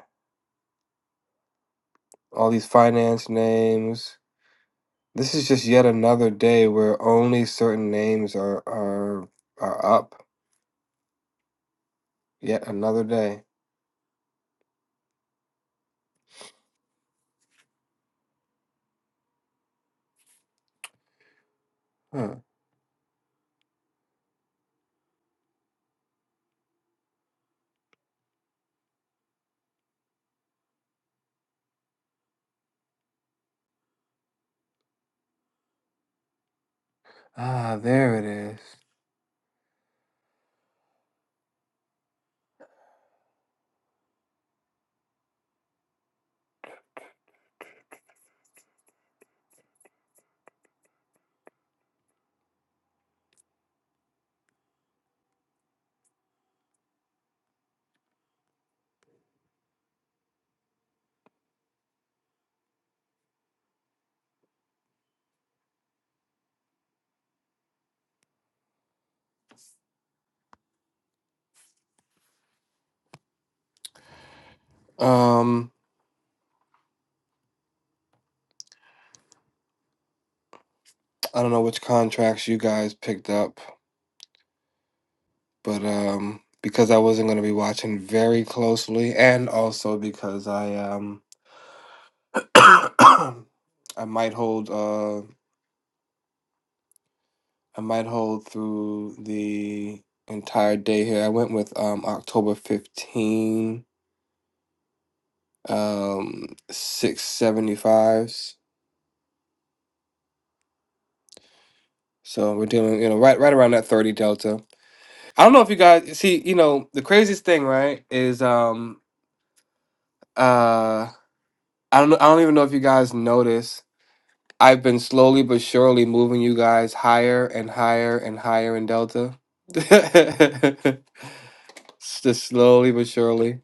All these finance names. This is just yet another day where only certain names are are are up. Yet another day. Huh. Ah, there it is. Um, I don't know which contracts you guys picked up, but um, because I wasn't going to be watching very closely, and also because I um, I might hold uh, I might hold through the entire day here. I went with um October 15, um 675s. So we're dealing, you know, right right around that 30 delta. I don't know if you guys see, you know, the craziest thing, right, is um uh I don't know, I don't even know if you guys notice. I've been slowly but surely moving you guys higher and higher and higher in Delta. S- Just slowly but surely.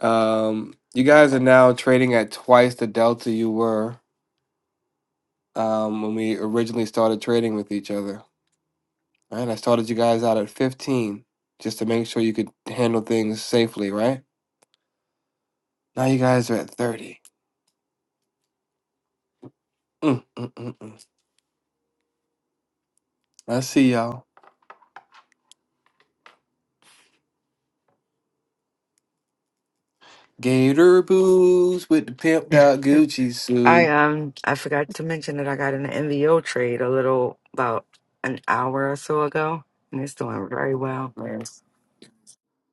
Um you guys are now trading at twice the Delta you were um when we originally started trading with each other. Right? I started you guys out at 15 just to make sure you could handle things safely, right? Now you guys are at 30. Mm, mm, mm, mm. I see y'all. Gator boots with the pimped out Gucci I suit. um I forgot to mention that I got an NVO trade a little about an hour or so ago, and it's doing very well. Nice,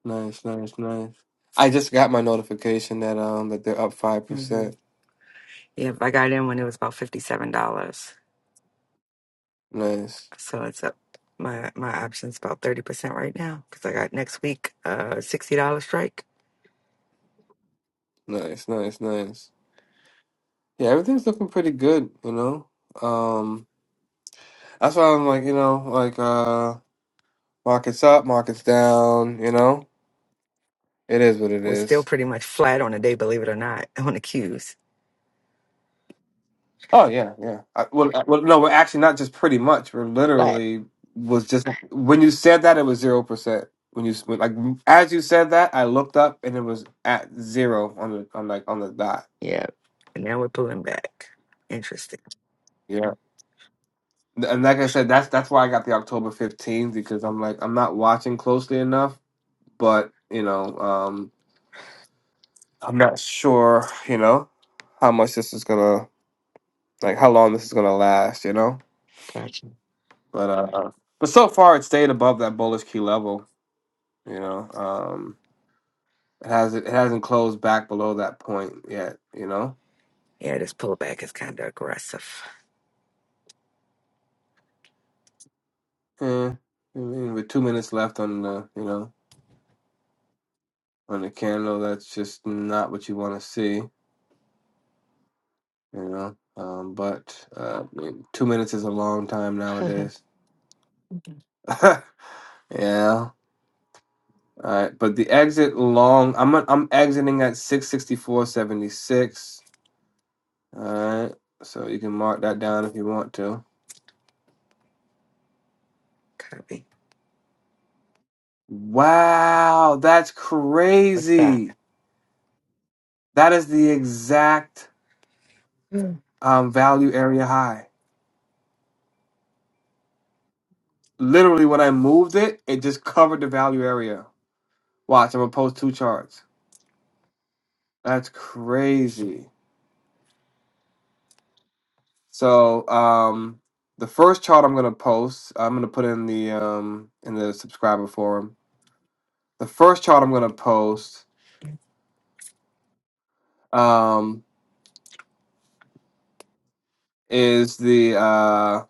nice, nice, nice. I just got my notification that um that they're up five hmm percent. Yep, I got in when it was about fifty seven dollars. Nice, So it's up my my options about thirty percent right now because I got next week uh sixty dollar strike. nice, nice, nice. Yeah, everything's looking pretty good. You know, um, that's why I'm like, you know, like uh, markets up, markets down. You know, it is what it We're still is. pretty much flat on the day, believe it or not, on the queues. Oh yeah, yeah. I, well, I- well, no, we're actually not just pretty much. We're Flat. literally was just when you said that it was zero percent. When you s- when, like as you said that, I looked up and it was at zero on the on like on the dot. Yeah. And now we're pulling back. Interesting. Yeah, and like I said, that's that's why I got the October fifteenth because I'm like I'm not watching closely enough, but you know, um, I'm not sure, you know, how much this is gonna like how long this is gonna last, you know, Gotcha. but uh, uh, but so far it stayed above that bullish key level. You know, um, it hasn't it hasn't closed back below that point yet. You know, Yeah, this pullback is kind of aggressive. eh, I mean, with two minutes left on the you know on the candle, that's just not what you want to see. You know, um, but uh, I mean, two minutes is a long time nowadays. yeah. All right, but the exit long. I'm on- I'm exiting at six sixty four seventy six. All right, so you can mark that down if you want to. Copy. Wow, that's What's that? crazy. That is the exact Mm. um, value area high. Literally, when I moved it, it just covered the value area. Watch, I'm gonna post two charts. That's crazy. So, um, the first chart I'm gonna post, I'm gonna put in the um, in the subscriber forum. The first chart I'm gonna post um, is the uh,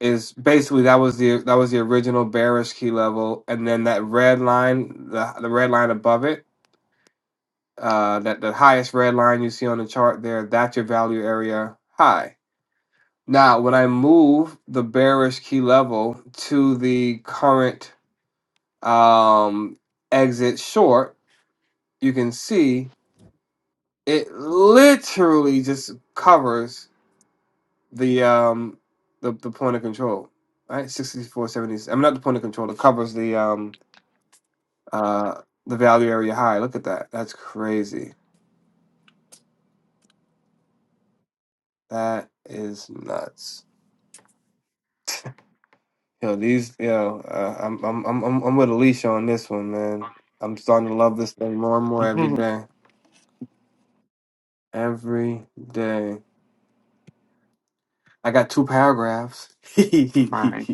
is basically that was the that was the original bearish key level, and then that red line, the the red line above it uh, that the highest red line you see on the chart there, that's your value area high. Now, when I move the bearish key level to the current um, exit short, you can see it literally just covers the um, the, the point of control, right? 64.70. I'm not the point of control. It covers the um, uh, the value area high. Look at that. That's crazy. That is nuts. Yo, these, yo, uh, I'm, I'm, I'm, I'm I'm with Alicia on this one, man. I'm starting to love this thing more and more every Mhm. day. Every day. I got two paragraphs. huh? Fine.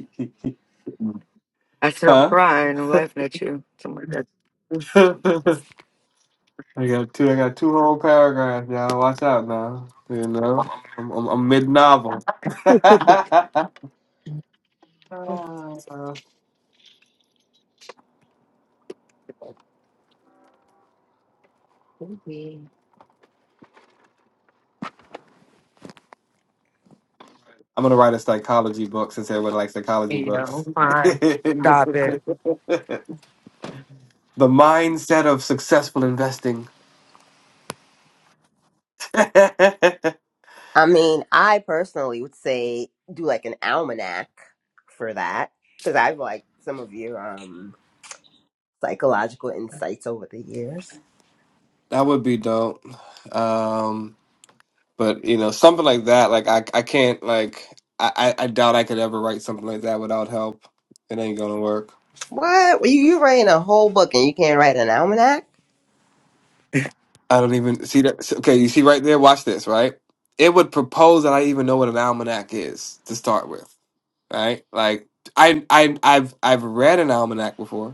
I said I'm crying. I'm laughing at you. Something like I got two. I got two whole paragraphs, y'all. Watch out now. You know, I'm, I'm, I'm mid novel. that. Maybe. I'm gonna write a psychology book since everybody likes psychology yeah, books. I'm fine. Stop it. The mindset of successful investing. that i mean i personally would say do like an almanac for that because i've liked some of your um psychological insights over the years would be dope. Um, but you know, something like that, like I I can't like I, I I doubt I could ever write something like that without help. It ain't gonna work. what well, you, you writing a whole book and you can't write an almanac I don't even see that. Okay, you see right there, watch this, right? It would propose that I even know what an almanac is to start with, right? Like I I I've I've read an almanac before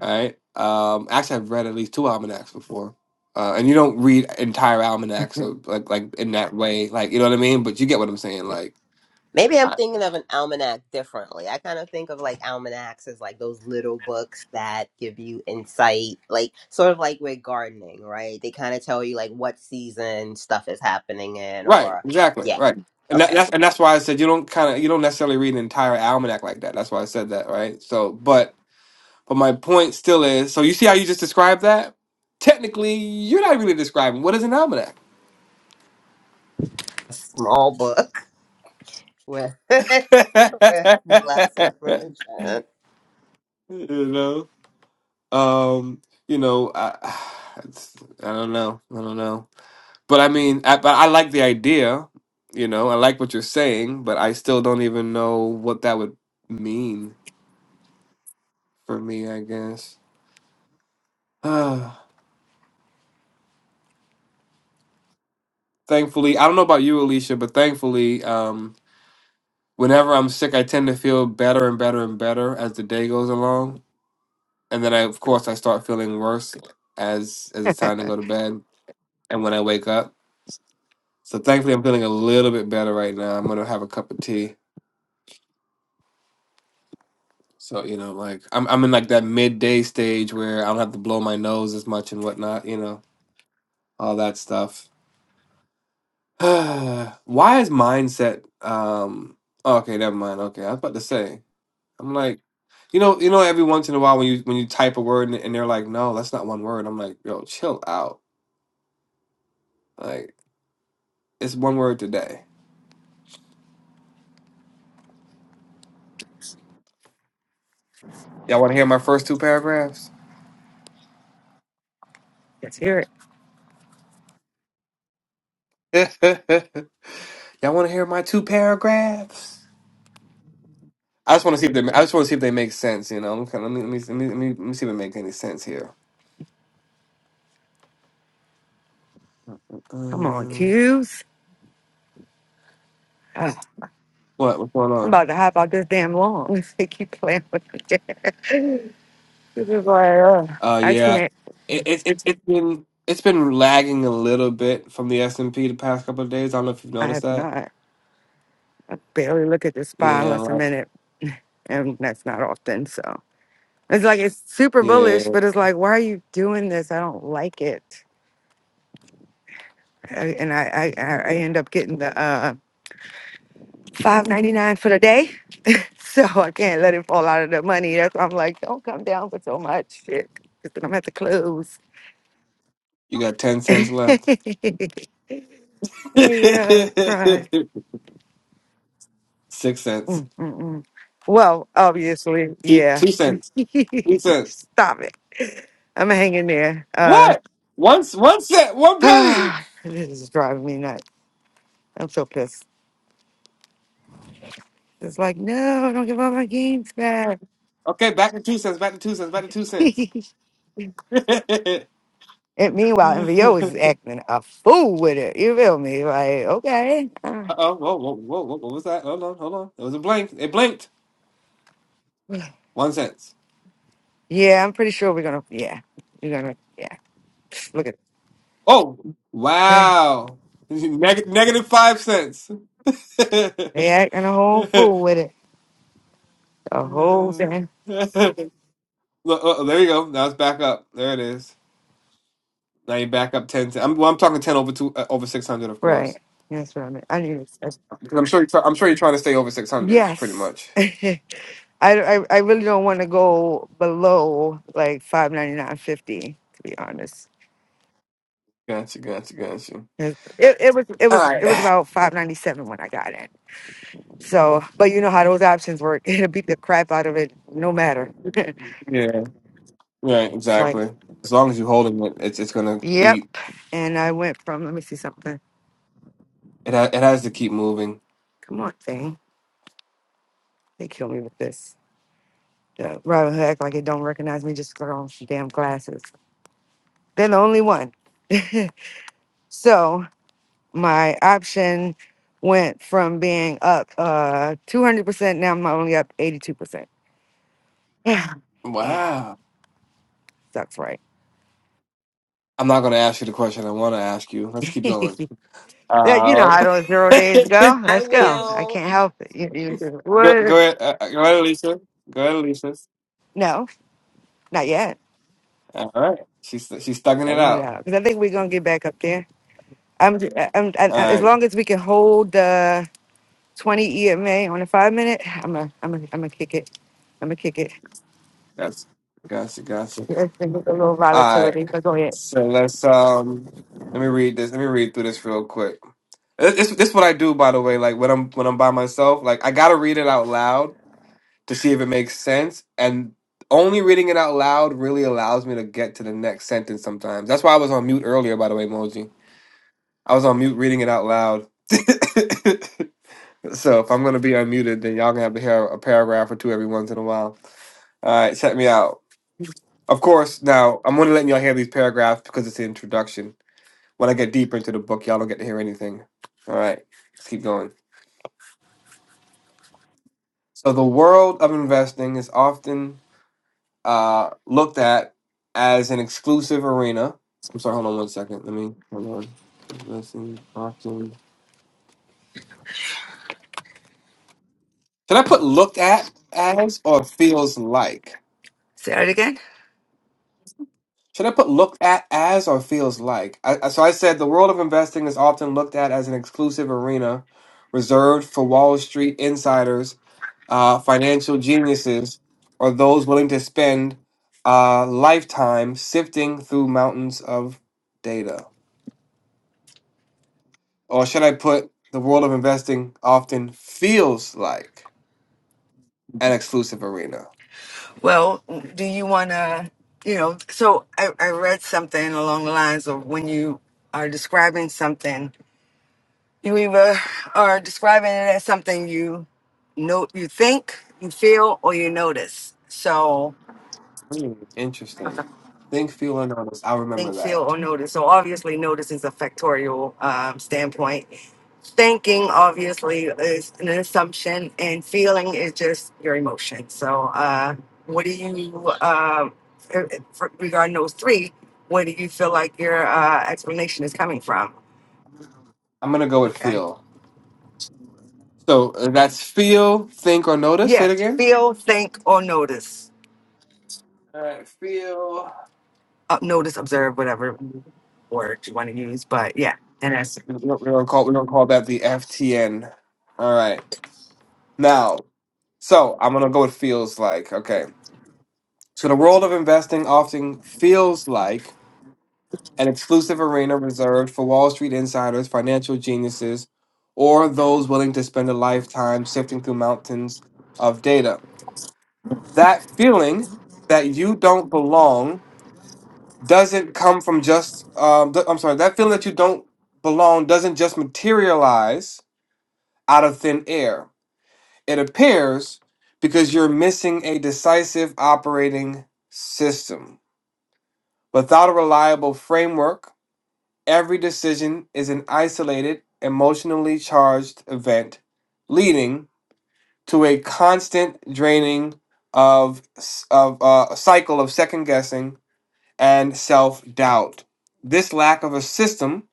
right? Um, actually, I've read at least two almanacs before, uh, and you don't read entire almanacs, so like like in that way, like you know what I mean. But you get what I'm saying, like Maybe I'm I- thinking of an almanac differently. I kind of think of like almanacs as like those little books that give you insight, like sort of like with gardening, right? They kind of tell you like what season stuff is happening in, right, or exactly, yeah, right. And that, okay, that's and that's why I said you don't kind of you don't necessarily read an entire almanac like that. That's why I said that, right? So, but but my point still is, so you see how you just described that? Technically, you're not really describing what is an almanac. a small book with with less information. you know. Um, you know, I, it's, I don't know, I don't know, but I mean, I, but I like the idea. You know, I like what you're saying, but I still don't even know what that would mean for me. I guess. Ah, thankfully, I don't know about you, Alicia, but thankfully, um, whenever I'm sick, I tend to feel better and better and better as the day goes along, and then I, of course, I start feeling worse as as it's time to go to bed and when I wake up. So thankfully, I'm feeling a little bit better right now. I'm gonna have a cup of tea. So you know, like I'm I'm in like that midday stage where I don't have to blow my nose as much and whatnot. You know, all that stuff. Why is mindset? Um. oh, Okay, never mind. Okay, I was about to say. I'm like, you know, you know, every once in a while when you when you type a word and, and they're like, no, that's not one word. I'm like, yo, chill out. Like it's one word today. Y'all want to hear my first two paragraphs? Let's hear it. Y'all want to hear my two paragraphs? I just want to see if they. I just want to see if they make sense. You know, okay, let me let me let me let me, let me see if it make any sense here. Come on, Uh, cues. what what's going I'm on? about to hop out this damn lawn if they keep playing with me. this is like, uh, Uh, I yeah, can't. it, it, it's it's been it's been lagging a little bit from the S and P the past couple of days. I don't know if you've I noticed have that. not. I barely look at the spy Yeah, unless I'm like in it, and that's not often. So it's like it's super yeah, bullish, but it's like, why are you doing this? I don't like it. I, and I, I, I I end up getting the uh, five ninety nine for the day, so I can't let it fall out of the money. That's why I'm like, don't come down for so much shit, because then I'm at the close. you got ten cents left. yeah, right. Six cents. Mm, mm, mm. Well, obviously, Two yeah. two cents. Two cents. Stop it. I'm hanging there. Uh, What? One c- one cent. One penny. this is driving me nuts. I'm so pissed. It's like, no, don't give all my games back. Okay, back to two cents. Back to two cents. Back to and two cents. meanwhile, MVO is acting a fool with it. You feel me? Like, okay. uh, Uh oh, whoa, whoa, whoa, whoa, what was that? Hold on, hold on. It was a blank. It blinked. One cents. yeah, I'm pretty sure we're going to, yeah. You're going to, yeah. Look at it. Oh, wow. Neg- negative five cents. Look, They acting a whole fool with it. A whole thing. oh, there you go. Now it's back up. There it is. Now you back up ten. I'm well, I'm talking ten over two uh, over six hundred, of Right. course. That's what I mean. I knew this. Because I'm sure you're I'm sure you're trying to stay over six hundred, pretty Yes. much. I, I I really don't want to go below like five ninety nine fifty to be honest. Gotcha, gotcha, gotcha. It, it was it All was right. it was about five ninety seven when I got it. So, but you know how those options work. It'll beat the crap out of it, no matter. Yeah. Right. like, Exactly. As long as you're holding it, it's it's gonna yep. eat. And I went from let me see something. It ha- it has to keep moving. Come on, thing. They kill me with this. The Robin Hood act like it don't recognize me just 'cause I got on some damn glasses. They're the only one. so my option went from being up uh 200% now i'm only up 82% yeah yeah Wow. that's right I'm not going to ask you the question I want to ask you. Let's keep going. yeah, you know Uh, how those zero days go I let's go i will. can't help it you, you, just, go, go "What?" ahead, uh, uh, go ahead, Alicia. Go ahead, Alicia. no not yet All right, she's she's thugging it Thugging it out. out because i think we're gonna get back up there i'm, j- I- I'm, i All I- as right, long as we can hold the 20 ema on a five minute i'm a, I'm a, I'm gonna kick it. I'm gonna kick it. gotcha, gotcha, gotcha. Yes, and with a little All right, volatility, but go ahead. so let's um, let me read this. Let me read through this real quick. This this this what I do, by the way. Like when I'm when I'm by myself, like I gotta read it out loud to see if it makes sense. And only reading it out loud really allows me to get to the next sentence sometimes. That's why I was on mute earlier, by the way, Moji. I was on mute reading it out loud. so if I'm gonna be unmuted, then y'all gonna have to hear a paragraph or two every once in a while. All right, check me out. Of course, now I'm only letting y'all hear these paragraphs because it's the introduction. When I get deeper into the book, y'all don't get to hear anything. All right, let's keep going. So the world of investing is often uh, looked at as an exclusive arena. I'm sorry, hold on one second. Let me hold on. Listen, often. Should I put looked at as or feels like? Say it again. Should I put looked at as or feels like? I, I- so I said the world of investing is often looked at as an exclusive arena reserved for Wall Street insiders, uh, financial geniuses, or those willing to spend a lifetime sifting through mountains of data. or should I put the world of investing often feels like an exclusive arena? Well, do you want to, you know, so I, I read something along the lines of when you are describing something, you either are describing it as something you know, you think, you feel, or you notice. So Hmm, interesting. Think, feel, and notice. I remember think, feel, or that. notice. So obviously, notice is a factorial um, standpoint. Thinking obviously is an assumption, and feeling is just your emotion. So, uh, what do you um, eh, eh, for- regarding those three? Where do you feel like your uh, explanation is coming from? I'm gonna go with Okay. feel. So uh, that's feel, think, or notice. Say it Yes, again. feel, think, or notice. All right, feel. Uh, notice, observe, whatever We word you want to use. But yeah, and that's don't, we don't call we don't call that the FTN. All right. Now, so I'm gonna go with feels like. Okay. So the world of investing often feels like an exclusive arena reserved for Wall Street insiders, financial geniuses, or those willing to spend a lifetime sifting through mountains of data. That feeling that you don't belong doesn't come from just, um, th- I'm sorry, that feeling that you don't belong doesn't just materialize out of thin air. It appears because you're missing a decisive operating system Without a reliable framework, every decision is an isolated, emotionally charged event, leading to a constant draining of of uh, a cycle of second guessing and self doubt. This lack of a system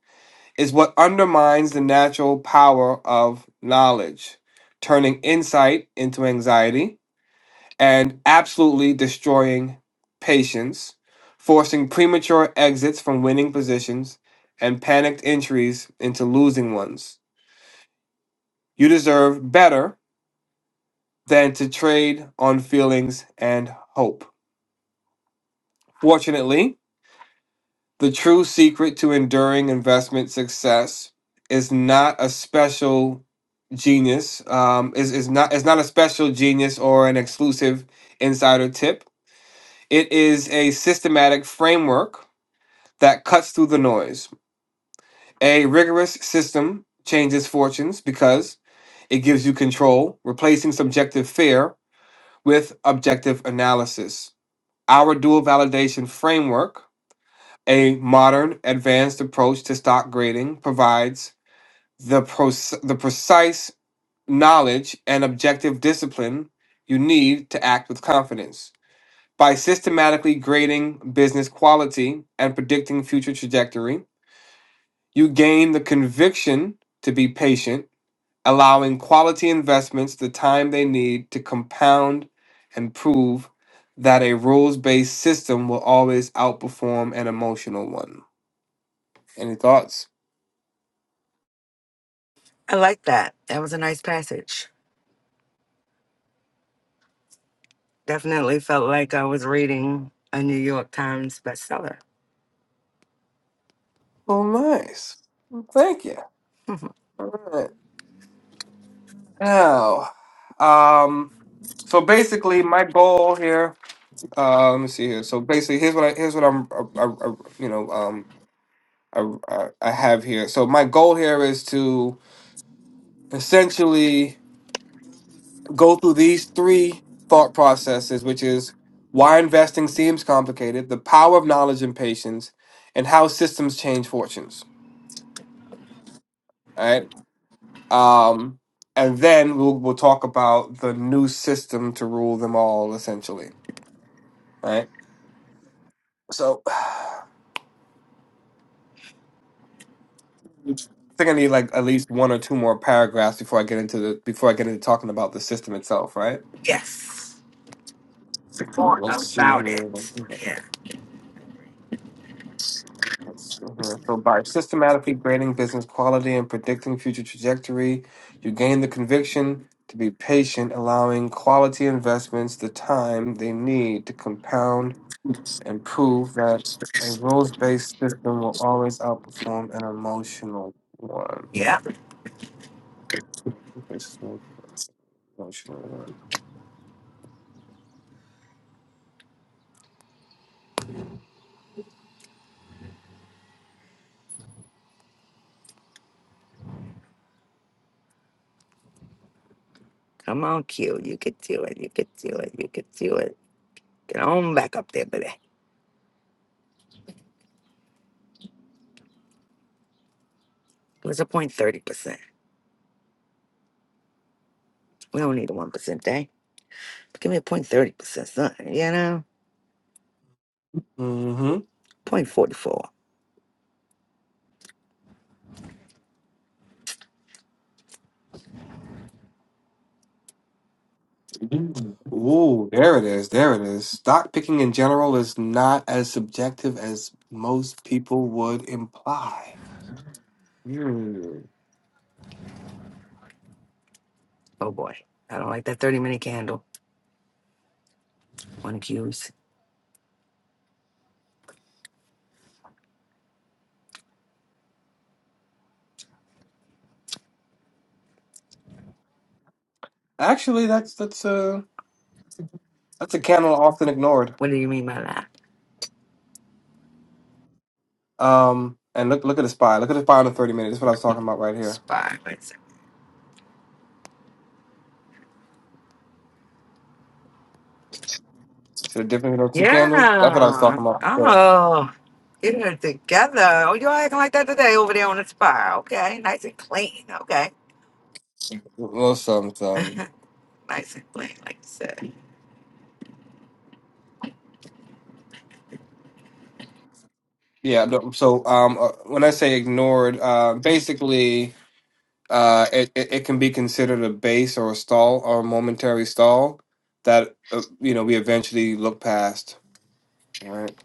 is what undermines the natural power of knowledge, turning insight into anxiety and absolutely destroying patience, forcing premature exits from winning positions, and panicked entries into losing ones. You deserve better than to trade on feelings and hope. Fortunately, the true secret to enduring investment success is not a special genius um, is, is not is not a special genius or an exclusive insider tip. It is a systematic framework that cuts through the noise. A rigorous system changes fortunes because it gives you control, replacing subjective fear with objective analysis. Our dual validation framework, a modern advanced approach to stock grading, provides the, proce- the precise knowledge and objective discipline you need to act with confidence. By systematically grading business quality and predicting future trajectory, You gain the conviction to be patient, allowing quality investments the time they need to compound and prove that a rules based system will always outperform an emotional one. Any thoughts? I like that. That was a nice passage. Definitely felt like I was reading a New York Times bestseller. Well, nice. Well, thank you. All right. Now, um, so basically, my goal here. Uh, let me see here. So basically, here's what I, here's what I'm, uh uh uh, you know, um, I, I I have here. So my goal here is to essentially go through these three thought processes, which is why investing seems complicated, the power of knowledge and patience, and how systems change fortunes. All right. Um, and then we'll we'll talk about the new system to rule them all, essentially. All right. So I think I need like at least one or two more paragraphs before I get into the before I get into talking about the system itself, right? Yes. Support Let's see about it. here. Yeah. That's- mhm. So by systematically grading business quality and predicting future trajectory, you gain the conviction to be patient, allowing quality investments the time they need to compound and prove that a rules-based system will always outperform an emotional one. Yeah. This is an Emotional one. Come on, Q. You could do it. You could do it. You could do it. Get on back up there, baby. It was a point thirty percent. We don't need a one percent day. Give me a point thirty percent, son. You know? Mm-hmm. Point forty four. Ooh, there it is. There it is. Stock picking in general is not as subjective as most people would imply. Hmm. Oh boy. I don't like that thirty minute candle. One Q's. Actually, that's that's a that's a canon often ignored. What do you mean by that? Um, and look look at the spy. Look at the spy in the thirty minutes. That's what I was talking about right here. Spy. See the difference in those two candles? That's what I was Yeah. talking about. before. Oh, get her together. Oh, you're acting like that today over there on the spa. Okay. Nice and clean. Okay. Well, some some nice and clean, like you said. yeah. no, So um, uh, when I say ignored, uh, basically uh, it, it it can be considered a base or a stall or a momentary stall that uh, you know we eventually look past. Right.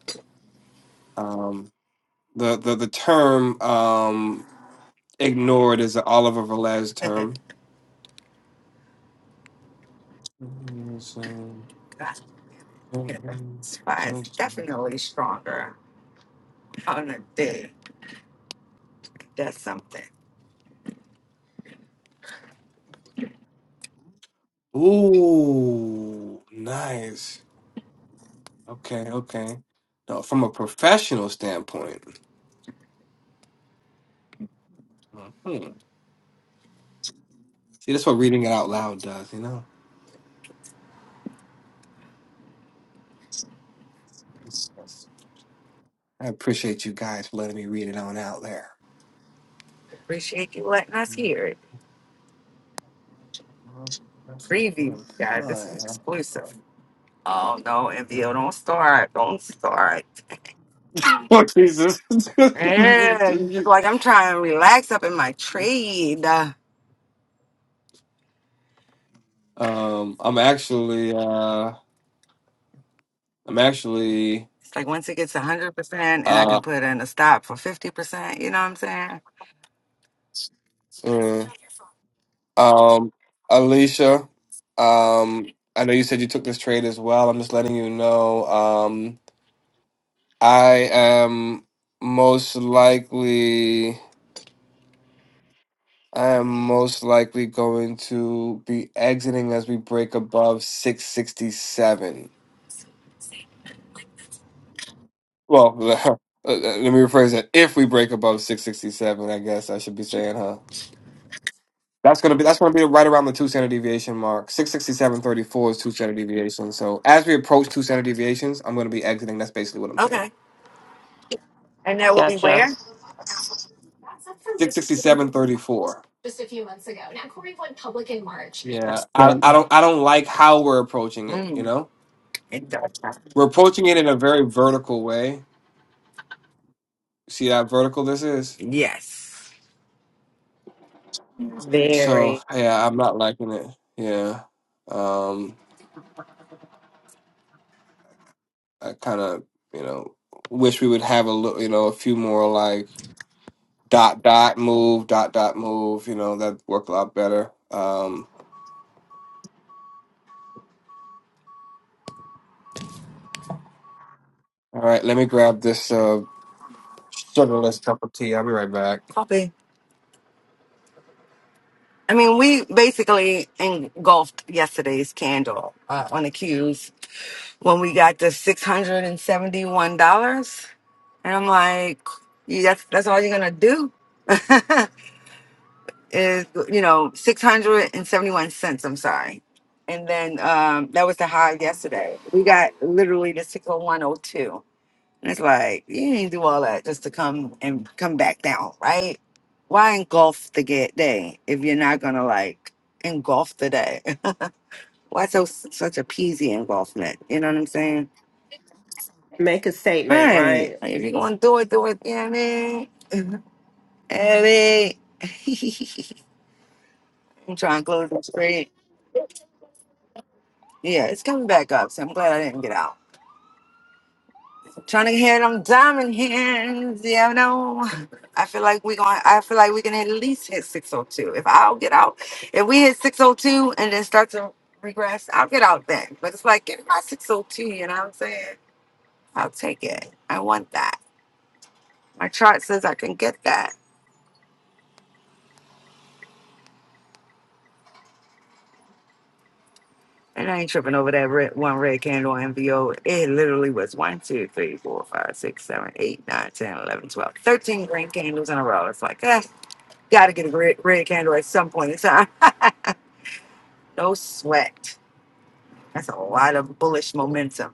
Um, the the the term um ignored is an Oliver Velez term Ooh, God, yeah. Spa is definitely stronger on a day. That's something. nice. Okay, okay. No, from a professional standpoint. hmm See, that's what reading it out loud does, you know? That's- that's- I appreciate you guys for letting me read it on out there. Appreciate you letting us hear it. Preview, guys. This is exclusive. Oh, no, MVO, don't start. Don't start. Oh, Jesus. Yeah, you just like, I'm trying to relax up in my trade. um, I'm actually, uh, I'm actually, It's like once it gets 100% and I uh, can put in a stop for 50%, you know what I'm saying? mm. Um, Alicia, um, I know you said you took this trade as well. I'm just letting you know. Um, I am most likely, I am most likely going to be exiting as we break above 667. Well, let me rephrase that. If we break above 667, I guess I should be saying, huh? That's gonna be that's gonna be right around the two standard deviation mark. Six sixty seven thirty four is two standard deviations. So as we approach two standard deviations, I'm gonna be exiting. That's basically what I'm saying. Okay. And that will be Gotcha. where? Six sixty seven thirty four. Yeah, That's I, good. I don't I don't like how we're approaching it. You Mm, know, it does. we're approaching it in a very vertical way. See how vertical this is. Yes. So Very. yeah, I'm not liking it. Yeah, um, I kind of you know wish we would have a little you know a few more like dot dot move dot dot move you know that worked a lot better um all right let me grab this uh sugarless cup of tea i'll be right back Copy. I mean, we basically engulfed yesterday's candle uh, on the cues when we got the $671. And seventy-one dollars, and I'm like, you- that's, that's all you're going to do? is you know six hundred and seventy one cents. I'm sorry, and then um that was the high yesterday. We got literally the six hundred one oh two. And it's like you ain't do all that just to come and come back down, right? Why engulf the ga- day if you're not gonna like engulf the day? Why so such a peasy engulfment? You know what I'm saying? Make a statement, Right. right? Like, if you're gonna do it, do it. You know what I mean? Ellie. I'm trying to close the street. Yeah, it's coming back up, so I'm glad I didn't get out. trying to hit them diamond hands, yeah, I know. I feel like we going. I feel like we can at least hit 602. If I'll get out, if we hit 602 and then start to regress, I'll get out then. But it's like get my 602. You know what I'm saying? I'll take it. I want that. My chart says I can get that, and I ain't tripping over that red, one red candle on MVO. It literally was one, two, three, four, five, six, seven, eight, nine, ten, eleven, twelve, thirteen green candles in a row. It's like, eh. Got to get a red, red candle at some point in time. no sweat. That's a lot of bullish momentum.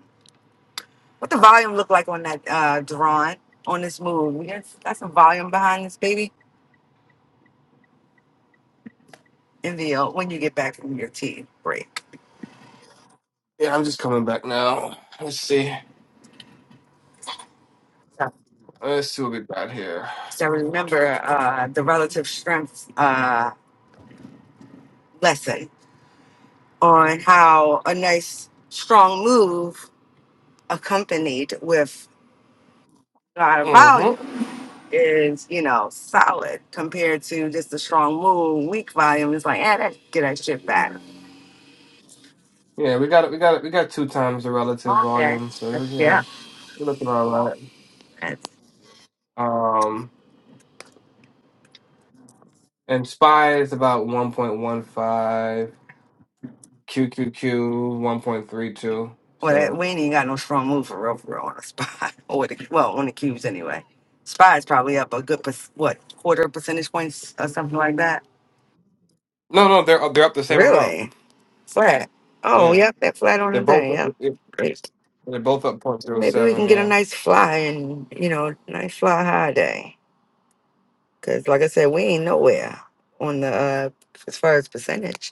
What the volume look like on that uh Duran on this move? We got, got some volume behind this baby. NVL when you get back from your tea break. yeah i'm just coming back now let's see So, let's see what we got here so remember uh the relative strength uh lesson on how a nice strong move accompanied with a lot of volume mm-hmm is, you know, solid compared to just a strong move, weak volume. It's like, eh, that, get that shit back. yeah we got it we got it we got two times the relative Okay. volume so you That's, yeah. know we're looking all right That's, um and spy is about 1.15 Q Q Q 1.32 well, that, so we ain't got no strong move for real, for real on the spot. or with the, well, on the cubes anyway. Spy's probably up a good, per, what, quarter percentage points or something like that. no no they're they're up the same amount Really? Flat. Oh, yeah yep, that flat on they're the both. day. Yep. Great. They're both up point zero Maybe we seven, can get a yeah. nice fly and, you know, nice fly high day. Cause like I said, we ain't nowhere on the uh as far as percentage.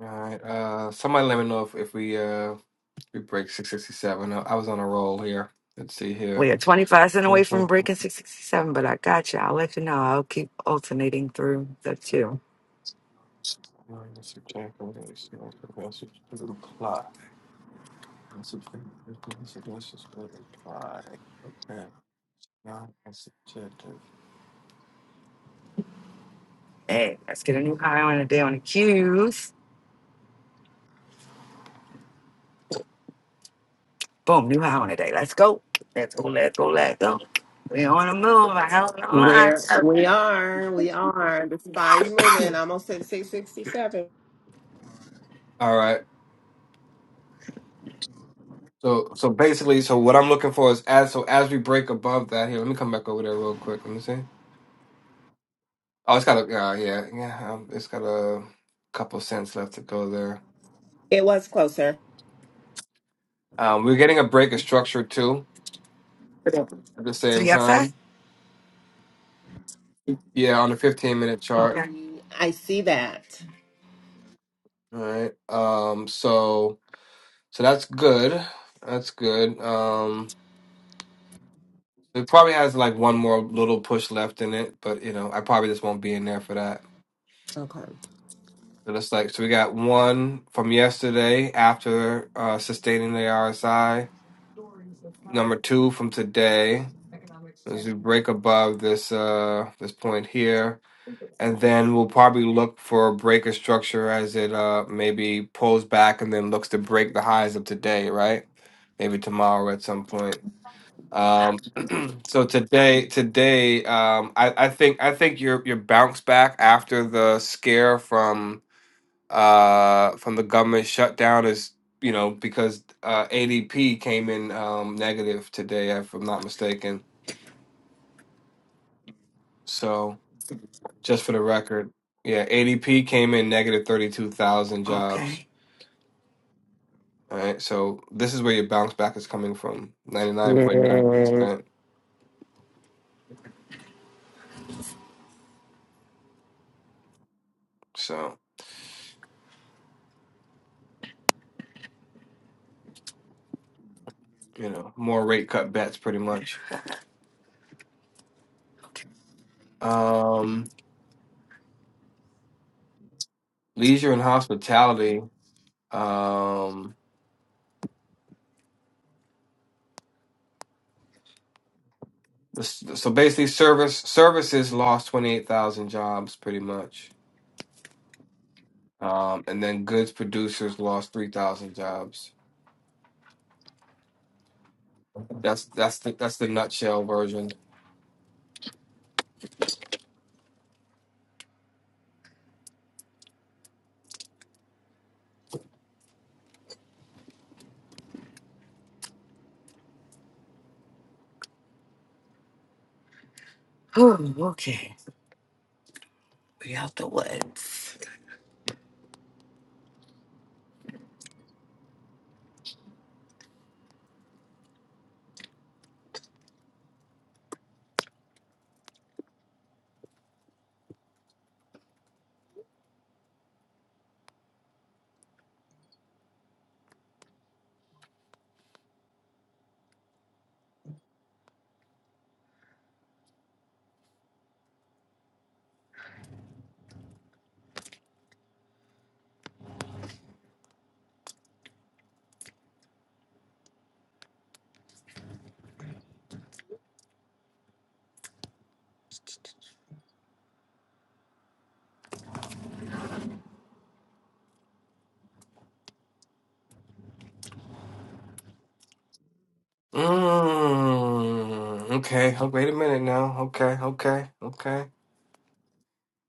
All right. Uh, somebody let me know if, if we uh if we break 667. I, I was on a roll here. Let's see here. We are twenty five cent away Apply. from Okay. breaking six sixty seven, but I got you. I'll let you know. I'll keep alternating through the two. Now, that's objective. Hey, let's get a new high on the day on the cues. Boom, new high on the day. Let's go. Let's go, let's go, let's go. We on the move. I don't know why. Where we are, we are. The body's moving. I almost said 667. All right. So so basically, so what I'm looking for is as so as we break above that here. Let me come back over there real quick. Let me see. Oh, it's got a uh, yeah yeah. Um, it's got a couple cents left to go there. It was closer. Um, we're getting a break of structure too To at the same the upside? time. Yeah, on the 15 minute chart. Okay. I see that. All right. Um, so so that's good. That's good. Um, it probably has like one more little push left in it, but you know, I probably just won't be in there for that. Okay. But it's like so we got one from yesterday after uh sustaining the RSI. Number two from today as we break above this uh this point here. and then we'll probably look for a breaker structure as it uh maybe pulls back and then looks to break the highs of today, right? Maybe tomorrow at some point. Um, so today, today, um, I, I think I think your your bounce back after the scare from uh from the government shutdown is you know because uh ADP came in um negative today if I'm not mistaken. So just for the record. Yeah, ADP came in negative 32,000 jobs. Okay. All right. So this is where your bounce back is coming from Yeah. 99.9%. So, you know, more rate cut bets pretty much. Um, leisure and hospitality. Um, this- so basically service services lost 28,000 jobs pretty much. Um, and then goods producers lost 3,000 jobs. That's that's the that's the nutshell version. Whew, okay. We out the woods. Mm, okay. Oh, wait a minute now. Okay. Okay. Okay.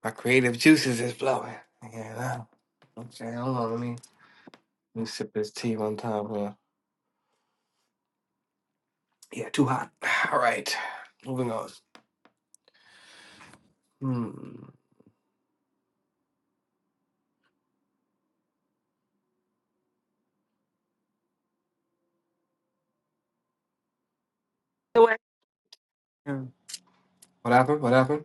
My creative juices is blowing. Yeah. now. Okay. Hold on. Let me let me sip this tea one time. Yeah. Yeah. Too hot. All right. Moving on. Hmm. The way. What happened? What happened?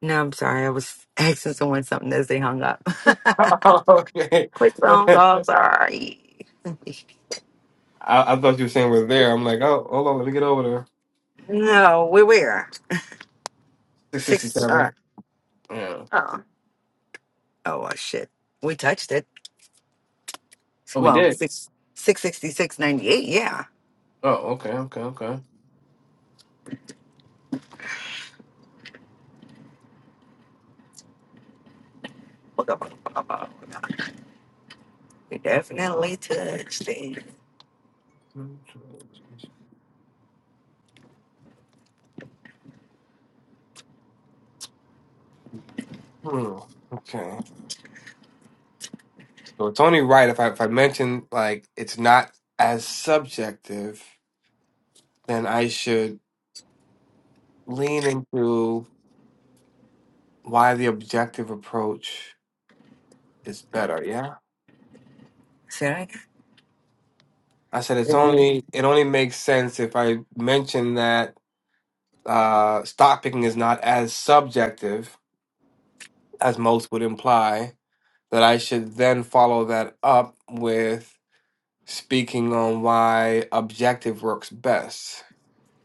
No, I'm sorry. I was asking someone something as they hung up. okay. Quick phone call. Sorry. I, I thought you were saying we're there. I'm like, oh, hold on. Let me get over there. no, we were Six sixty Six. Uh, seven. Yeah. oh. Oh uh, shit. We touched it. Oh, we Well, did. six six sixty six ninety eight. Yeah. Oh, okay. Okay. Okay. We definitely touched it. Hmm. Okay. So it's only right if I if I mention like it's not as subjective, then I should lean into why the objective approach is better. Yeah, Sorry. I said it's only it only makes sense if I mention that uh, stock picking is not as subjective as most would imply. That I should then follow that up with speaking on why objective works best.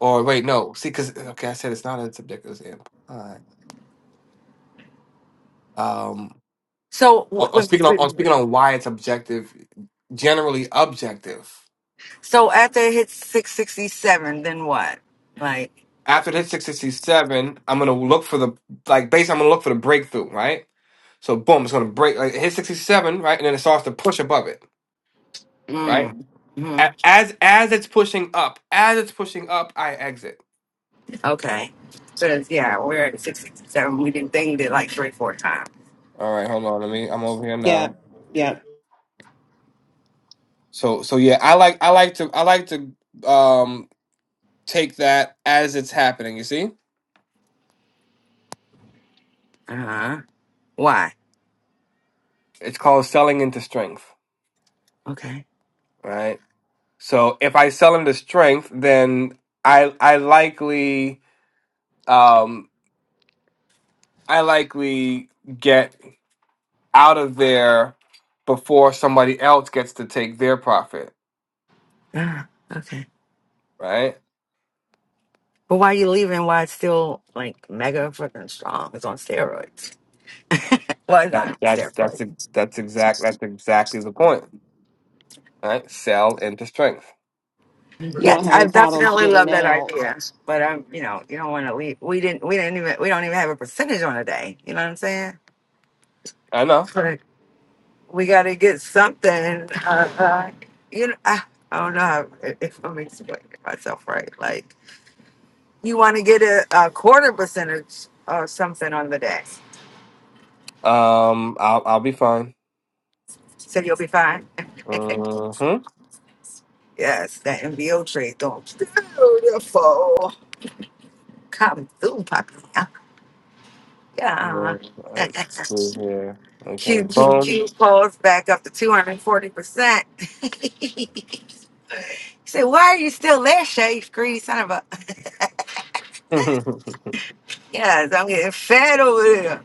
Or wait, no, see, because okay, I said it's not as subjective as implied. Um, So w- or, or speaking on, on w- speaking on why it's objective, generally objective. so after it hits six sixty seven, then what? Like. After this 667, I'm gonna look for the like base. I'm gonna look for the breakthrough, right? So boom, it's gonna break. Like it hits 67, right, and then it starts to push above it, right? Mm. A- As as it's pushing up, as it's pushing up, I exit. Okay. Because, yeah, we're at 667. We didn't think it like three, four times. All right, hold on. Let me. I'm over here Yeah. Yep. now. yep. So so yeah, I like I like to I like to um take that as it's happening. You see, Uh huh. Why? it's called selling into strength, Okay. right? So if I sell him to strength, then I I likely um I likely get out of there before somebody else gets to take their profit, Uh, okay. right? But why you leaving? Why it's still like mega fucking strong? It's on steroids. Well, it's That not that's steroids. that's a, that's exact that's exactly the point, right? Sell into strength. You Yeah, won't have I any problems definitely love getting that out. idea. But um, you know, you don't want to leave. We didn't. We didn't even. We don't even have a percentage on a day. You know what I'm saying? I know. But we got to get something. Uh, uh, you know, I, I don't know how, if I'm explaining myself right. Like You want to get a, a quarter percentage or something on the day. Um, I'll I'll be fine. So you'll be fine. Mm-hmm. yes, that MBO trade looks beautiful. Come through, puppy. Yeah. Let's see here. Okay, boom. QQQ pulls back up to 240%. Say, why are you still there, Shay? Greedy son of a. yes, I'm getting fed over there.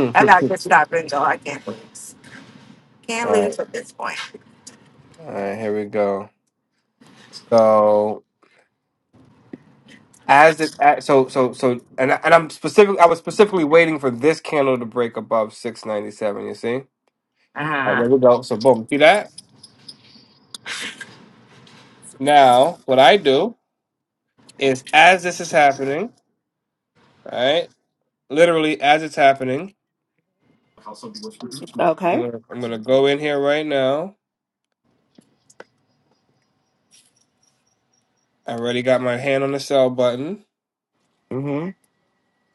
I got to stop and go. I can't lose. Can't right, lose at this point. all right, here we go. So as it as- so so so and I- and I'm specific I was specifically waiting for this candle to break above 697 you see Uh All right, huh. there we go so boom see that now what I do is as this is happening right literally as it's happening I'm Okay. gonna, I'm gonna go in here right now I already got my hand on the sell button Mm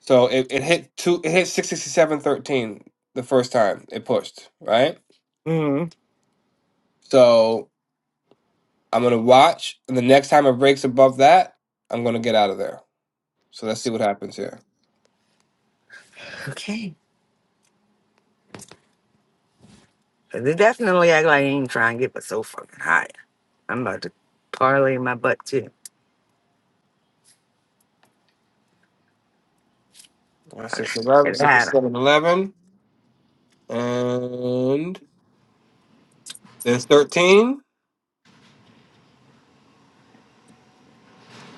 so it, it hit two it hit 667.13 the first time it pushed right hmm. so I'm gonna watch and the next time it breaks above that I'm gonna get out of there So let's see what happens here. Okay. 'Cause it definitely act like I ain't trying to get but so fucking high. I'm about to parlay my butt too. All right, 6, right, Get 11, it six, out. seven, eleven, And there's 13.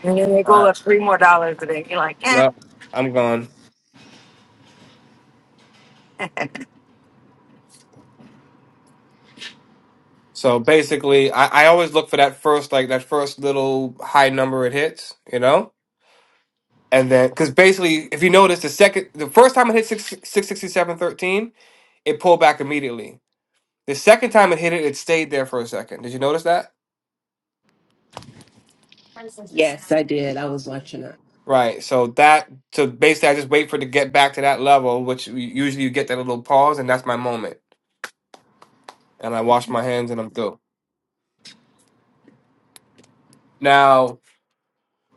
And then they All go right. up three more dollars today. You're like, eh. No, I'm gone. So basically, I, I always look for that first, like that first little high number it hits, you know? And then, because basically, if you notice, the second, the first time it hit 6, six sixty seven thirteen, it pulled back immediately. The second time it hit it, it stayed there for a second. Did you notice that? Yes, I did. I was watching it. Right. So that, so basically, I just wait for it to get back to that level, which usually you get that little pause, and that's my moment. and I wash my hands and I'm through. Now,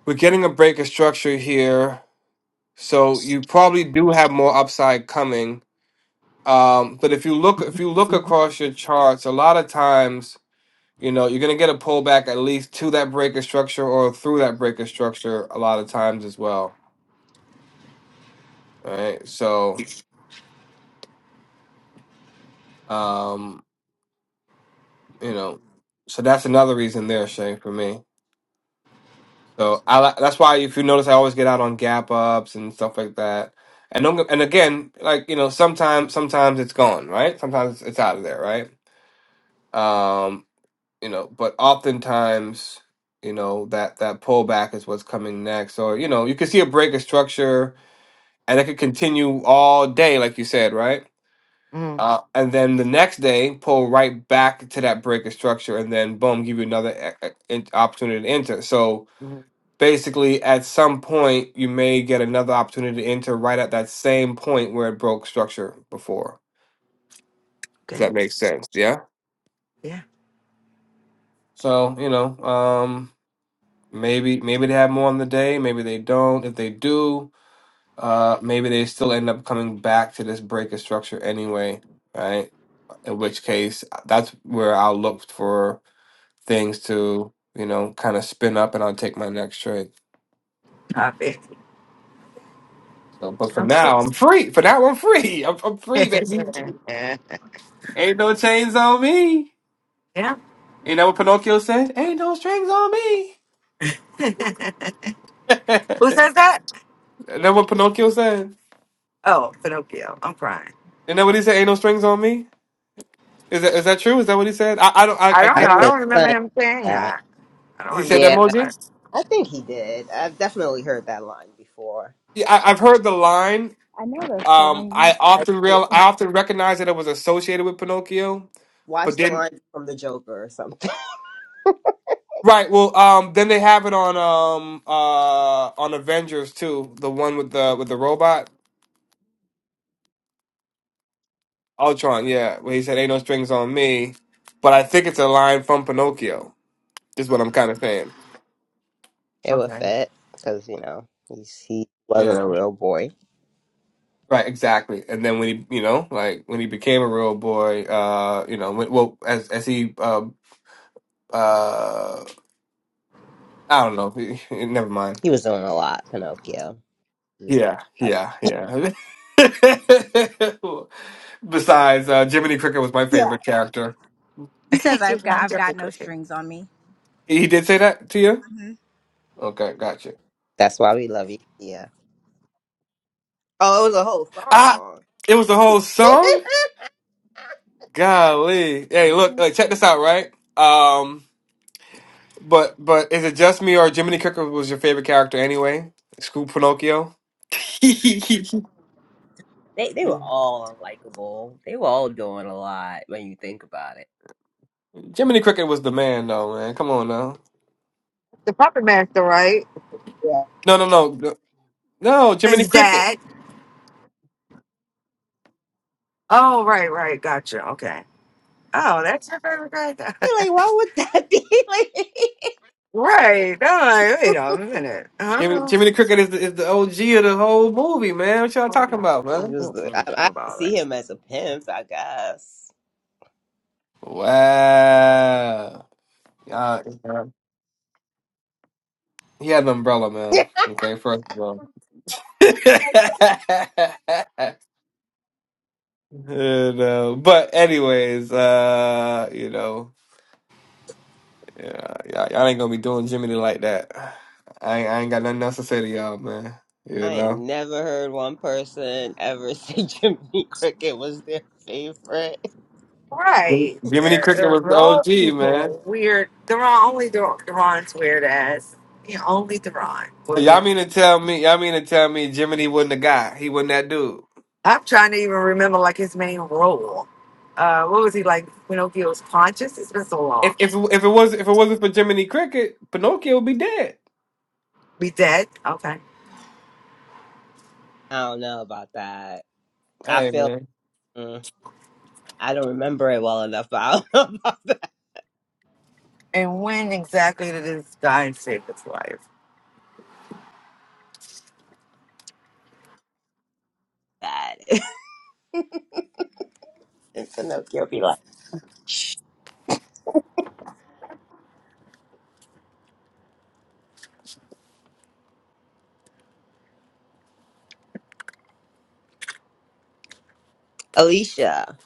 we're getting a break of structure here, so you probably do have more upside coming. Um, but if you look if you look across your charts, a lot of times, you know, you're gonna get a pullback at least to that break of structure or through that break of structure a lot of times as well. All Right. So um, you know, so that's another reason there, Shane, for me. So I li- that's why if you notice, I always get out on gap ups and stuff like that. And don't, get- and again, like you know, sometimes sometimes it's gone, right? Sometimes it's out of there, right? Um, you know, but oftentimes, you know, that that pullback is what's coming next. Or you know, you can see a break of structure, and it could continue all day, like you said, right? mm Uh, and then the next day, pull right back to that break of structure, and then boom, give you another e- e- in- opportunity to enter. So mm, basically at some point you may get another opportunity to enter right at that same point where it broke structure before Does Okay. that make sense yeah Yeah. so you know um maybe maybe they have more on the day maybe they don't if they do uh maybe they still end up coming back to this break of structure anyway right in which case that's where i'll look for things to you know kind of spin up and i'll take my next trade I bet. so but for I'm sick. now i'm free for now i'm free i'm, I'm free baby Ain't no chains on me. yeah. Ain't that what Pinocchio said? Ain't no strings on me. Ain't Who says that? that what Pinocchio said? Oh, Pinocchio. I'm crying. Ain't that what he said? Ain't no strings on me. Is that is that true? Is that what he said? I, I don't. I, I I don't I know. I can't. think don't remember something like him saying that. that. I don't He said remember that Yeah, more that again. part. I think he did. I've definitely heard that line before. Yeah, I, I've heard the line. I know those Um, funny. I Like, often eh, real. I often recognize that it was associated with Pinocchio, but watch the didn't. line from the Joker or something. Right. Well, um, then they have it on um uh on Avengers too. The one with the with the robot. Ultron, yeah, where he said ain't no strings on me. But I think it's a line from Pinocchio. Is what I'm kind of saying. It would Okay. fit because you know he's he wasn't a Yeah. real boy. Right, exactly. And then when he, you know, like when he became a real boy, uh, you know, when, well, as as he, uh, uh, I don't know. He, Never mind. He was doing a lot, Pinocchio. He was doing Yeah, a lot. yeah, yeah. Besides, uh, Jiminy Cricket was my favorite character. She's not Jeffrey Christmas. Me. He did say that to you. Okay, gotcha. That's why we love you. Yeah. Oh, it was a whole Ah, song. it was the whole song. Golly. Hey, look, like check this out, right? Um, but but is it just me or Jiminy Cricket was your favorite character anyway? Screw Pinocchio. Jiminy they they were all unlikable. They were all doing a lot when you think about it. Cricket was the man though, man. Come on now. The puppet master, right? Yeah. No, no, no. No, no, Jiminy His Cricket. dad. Oh, right, right. Gotcha. Okay. Oh, that's your favorite grade? Like, why would that be? like, right. i like, wait a minute. Jiminy, Huh? Jiminy Cricket is the, is the OG of the whole movie, man. What y'all Oh, talking no. about, he man? was. The, I, Mm-mm, what I about see that? him as a pimp, I guess. Wow. Uh, he had an umbrella, man. Okay, first of all. You know, but anyways, uh, you know, yeah, y'all, y'all ain't gonna be doing Jiminy like that. I ain't, I ain't got nothing else to say to y'all, man. You I ain't know, never heard one person ever say Jiminy Cricket was their favorite. Right. Jiminy There- Cricket There's was a the lot of OG, man. people weird. Theron, only Theron, Theron's weird ass. Yeah, only Theron So would y'all be. mean to tell me, y'all mean to tell me Jiminy wasn't the guy? He wasn't that dude. I'm trying to even remember like his main role. Uh, what was he like? Pinocchio's conscious? It's been so If long. if it- if it was if it wasn't for Jiminy Cricket, Pinocchio would be dead. Be dead? Okay. I don't know about that. I Hey, feel man. mm, I don't remember it well enough, but I don't know about that. And when exactly did this guy save his life? That is, and Pinocchio be like, Shh, Alicia,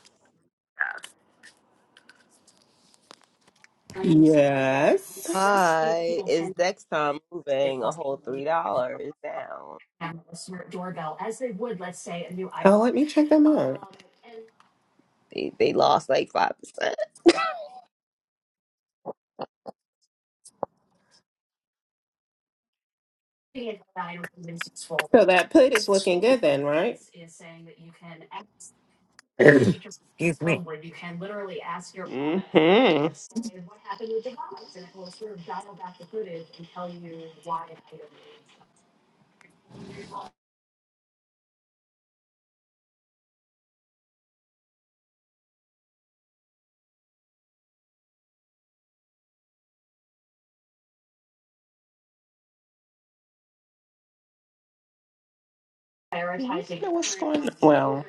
Yes. hi, is Dexcom moving a whole three dollars down? Oh, let me check them out. They they lost like five percent. So that put is looking good then, right? Mm-hmm. Excuse me. Now what's going Well,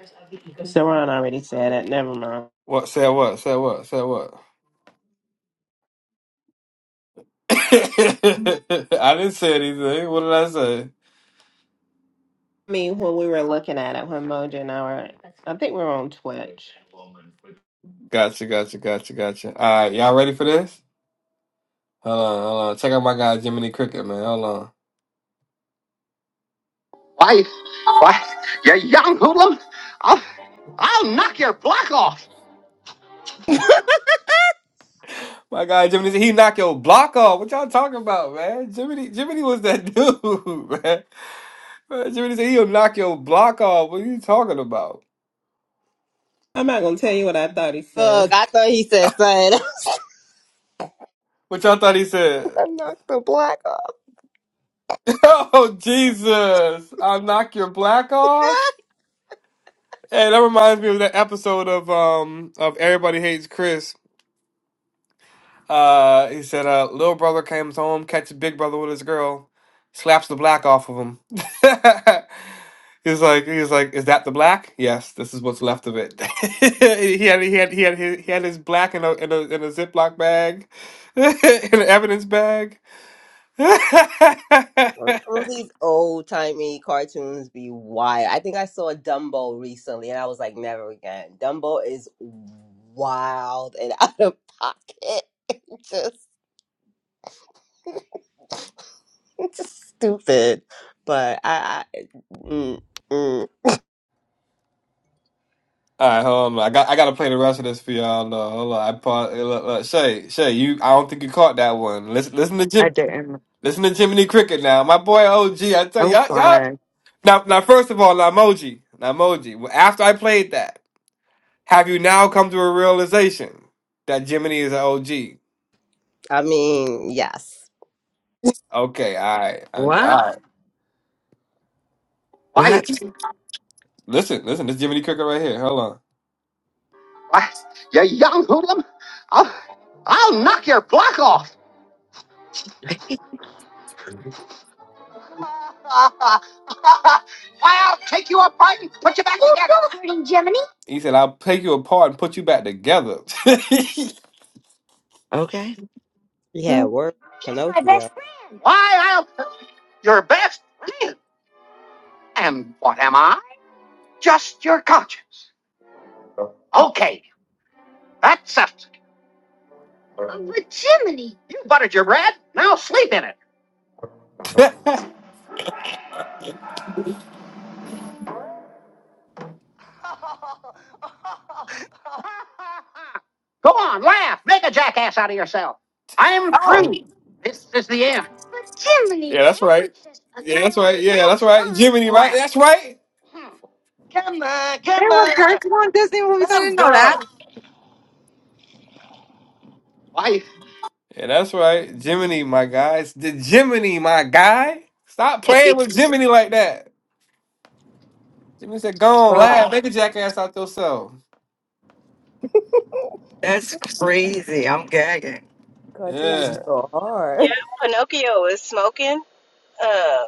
Saran already said it. Never mind. What said what said what said what? I didn't say anything. What did I say? I mean, when we were looking at it, when Mojo and I were, I think we were on Twitch. Gotcha, gotcha, gotcha, gotcha. All right, y'all ready for this? Hold on, hold on. Check out my guy Jiminy Cricket, man. Hold on. Why, why, you young hoodlum? I'll, I'll knock your block off. My guy Jiminy, he knocked your block off. What y'all talking about, man? Jiminy, Jiminy was that dude, man. man Jiminy said he'll knock your block off. What are you talking about? I'm not gonna tell you what I thought he said. Look, I thought he said son. What y'all thought he said? I knocked the black off. oh Jesus! I'll knock your block off. Hey, that reminds me of that episode of um of Everybody Hates Chris Uh, he said, uh, little brother comes home, catches big brother with his girl, slaps the black off of him. He's like, he's like, is that the black? Yes, this is what's left of it. He had, he had, he had, his, he had his black in a in a in a Ziploc bag, in an evidence bag. All right, Well, Some of these old timey cartoons be wild. I think I saw Dumbo recently, and I was like, never again. Dumbo is wild and out of pocket, just just stupid. But I, I, mm, mm, hold on. I got, I gotta play the rest of this for y'all. No, hold on. I pause. Look, look, Shay, Shay, you, I don't think you caught that one. Listen, listen to I Jim, didn't. listen to Jiminy Cricket now, my boy O G. I tell I'm y'all, y'all. crying. Now, now, first of all, now, Moji, now, Moji. well, After I played that, have you now come to a realization that Jiminy is an OG? I mean, yes, Okay, all right, all What? right. What Why? happened? Listen, listen, this Jiminy Cooker right here. Hold on. Why? You young hoodlum? I'll, I'll knock your block off. Why, I'll take you apart and put you back Who's together. celebrating, Jiminy? He said, "I'll take you apart and put you back together." Okay. Why, yeah, word Pinocchio I'll. Your best friend. And what am I? Just your conscience. Okay, that settles it. Uh, But Jiminy! You buttered your bread, now sleep in it. Go on, laugh, make a jackass out of yourself. I'm through. Oh, This is the end. Yeah, that's right. Yeah, that's right. Yeah, that's right. Jiminy, right? That's right. Hmm. Come on, come there were on, cartoon Disney movies. I didn't know I'm that. good. Yeah, that's right. Jiminy, my guys. The Jiminy, my guy. Stop playing with Jiminy like that. Jiminy said, go on, Bro, laugh. Make a jackass out yourself. that's crazy. I'm gagging. cartoons is Yeah. so Yeah, hard. Pinocchio was smoking. Uh,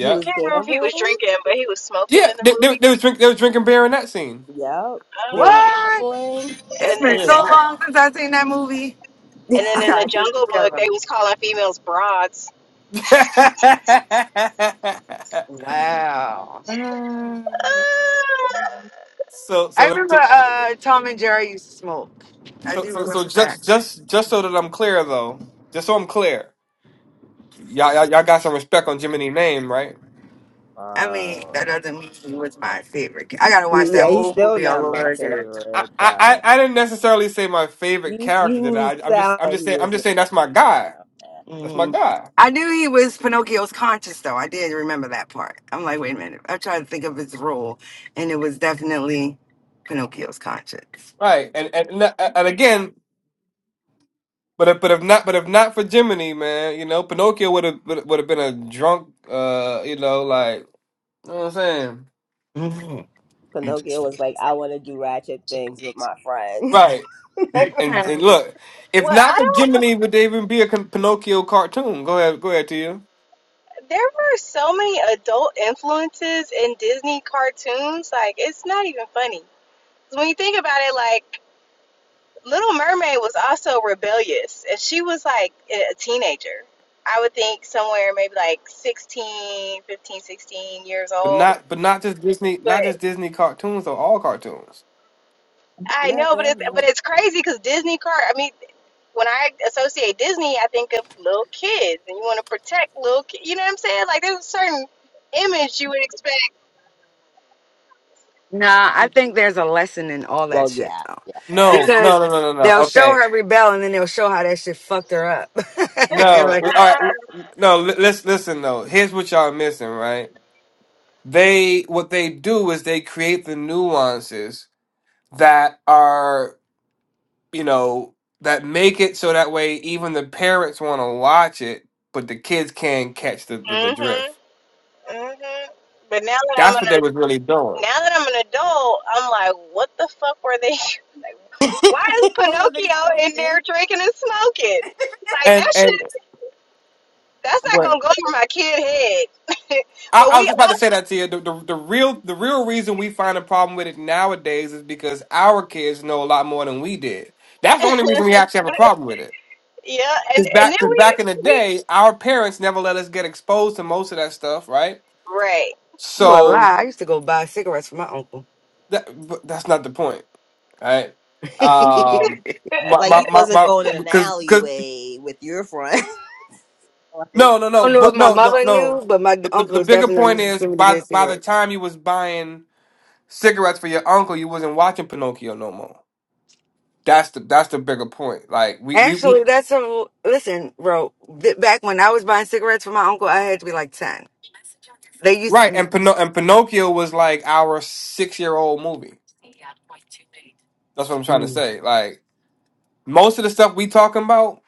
He I was can't remember if he was gambling. drinking, but he was smoking Yeah, in the they, movie. they, they, was drink, they was drinking beer in that scene. Yep, they were Uh, What? gambling. It's and then, been Yeah. so uh, long since i seen that movie. and then I in the got Jungle Book, they was calling females broads. Wow. Uh, so, I so, let- remember so, uh, Tom and Jerry used to smoke. I so, do so, so remember that. just, just, just so that I'm clear, though, just so I'm clear, y'all, y'all, y'all got some respect on Jiminy name, right? I mean, that Uh, doesn't mean he was my favorite. I gotta watch that Yeah, he's whole still movie all not my over again. I, favorite, I, I but didn't necessarily say my favorite you character. That you I I'm just sound I'm like just he saying I'm was just your saying that's my favorite. guy. Okay. That's my Mhm. guy. I knew he was Pinocchio's conscious, though. I did remember that part. I'm like, wait a minute. I'm trying to think of his role, and it was definitely Pinocchio's conscious. Right. And and and uh, and again, but if, but if not but if not for Jiminy, man, you know, Pinocchio would have would have been a drunk. Uh, you know, like you know what I'm saying. hmm Pinocchio was Interesting. like, I want to do ratchet things with my friends. Right. like, And and look, if well, not I for don't. Jiminy, would there even be a con- Pinocchio cartoon? Go ahead, go ahead to you. There were so many adult influences in Disney cartoons. Like, it's not even funny. When you think about it, like Little Mermaid was also rebellious, and she was like a teenager. I would think somewhere maybe like 16, 15, 16 years But old. not but not just Disney, But not just Disney cartoons, though all cartoons. I no, know, but no, it's no. but it's crazy because Disney car. I mean, when I associate Disney, I think of little kids, and you want to protect little kids. You know what I'm saying? Like there's a certain image you would expect. Nah, I think there's a lesson in all that Well, shit, yeah, though, yeah. No, no, because no, no, no, no. they'll show Okay, her rebel, and then they'll show how that shit fucked her up. no. like, All right, no. li- Let's listen though. Here's what y'all missing, right? They what they do is they create the nuances that are you know that make it so that way even the parents want to watch it, but the kids can't catch the, the mm the Mhm. drift. mm Mhm. But now that I'm That's what they an was really doing. now that I'm an adult, I'm like, what the fuck were they? Why is what were they Pinocchio in smoking? there drinking and smoking? Like And that and shit. That's not but gonna go over my kid head. I, but I we, was just about all, to say that to you. The, the the real the real reason we find a problem with it nowadays is because our kids know a lot more than we did. That's the only reason we actually have a problem with it. yeah, and Because and then back because we back in the we day, our parents never let us get exposed to most of that stuff, right? right. you a So lie. I used to go buy cigarettes for my uncle. that but that's not the point, right? I Um, my Like, my you my wasn't my going in an because because alleyway with your friend. like, no no no don't know if but my no no mother no. knew, but my The, the, uncle the bigger definitely point used to is send me to by get the- by cigarettes. the time you was buying cigarettes for your uncle, you wasn't watching Pinocchio no more. That's the that's the bigger point. Like we we, we Actually, that's a listen, bro. th- Back when I was buying cigarettes for my uncle, I had to be like ten. They used right, and Pino- and Pinocchio was like our six year old movie. That's what I'm trying to Mm. say. Like most of the stuff we talking about,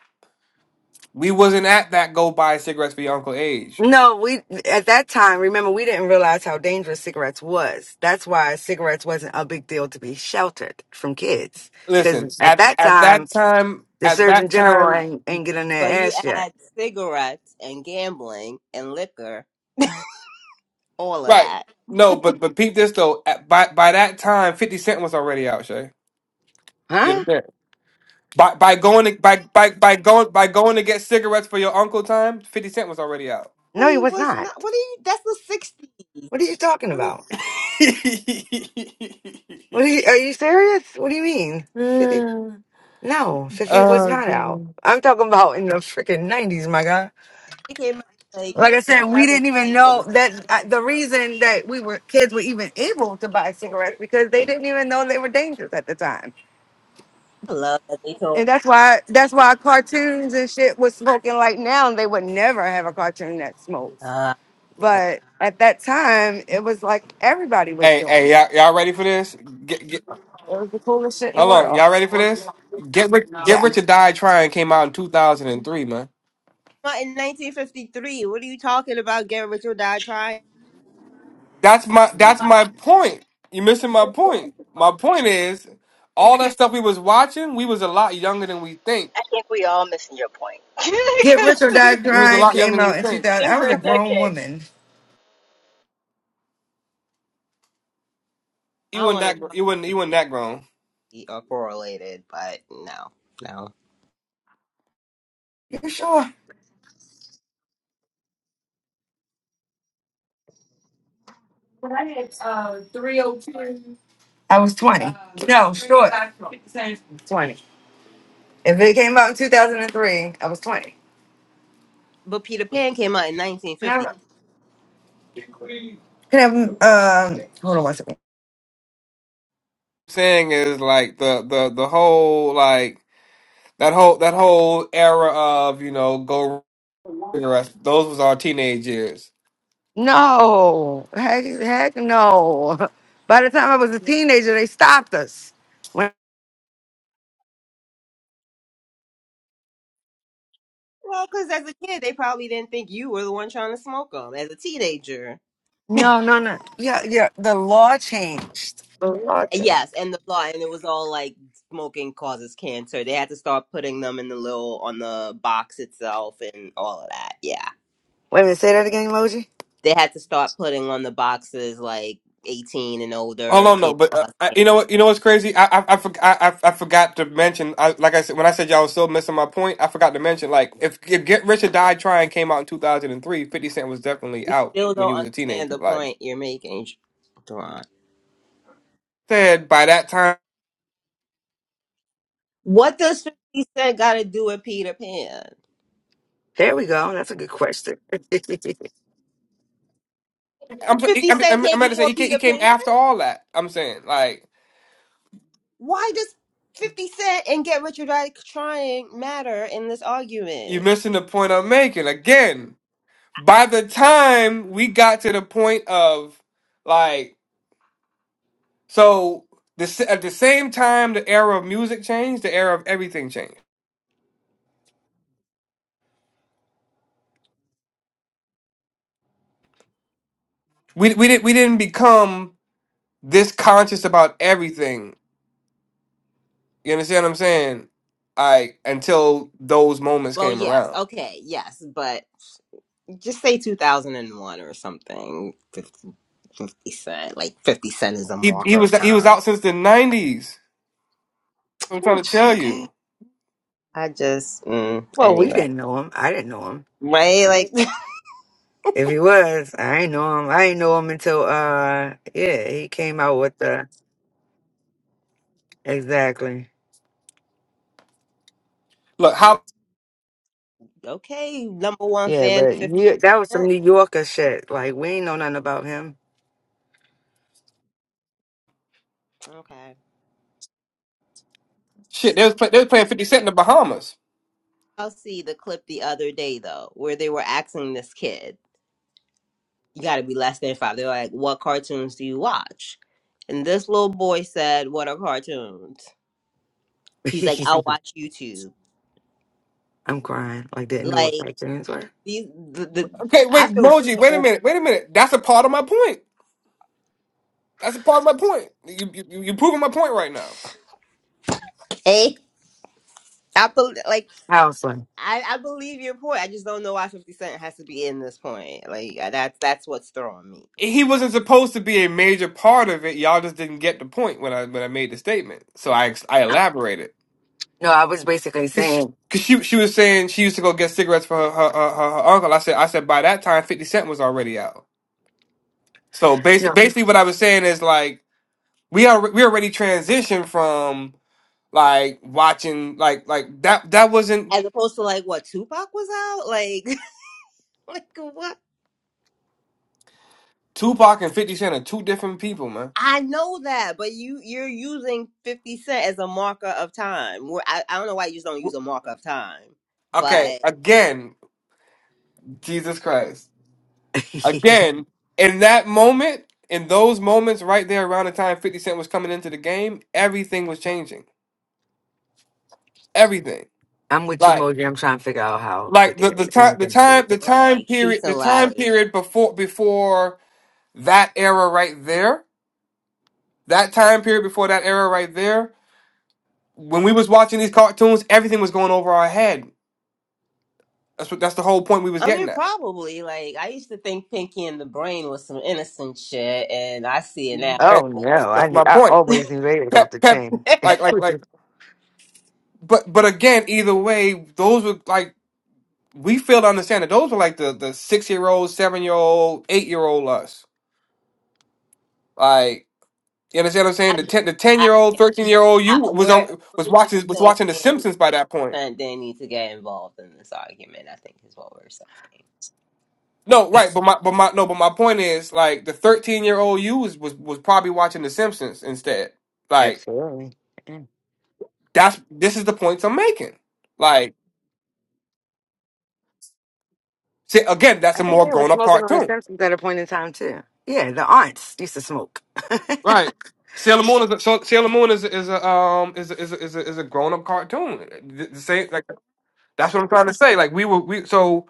we wasn't at that go buy cigarettes for your uncle age. no, we at that time. Remember, we didn't realize how dangerous cigarettes was. That's why cigarettes wasn't a big deal to be sheltered from kids, Listen, because at at that at time that time, the at Surgeon that General time, ain't, ain't getting but their you ass yet, add cigarettes and gambling and liquor, all of right? that. No, but but peep this though. At, by by that time, Fifty Cent was already out, Shay. You huh? understand? By by going to, by by by going by going to get cigarettes for your uncle time, 50 Cent was already out. Well, No, he he was was not. not. What are you? That's the 60s. What are you talking What is? about? What are you, are you serious? What do you mean? Fifty? No, fifty was oh not out. goodness. I'm talking about in the freaking nineties, my guy. It came out like Like I the said, we 70s didn't even or know the that uh, the reason that we were kids were even able to buy cigarettes because they didn't even know they were dangerous at the time. I love that they told. And that's why that's why cartoons and shit was smoking like now they would never have a cartoon that smokes. Uh, that- But at that time, it was like everybody was Hey, doing hey, it. y'all, y'all ready for this? Get, get, It was the coolest shit in the hold on, world. y'all ready for this? Get rich, get Yeah. rich or die trying came out in 2003, man. Come in 1953. What are you talking about? Get rich or die trying? That's my that's my point. You missing my point. My point is all that stuff we was watching, we was a lot younger than we think. I think we all missing your point. Get Rich or Die We was a Trying lot younger came than we out in think. 2000. I was a different grown decades. woman. I You don't was not want to that know gr- how you weren't you Peter was not that grown. Pan are correlated, but no, no. You sure? I was 20. No, short. 20. If it came out in 2003, I was 20. But Peter Pan came out in 1950. Never. Can I have, um, hold on one second. saying is like the the the whole like that whole that whole era of you know go cigarettes. Those was our teenage years. No, heck, heck no. By the time I was a teenager, they stopped us. When, Well, because as a kid, they probably didn't think you were the one trying to smoke them. As a teenager, no, no, no. Yeah, yeah. The law changed. The law changed. yes, and the law, and it was all like smoking causes cancer. They had to start putting them in the little on the box itself and all of that. Yeah. Wait a minute. Say that again, emoji. they had to start putting on the boxes like 18 and Hold older on, no, kid but uh, costume. I, you know what? You know what's crazy? I I I, forg I, I I forgot to mention. I, like I said, when I said y'all was still missing my point, I forgot to mention. Like if, if Get Rich or Die Trying came out in two thousand and three, Fifty Cent was definitely We out still when he don't was a understand teenager. the Like point you're making, Duran. said by that time, What does 50 Cent got to do with Peter Pan? There we go. That's a good question. I'm I'm 50 I'm, Cent I'm came about to say before he came, he Peter came Pan? after all that. I'm saying like Why does 50 Cent and Get Rich or Die Trying matter in this you're argument? missing the point I'm making again. by the time we got to the point of like so the, s- at the same time the era of music changed the era of everything changed we we didn't we didn't become this conscious about everything you understand what i'm saying i until those moments Well, came yes, around okay, yes, but just say 2001 or something. 50, fifty Cent, like 50 Cent is a he he marker of was he was time. out since the 90s i'm trying to Oops, tell okay. you I just, mm, well, we anyway, didn't know him. I didn't know him. right? I don't- Like, If he was, I ain't know him. I ain't know him until uh, yeah, he came out with the exactly. look how okay, number one Yeah, fan of but 50 you, that was some Cent. New Yorker shit. Like we ain't know nothing about him. Okay. shit they was, play, they was playing 50 cent in the bahamas I'll see the clip the other day, though, where they were asking this kid, you got to be less than five. They're like, what cartoons do you watch? And this little boy said, what are cartoons? He's like, I'll watch YouTube. I'm crying. Like didn't know what Like, cartoons were. these, the, the, okay I wait feel moji wait a so minute wait a minute that's a part of my point That's a part of my point. You, you, you're proving my point right now. paid. I bel like House one. I, I believe your point. I just don't know why Fifty Cent has to be in this point. Like that's that's what's throwing me. He wasn't supposed to be a major part of it. Y'all just didn't get the point when I when I made the statement. So I ex- I elaborated No, I was basically because she, saying 'cause she she was saying she used to go get cigarettes for her her, her, her her uncle. I said I said by that time Fifty Cent was already out. So basically no. basically what I was saying is like we are we already transitioned from like watching like like that that wasn't as opposed to like what Tupac was out, like like what? Tupac and Fifty Cent are two different people, man. I know that, but you you're using Fifty Cent as a marker of time. Where I, I don't know why you just don't use a marker of time, Okay, but again, Jesus Christ. Again, in that moment, in those moments right there around the time 50 Cent was coming into the game, everything was changing. Everything. I'm with you, Like Moji. I'm trying to figure out how like 50 the, the has time the anything to do time with the it. time like period shoots the and time ladders. period before before that era right there, that time period before that era right there, when we was watching these cartoons, everything was going over our head. That's what that's the whole point we was I getting mean, at. probably like I used to think Pinky and the Brain was some innocent shit, and I see it Mhm. now. And Oh Like, no, That's I that's knew- my I point. always knew they was off Pep the Pep chain. like like like but but again, either way, those were like we fail to understand that those were like the the six year old, seven year old, eight year old us. Like you understand what I'm I, saying? The get it. ten the ten I, year old, thirteen year old you I was we're al- was we're just watching was saying watching The Simpsons by Fifty that point. Cent didn't need to get involved in this argument. I think is what we're saying. No, right, but my but my no, but my point is like the thirteen year old you was, was was probably watching The Simpsons instead. Like Absolutely. Yeah. that's this is the points I'm making. Like say, again, that's I a think more they were grown up smoking on the cartoon. Simpsons at a point in time too. Yeah, the aunts used to smoke. Right. Sailor Moon is a, so Sailor Moon is is a um is a, is a, is a, is a grown up cartoon. The, the same like That's what I'm trying to say. Like we were we so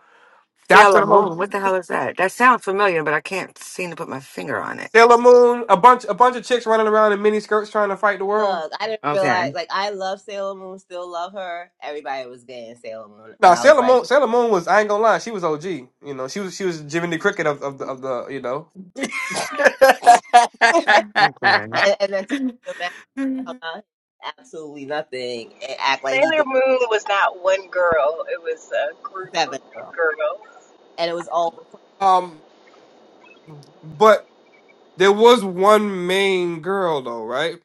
that's what Sailor the whole Moon. What the hell is that? That sounds familiar, but I can't seem to put my finger on it. Sailor Moon, a bunch a bunch of chicks running around in mini skirts trying to fight the world. Look, I didn't realize. Okay. Like, I love Sailor Moon, still love her. Everybody was gay in Sailor Moon, and Now I was Sailor like, Moon Sailor Moon was I ain't gonna lie, she was OG. You know, she was she was Jiminy the Cricket of, of the of the you know. and, Okay. and then Tokyo Mask come out, absolutely nothing, and act like he Sailor did Moon was not one girl, it was a group Seven of Girl, girls. and it was all the Um but there was one main girl though, right?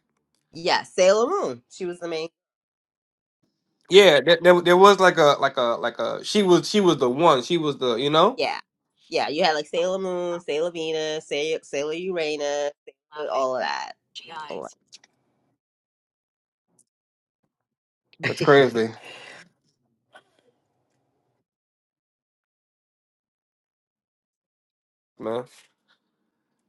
Yeah, Sailor Moon. She was the main. Yeah, there, there, there was like a like a like a she was she was the one. She was the you know? Yeah, yeah. You had like Sailor Moon, Sailor Venus, Sailor, Sailor Uranus, Sailor, all of that. That's crazy, man.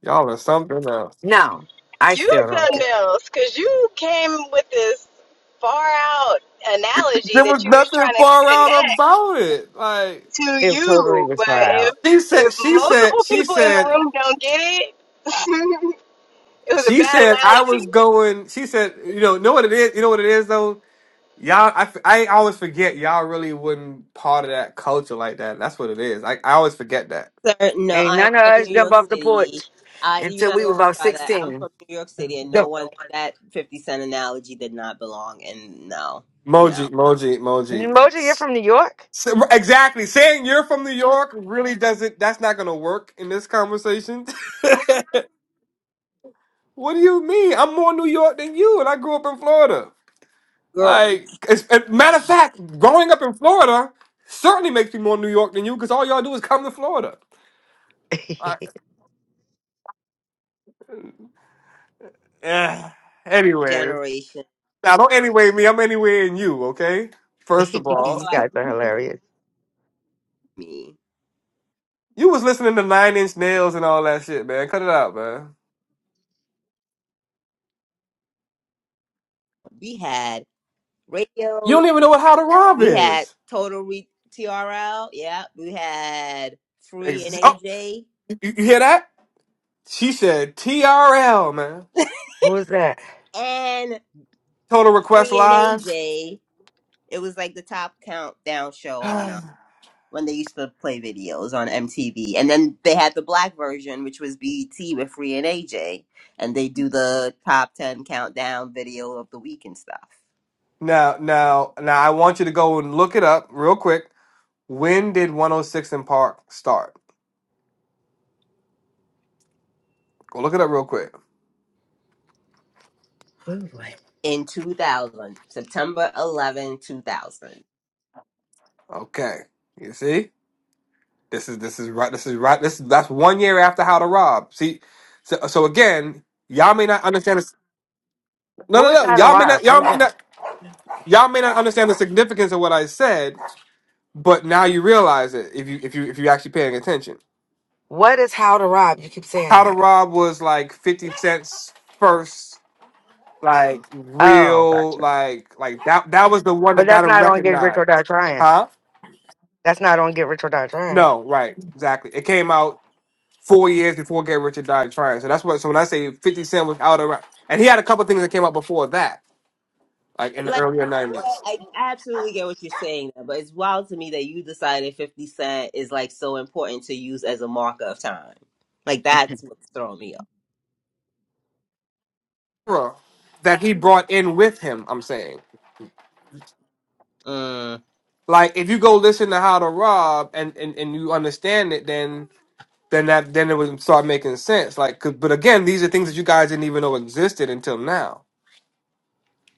Y'all are something else. no, I You still did don't get something else, because you came with this far out analogy There was that you was nothing trying to far out connect about it. Like to it. It totally you. was But far if out. She said, if she said, multiple she people in the said, room don't get it, it was a she bad said, I analogy. was going, she said, you know, know what it is? You know what it is though? Y'all, I, f- I always forget y'all really wasn't part of that culture like that. That's what it is. I, I always forget that. Sir, no, Ain't I am none of from us New jump York off the City. porch I you're until not we were gonna about try that. I'm 16. from New York City, and no Go. one that Fifty Cent analogy did not belong. And no, Moji, no, Moji, Moji. Moja, you're from New York? S- Exactly. Saying you're from New York really doesn't, that's not going to work in this conversation. what do you mean? I'm more New York than you and I grew up in Florida. girl Like, as, as, matter of fact, growing up in Florida certainly makes me more New York than you because all y'all do is come to Florida. I, eh, anyways, generation. now don't anyway me. I'm anyway in you. Okay. First of all, So you I guys are hilarious. me, you was listening to Nine Inch Nails and all that shit, man. Cut it out, man. we had You radio, don't even know what How to Rob we had is. Total Re- TRL, yeah, we had Free and Ex- oh, AJ, you, you hear that? She said TRL, man. Who is that? and Total Request Free and Live. AJ. It was like the top countdown show on. now, when they used to play videos on MTV. And then they had the black version, which was BET with Free and AJ. And they do the top 10 countdown video of the week and stuff. now, now, I want you to go and look it up real quick. When did 106 in Park start? Go look it up real quick. Who In 2000, September 11, 2000. Okay. You see? This is this is right. This is right. This that's one year after How to Rob. See, so so again, y'all may not understand. This, no, Who no, is no. How to Y'all may Rob? not. What Y'all is may that? not. Y'all may not understand the significance of what I said, but now you realize it if you if you if you're actually paying attention. What is How to Rob? You keep saying How to that. Rob was like Fifty Cent's first like Oh, real gotcha. like like that that was the one But that got that's him not on Get Rich or Die recognized, Trying. huh? That's not on Get Rich or Die Trying. No, right, exactly. It came out four years before Get Rich or Die Trying. So that's what. So when I say Fifty Cent was out around, and he had a couple things that came out before that, like in the Like, earlier yeah, nineties, I I absolutely get what you're saying, but it's wild to me that you decided 50 Cent is like so important to use as a marker of time. Like, that's what's throwing me off. era that he brought in with him. I'm saying, Mm. like, if you go listen to How to Rob and and, and you understand it, then then that then it would start making sense. Like, 'cause- but again, these are things that you guys didn't even know existed until now,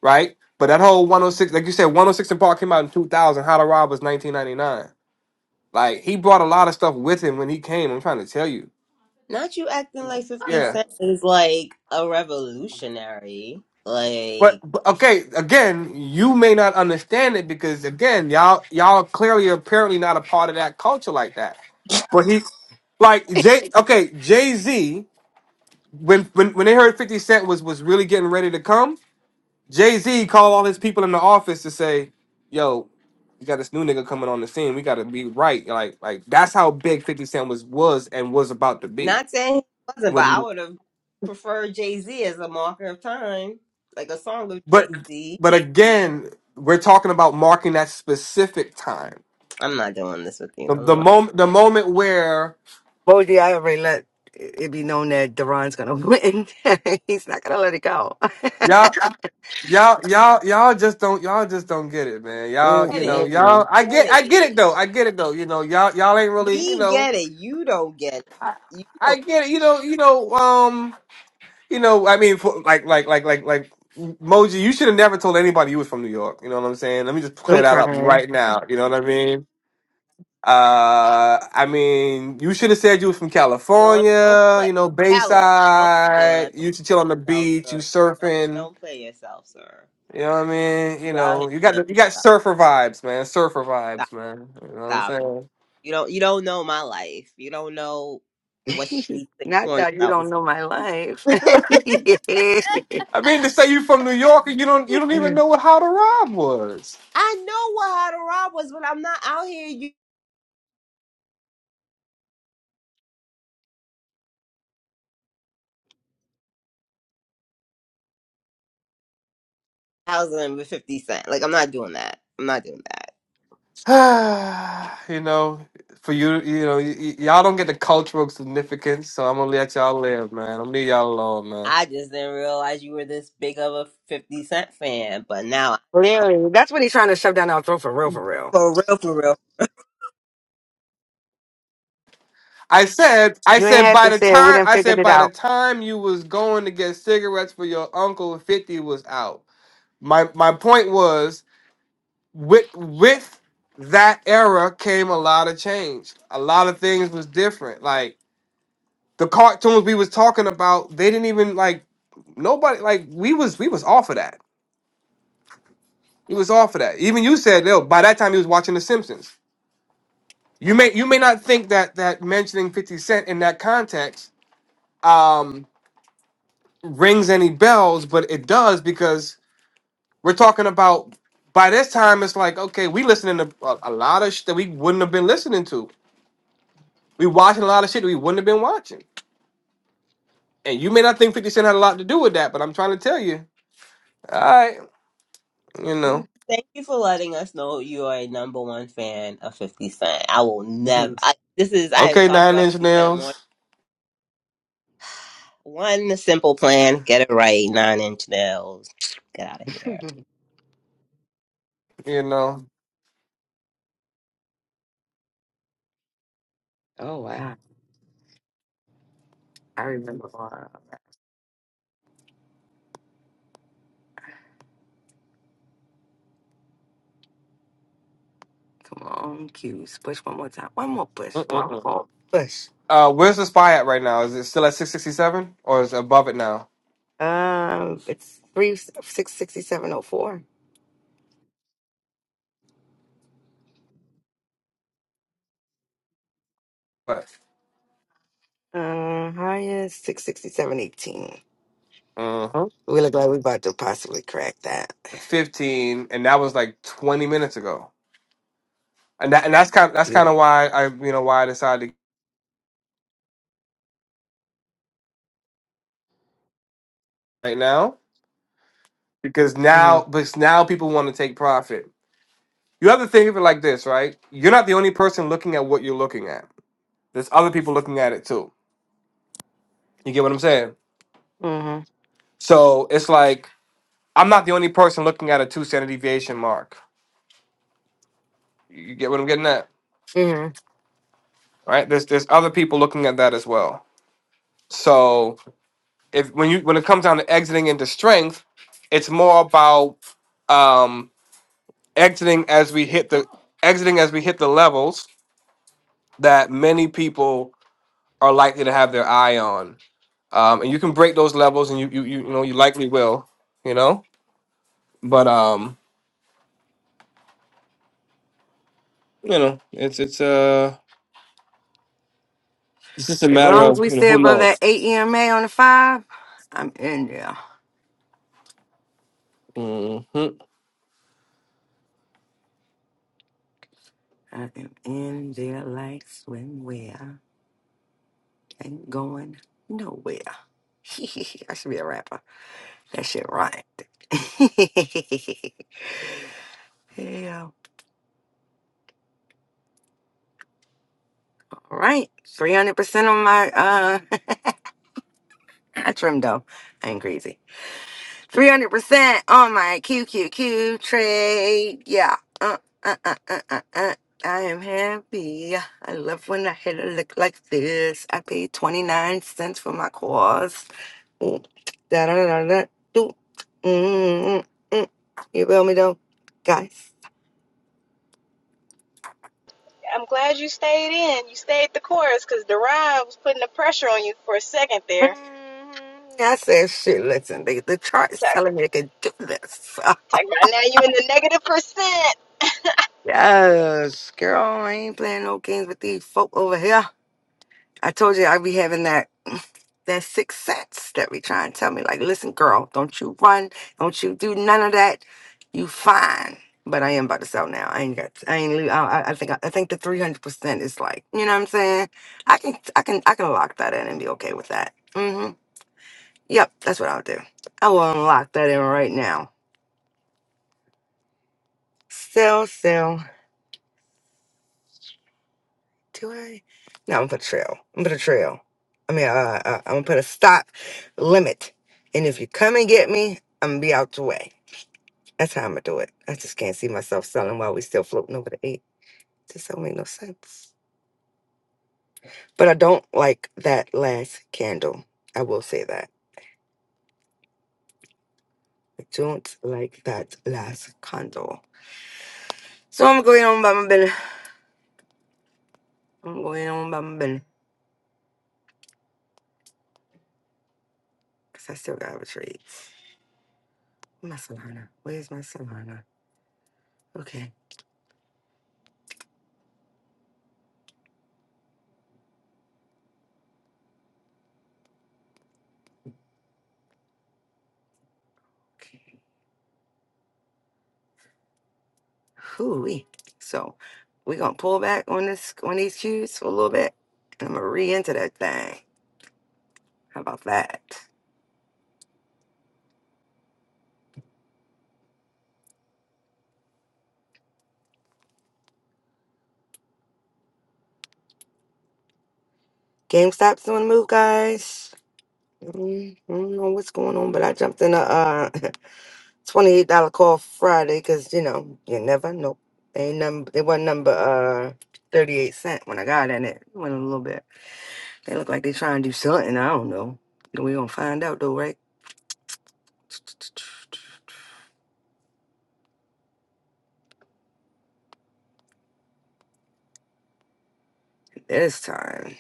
right? But that whole 106, like you said, 106 and Park came out in 2000. How to Rob was 1999. Like he brought a lot of stuff with him when he came. I'm trying to tell you. Not you acting like 50 Yeah. Cent is like a revolutionary. But, Like, but okay, again, you may not understand it because again, y'all y'all clearly apparently not a part of that culture like that. But he like Jay okay, Jay-Z, when when when they heard 50 Cent was was really getting ready to come, Jay-Z called all his people in the office to say, Yo, you got this new nigga coming on the scene. We gotta be right. Like like that's how big 50 Cent was was and was about to be. not saying he wasn't, but I When would have preferred Jay Z as a marker of time, like a song of Jay but Z. but again, we're talking about marking that specific time I'm not doing this with you The, no the more. moment, the moment where Moji, I already let it be known that Deron's gonna win. He's not gonna let it go. y'all, y'all, y'all, y'all just don't, y'all just don't get it, man. Y'all, you Get know, it. y'all. Mm-mm. I We get get, I get it. it though. I get it though. You know, y'all, y'all ain't really, you We know. get it. You don't get it. I, You I don't, get it. You know, you know, um, you know. I mean, for, like, like, like, like, like. Moji, you should have never told anybody you was from New York. You know what I'm saying? Let me just clear I'm that up crying. right now. You know what I mean? Uh, I mean, you should have said you was from don't, don't California. play You know, Bayside. California. Don't You used to chill play on the yourself, beach. You sir. Don't, surfing don't play yourself, sir. You know what I mean? You You out know, here you got playing. the, you got surfer vibes, man. Surfer Stop, vibes, man. You know what I'm stop saying? You don't you don't know my life. You don't know what streets and not corners that you I don't was. know my life. I mean to say you from New York and you don't you don't even know what how to rob was. I know what how to rob was, but I'm not out here you thousand with fifty cent. Like I'm not doing that. I'm not doing that. you know, for you, you know, y- y- y'all don't get the cultural significance, so I'm gonna let y'all live, man. I'm gonna leave y'all alone, man. I just didn't realize you were this big of a fifty cent fan, but now Clearly, that's what he's trying to shove down our throat for real, for real. for real, for real. I said, I You ain't said have by to the say it. We time done I figured said it by the out. time you was going to get cigarettes for your uncle, fifty was out. My my point was with with that era came a lot of change. A lot of things was different. Like the cartoons we was talking about, they didn't even like nobody like we was we was off of that. We was off of that. Even you said, "Yo, by that time he was watching The Simpsons." You may you may not think that that mentioning Fifty Cent in that context um, rings any bells, but it does because we're talking about. By this time, it's like okay, we listening to a, a lot of shit that we wouldn't have been listening to We watching a lot of shit we wouldn't have been watching. And you may not think 50 Cent had a lot to do with that, but I'm trying to tell you. All right, you You know. thank you for letting us know you are a number one fan of fifty cent. I will never I, this is I have Okay, talked Nine about Inch fifty cent more. Nails, One simple plan, get it right, nine inch nails. Get out of here. you know. oh wow, I remember. all of that. Come on, cues. Push one more time. One more push. One Mm-mm-mm. more push. Uh, where's the spy at right now? Is it still at 667 or is it above it now? Um, it's three six sixty seven oh four. But Uh, highest six sixty seven eighteen. uh We look like we about to possibly crack that. 15, and that was like 20 minutes ago. And that, and that's kind that's kind Beautiful. of why I you know why I decided to right now because now Mm-hmm. because now people want to take profit. You have to think of it like this, right? You're not the only person looking at what you're looking at There's other people looking at it too. You get what I'm saying? Mm-hmm. So it's like I'm not the only person looking at a two standard deviation mark. You get what I'm getting at, Mm-hmm. right? There's there's other people looking at that as well. So if when you when it comes down to exiting into strength, it's more about um, exiting as we hit the exiting as we hit the levels that many people are likely to have their eye on. Um, and you can break those levels, and you you you, you know you likely will, you know. But um, you know, it's it's uh it's just a As matter long as of we you know stay who above that knows. eight EMA on the five, I'm in there. hmm I am in there like swimwear. Ain't going nowhere. I should be a rapper. That shit right. yeah. All right. 300% on my uh I trim though. I ain't crazy. 300% on my Q Q Q trade. Yeah. Uh, uh, uh, uh, uh, uh. I am happy. I love when I hit a lick like this. I paid 29 cents for my course. Mm, da-da-da-da-da, do. Mm, mm, mm. You feel me though, guys? I'm glad you stayed in. You stayed the course, because Derived was putting the pressure on you for a second Mhm. there. I said, shit, listen, the, the chart's Talk, telling me I can do this. talk about now you in the negative percent. Yes, girl, I ain't playing no games with these folk over here. I told you I'd be having that that sixth sense that we try and tell me, like, listen, girl, don't you run, don't you do none of that. You fine. But I am about to sell now. I ain't got. I ain't. leave- I, I I think. I think the three hundred percent is like. You know what I'm saying? I can. I can. I can lock that in and be okay with that. Mm-hmm. Yep. That's what I'll do. I will unlock that in right now. Sell. Sell. Do I? No. I'm gonna put a trail. I'm gonna put a trail. I mean, uh, uh, I'm gonna put a stop limit. And if you come and get me, I'm gonna be out the way. That's how I'm gonna do it. I just can't see myself selling while we still floating over the eight. This don't make no sense. But I don't like that last candle. I will say that. I don't like that last candle. So I'm going on by my bin. I'm going on by my bin. Cause I still got a trade. My Solana. Where's my Solana? Okay. Okay. Hooey. So we gonna pull back on this on these cues for a little bit. And I'm gonna re-enter that thing. How about that? GameStop's doing the move, guys. Mm, I don't know what's going on, but I jumped in a uh, twenty-eight dollar call Friday because you know you never know. They number they wasn't number uh thirty-eight cent when I got in it. Went a little bit. They look like they trying to do something. I don't know. We gonna find out though, right? This time.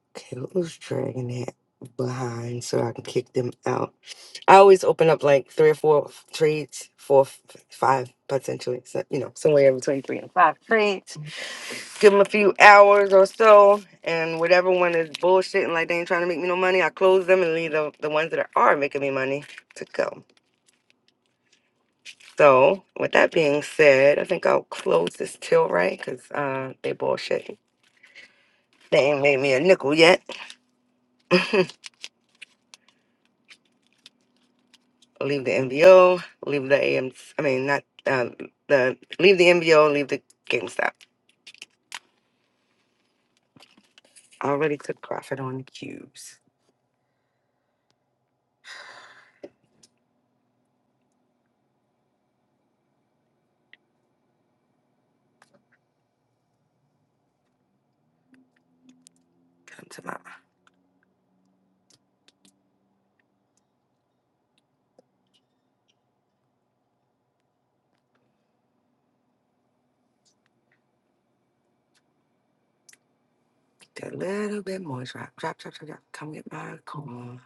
Okay, who's dragging that behind so I can kick them out? I always open up like three or four f- trades, four, f- five potentially. So you know somewhere between three and five trades give them a few hours or so, and whatever one is bullshitting like they ain't trying to make me no money, I close them and leave the, the ones that are making me money to go. So, with that being said, I think I'll close this till right because uh, they bullshitting. They ain't made me a nickel yet. Leave the MBO, leave the AM, I mean, not uh, the, leave the MBO, leave the GameStop. I already took profit on the cubes. Come to my, a little bit more drop, drop, drop, drop, drop. Come get my coin.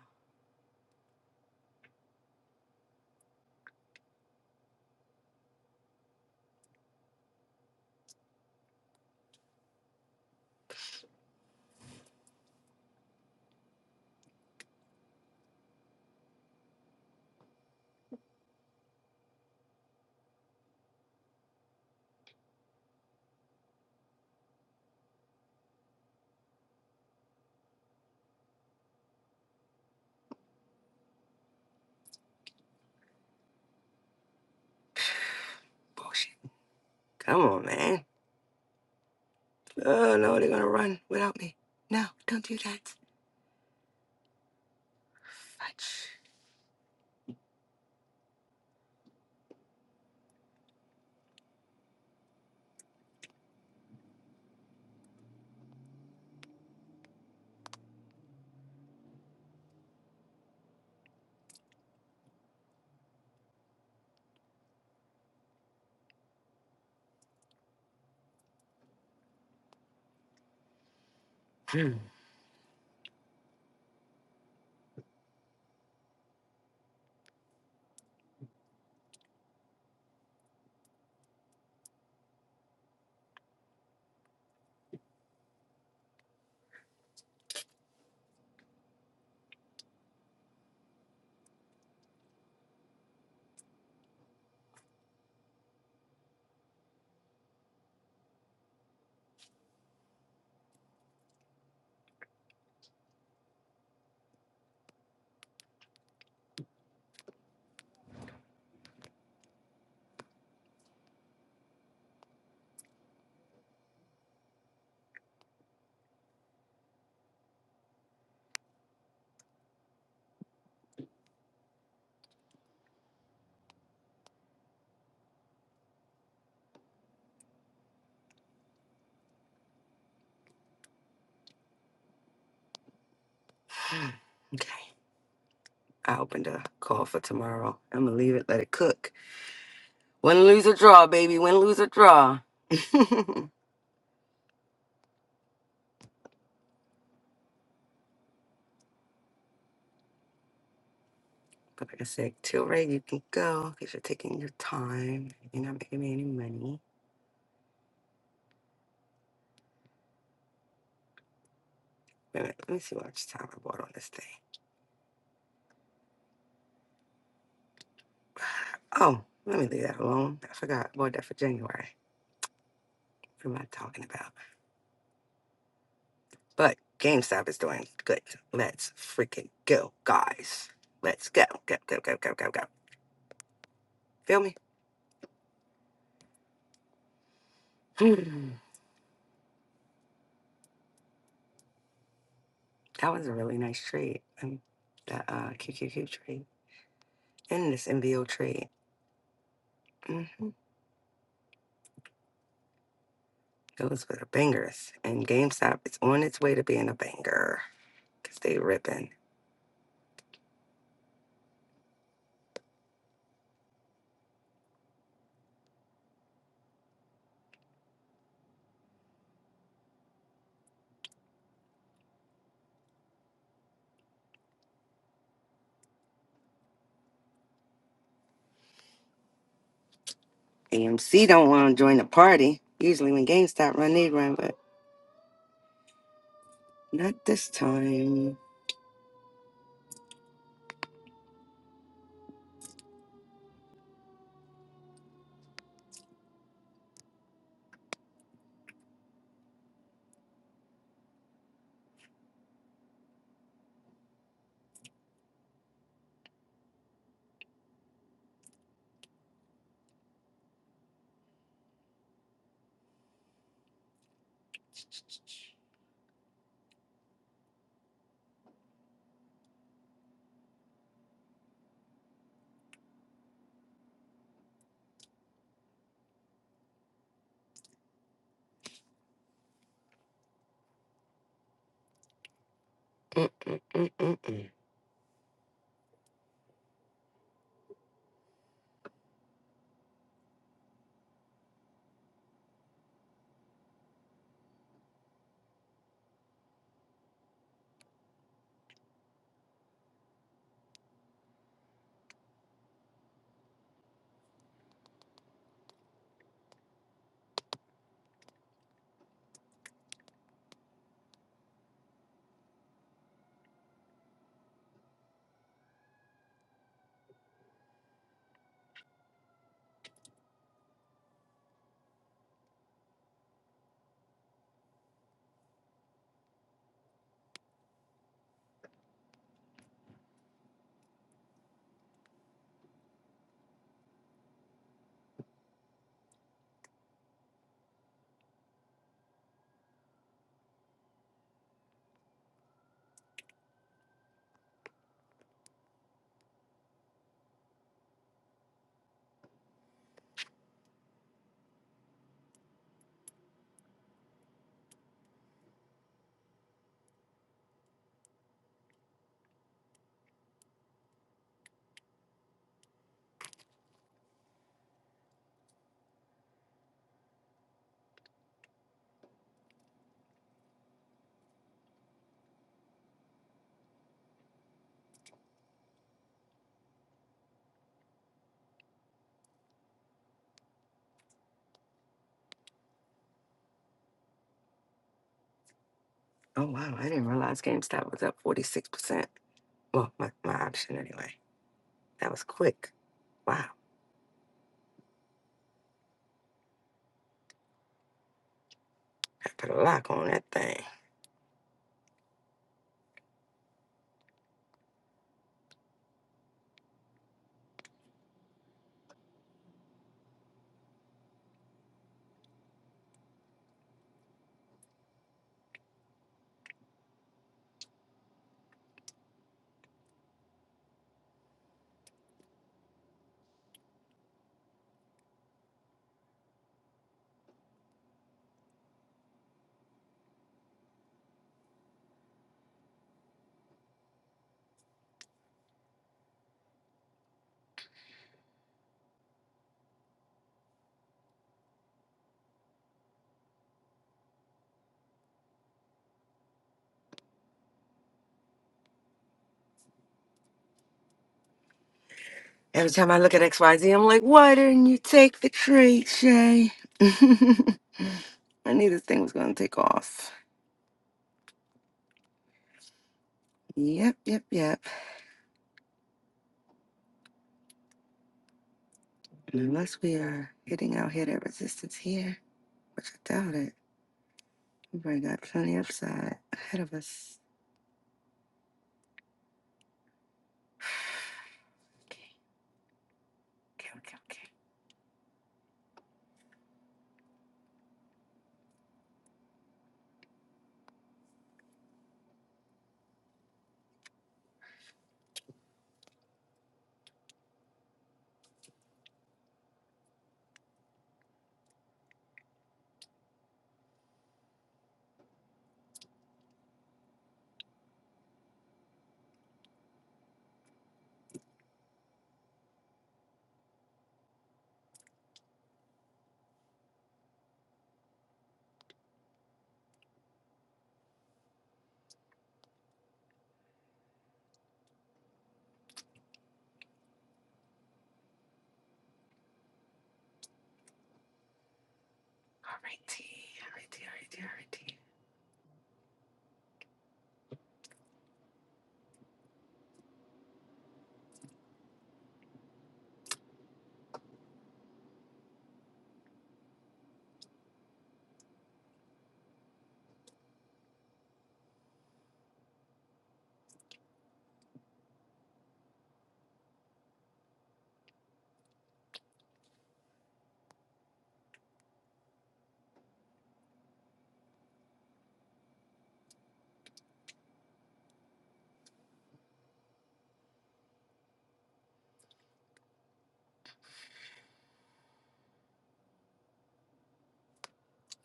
Bullshit. Come on, man. Oh no, they're gonna run without me. No, don't do that. Fudge. okay. I opened a call for tomorrow. I'm gonna leave it, let it cook. Win, lose, or draw, baby. Win, lose, or draw. but like I said, till Ray, you can go because you're taking your time. You're not making me any money. Wait a minute, let me see what much time I bought on this thing. Oh, let me leave that alone. I forgot. I bought that for January. Who am I talking about? But GameStop is doing good. Let's freaking go, guys. Let's go, go, go, go, go, go, go. Feel me? Hmm. that was a really nice trade. Um, that uh, QQQ trade and this MBO trade. hmm Those were the bangers. And GameStop is on its way to being a banger because they ripping. AMC don't want to join the party. Usually when GameStop run, they run, but not this time. Mm-mm-mm-mm-mm. Oh wow, I didn't realize GameStop was up forty six percent. Well, my, my option anyway. That was quick. Wow, I put a lock on that thing. Every time I look at XYZ, I'm like, why didn't you take the trade, Shay? I knew this thing was going to take off. Yep, yep, yep. And unless we are hitting our head at resistance here, which I doubt it, we have already got plenty upside ahead of us. Okay, okay, okay, okay. All righty, all righty, all righty, all righty.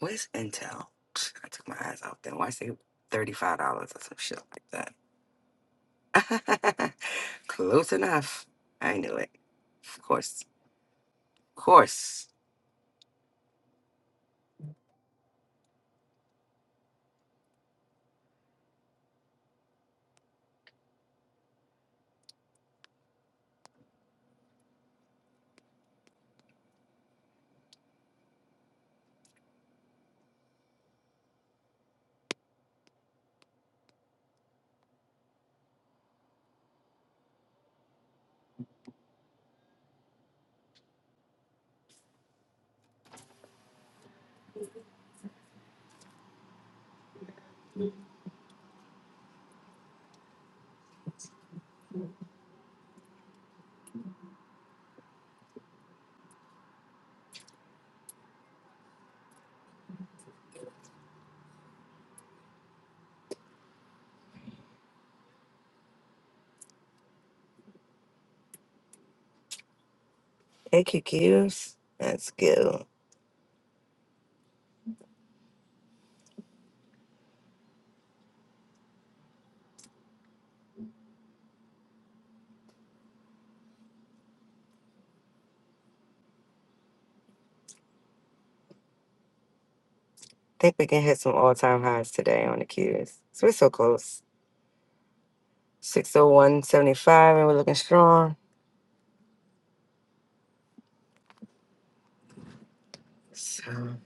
Where's Intel? I took my eyes off them. Why say $35 or some shit like that? Close enough. I knew it. Of course. Of course. Hey, QQs. That's good. think we can hit some all time highs today on the Qs. So we're so close. 601.75, and we're looking strong. So,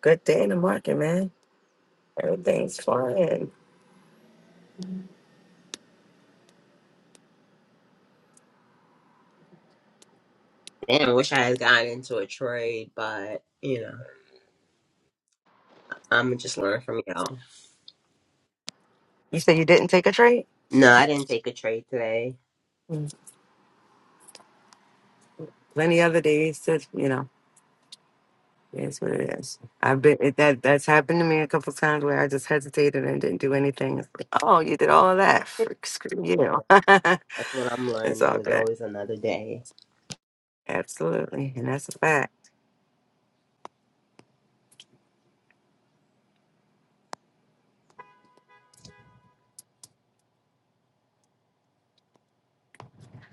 good day in the market, man. Everything's fine. Damn, I wish I had gotten into a trade, but you know, I'm just learn from y'all. You said you didn't take a trade? No, I didn't take a trade today. Mm. Plenty other days to, you know. Yes, what it is. I've been it, that that's happened to me a couple times where I just hesitated and didn't do anything. It's like, oh, you did all of that. Frick, screw you. Yeah, that's what I'm it's all learning. Is good. always another day. Absolutely, and that's a fact.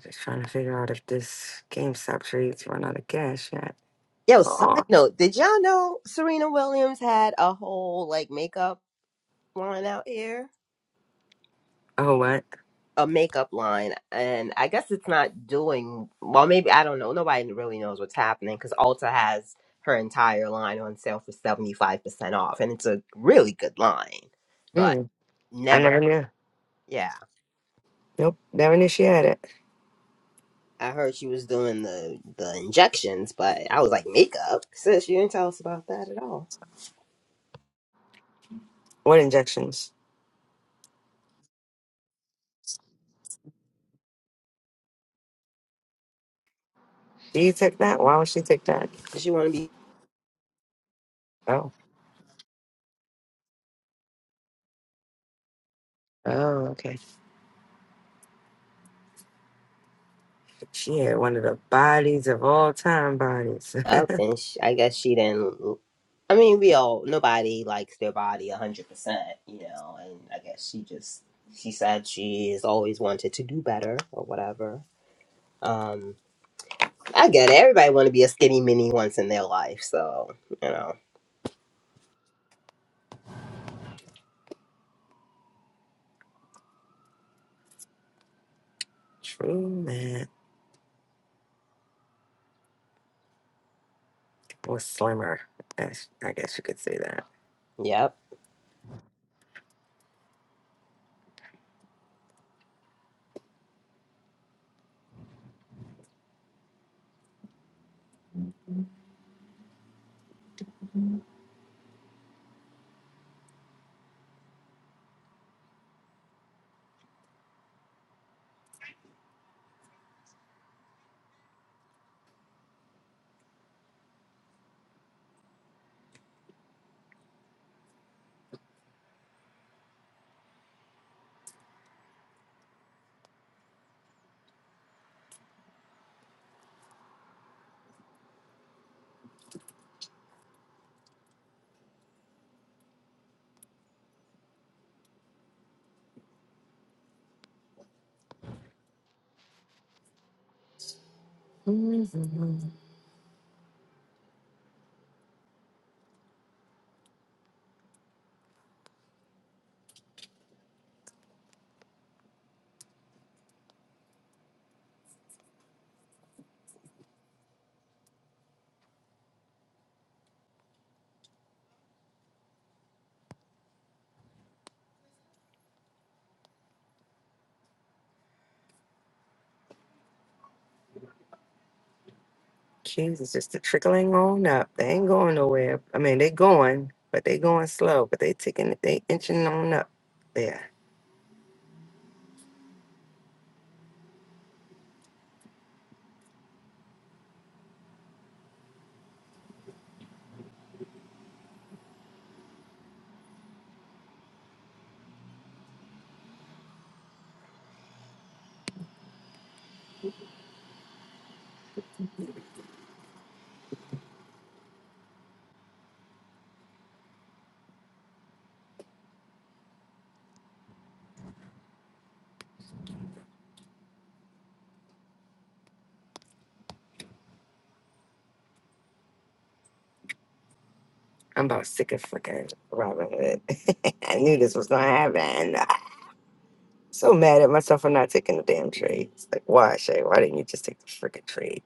Just trying to figure out if this GameStop trades run out of cash yet. Yo, side Oh, note, did y'all know Serena Williams had a whole like makeup line out here? oh, what? a makeup line, and I guess it's not doing well. Maybe I don't know. Nobody really knows what's happening because Ulta has her entire line on sale for seventy five percent off, and it's a really good line. But Mm, I never, never knew. yeah. Nope, never knew she had it. I heard she was doing the the injections, but I was like, makeup, sis. You didn't tell us about that at all. What injections? Did you take that? Why would she take that? She want to be Oh, oh, okay. She had one of the bodies of all time bodies. up and sh I guess she didn't I mean we all nobody likes their body a hundred percent you know and I guess she just she said she's always wanted to do better or whatever um I get it everybody want to be a skinny mini once in their life so you know True man. or slimmer. as- I guess you could say that. yep Mhm. Kids is just a trickling on up. They ain't going nowhere. I mean, they going, but they going slow. But they taking, they inching on up. Yeah, I'm about sick of fucking Robin Hood. I knew this was gonna happen. So mad at myself for not taking the damn trade. It's like, why, Shay? Why didn't you just take the freaking trade?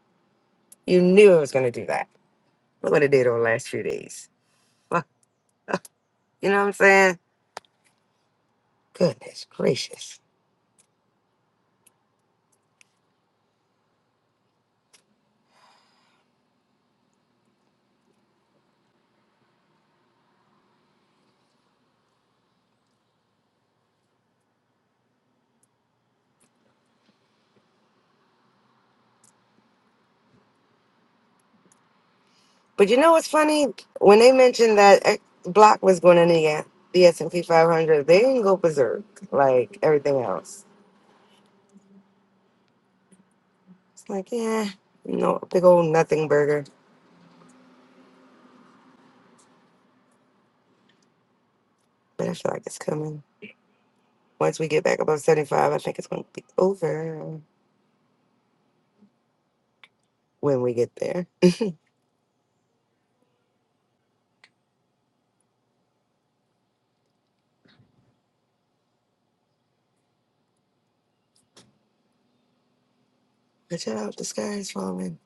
You knew I was gonna do that. Look what it did over the last few days. Fuck, you know what I'm saying? Goodness gracious. But you know what's funny? When they mentioned that X- Block was going in the the S and P 500, they didn't go berserk like everything else. It's like, yeah, no big old nothing burger. But I feel like it's coming. Once we get back above 75, I think it's going to be over when we get there. But shout out, the sky is falling.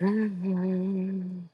Am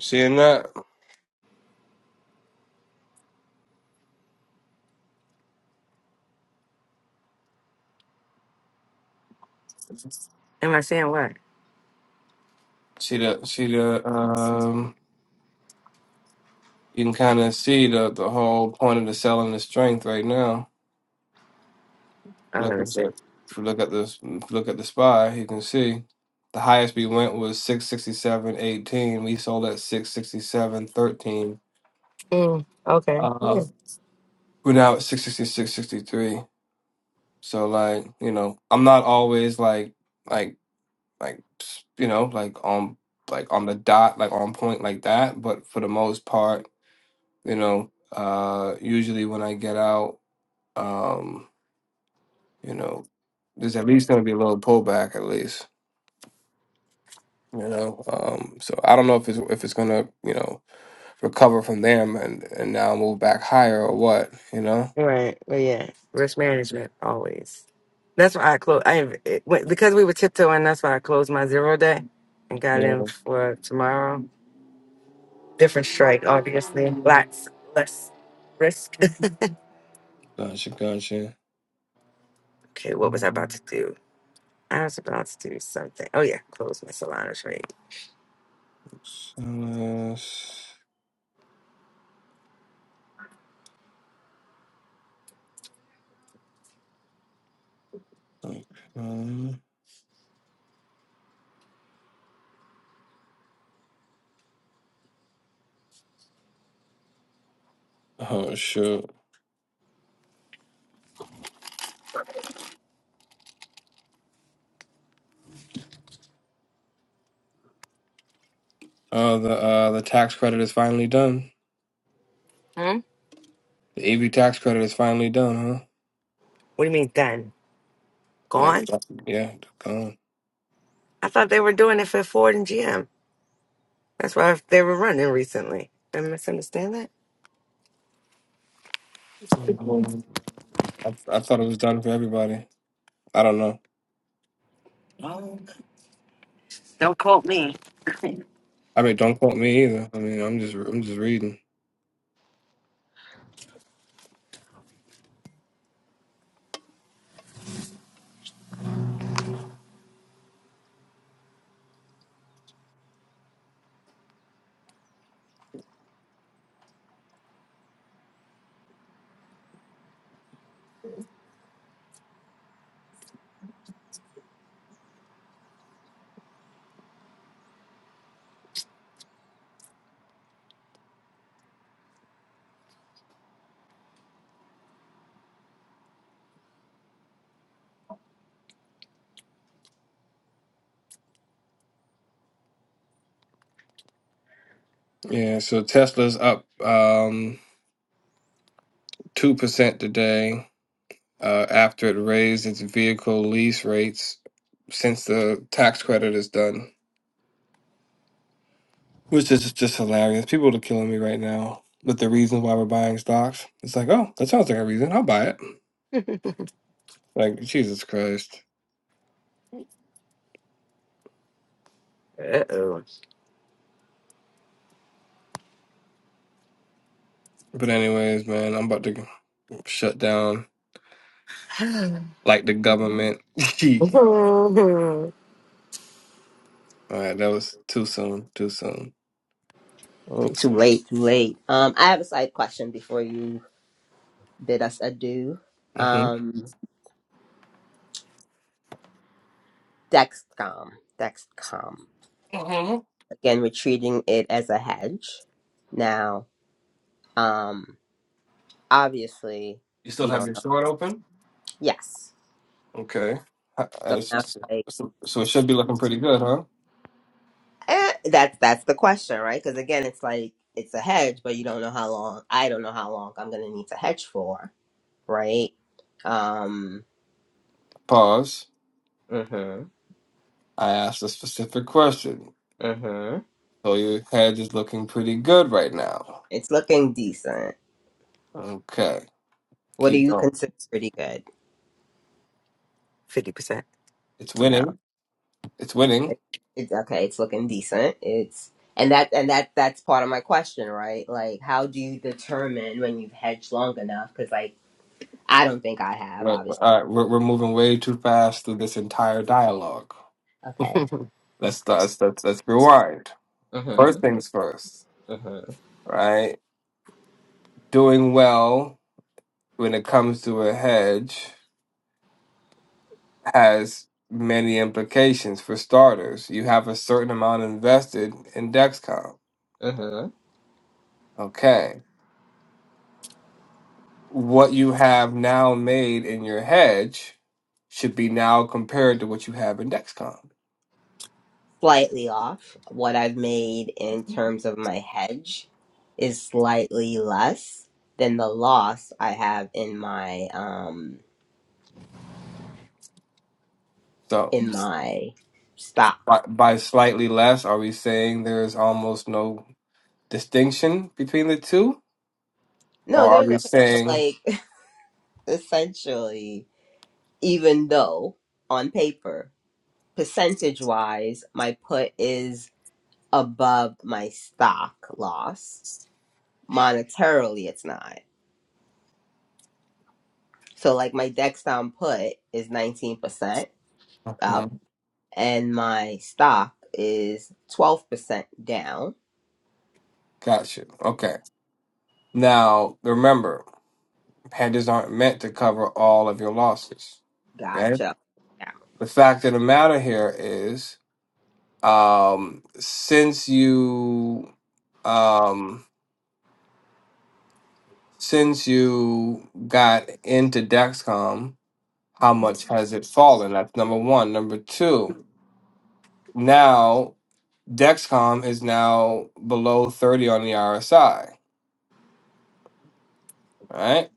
Seeing that, I saying what? see the see the um, you can kind of see the the whole point of the selling the strength right now. Oh, Look let me at see. the if you look at this look at the spy, you can see the highest we went was six sixty seven eighteen. We sold at six sixty seven thirteen. Mm, Uh, okay. we're now at six sixty six sixty three. So like you know, I'm not always like like like s- you know like on like on the dot like on point like that but for the most part you know uh usually when i get out um you know there's at least going to be a little pullback at least you know um so i don't know if it's if it's going to you know recover from them and and now move back higher or what you know Right, but yeah, risk management always. That's why I closed. I inv- it, went- because we were tiptoeing. That's why I closed my zero day and got yeah in for tomorrow. Different strike, obviously. Lots less risk. gotcha gotcha okay, what was I about Um, to do? I was about to do something. Oh yeah, close my Solana trade. so, uh, s- okay. oh shoot Oh, the uh the tax credit is finally done. Hmm. The EV tax credit is finally done, huh? What do you mean done? Like, Gone? yeah, gone. I thought they were doing it for Ford and GM. That's why they were running recently. Did I misunderstand that? Mm, I, I thought it was done for everybody. I don't know. Don't quote me. I mean, don't quote me either. I mean, I'm just I'm just reading. Yeah, so Tesla's up um two percent today uh, after it raised its vehicle lease rates since the tax credit is done. which is just hilarious. People are killing me right now with the reasons why we're buying stocks. It's like, oh, that sounds like a reason. I'll buy it. Like Jesus Christ. Uh But anyways, man, I'm about to shut down oh. like the government. All Mhm. right, that was too soon. Too soon. Too Mm, too soon. late too late um I have a side question before you bid us adieu um Dexcom Dexcom Mm-hmm. hmm again we're treating it as a hedge now um obviously You still we have don't your know. short open? Yes. Okay. Uh, So it's now it's just- like so so it should be looking pretty good, huh? eh, that's that's the question, right? Because again, it's like it's a hedge, but you don't know how long. I don't know how long I'm gonna need to hedge for, right? Um. Pause. Mhm. I asked a specific question. Mhm. So your hedge is looking pretty good right now. It's looking decent. Okay. What do Keep you going. consider pretty good? Fifty percent. It's No. winning. It's winning. It- It's okay. It's looking decent. It's and that and that that's part of my question, right? Like, how do you determine when you've hedged long enough? Because like I don't think I have, Right. obviously. All right. We're, we're moving way too fast through this entire dialogue. Okay. Let's let's let's, let's rewind. Mm-hmm. First things first. Uh-huh. Right. Doing well when it comes to a hedge has many implications. For starters, you have a certain amount invested in Dexcom. Uh-huh. Okay. What you have now made in your hedge should be now compared to what you have in Dexcom. Slightly off. What I've made in terms of my hedge is slightly less than the loss I have in my um So in my stock. By, by slightly less, are we saying there's almost no distinction between the two? No, Or are there's we okay, so saying, like essentially, even though on paper, percentage wise, my put is above my stock loss. Monetarily it's not. So like my Dexcom put is nineteen percent up Mhm. and my stock is 12% down. gotcha. Okay. Now, remember, hedges aren't meant to cover all of your losses. Okay. Gotcha. Yeah. The fact of the matter here is, um, since you, um, since you got into Dexcom, how much has it fallen? That's number one. Number two, now Dexcom is now below 30 on the RSI, right?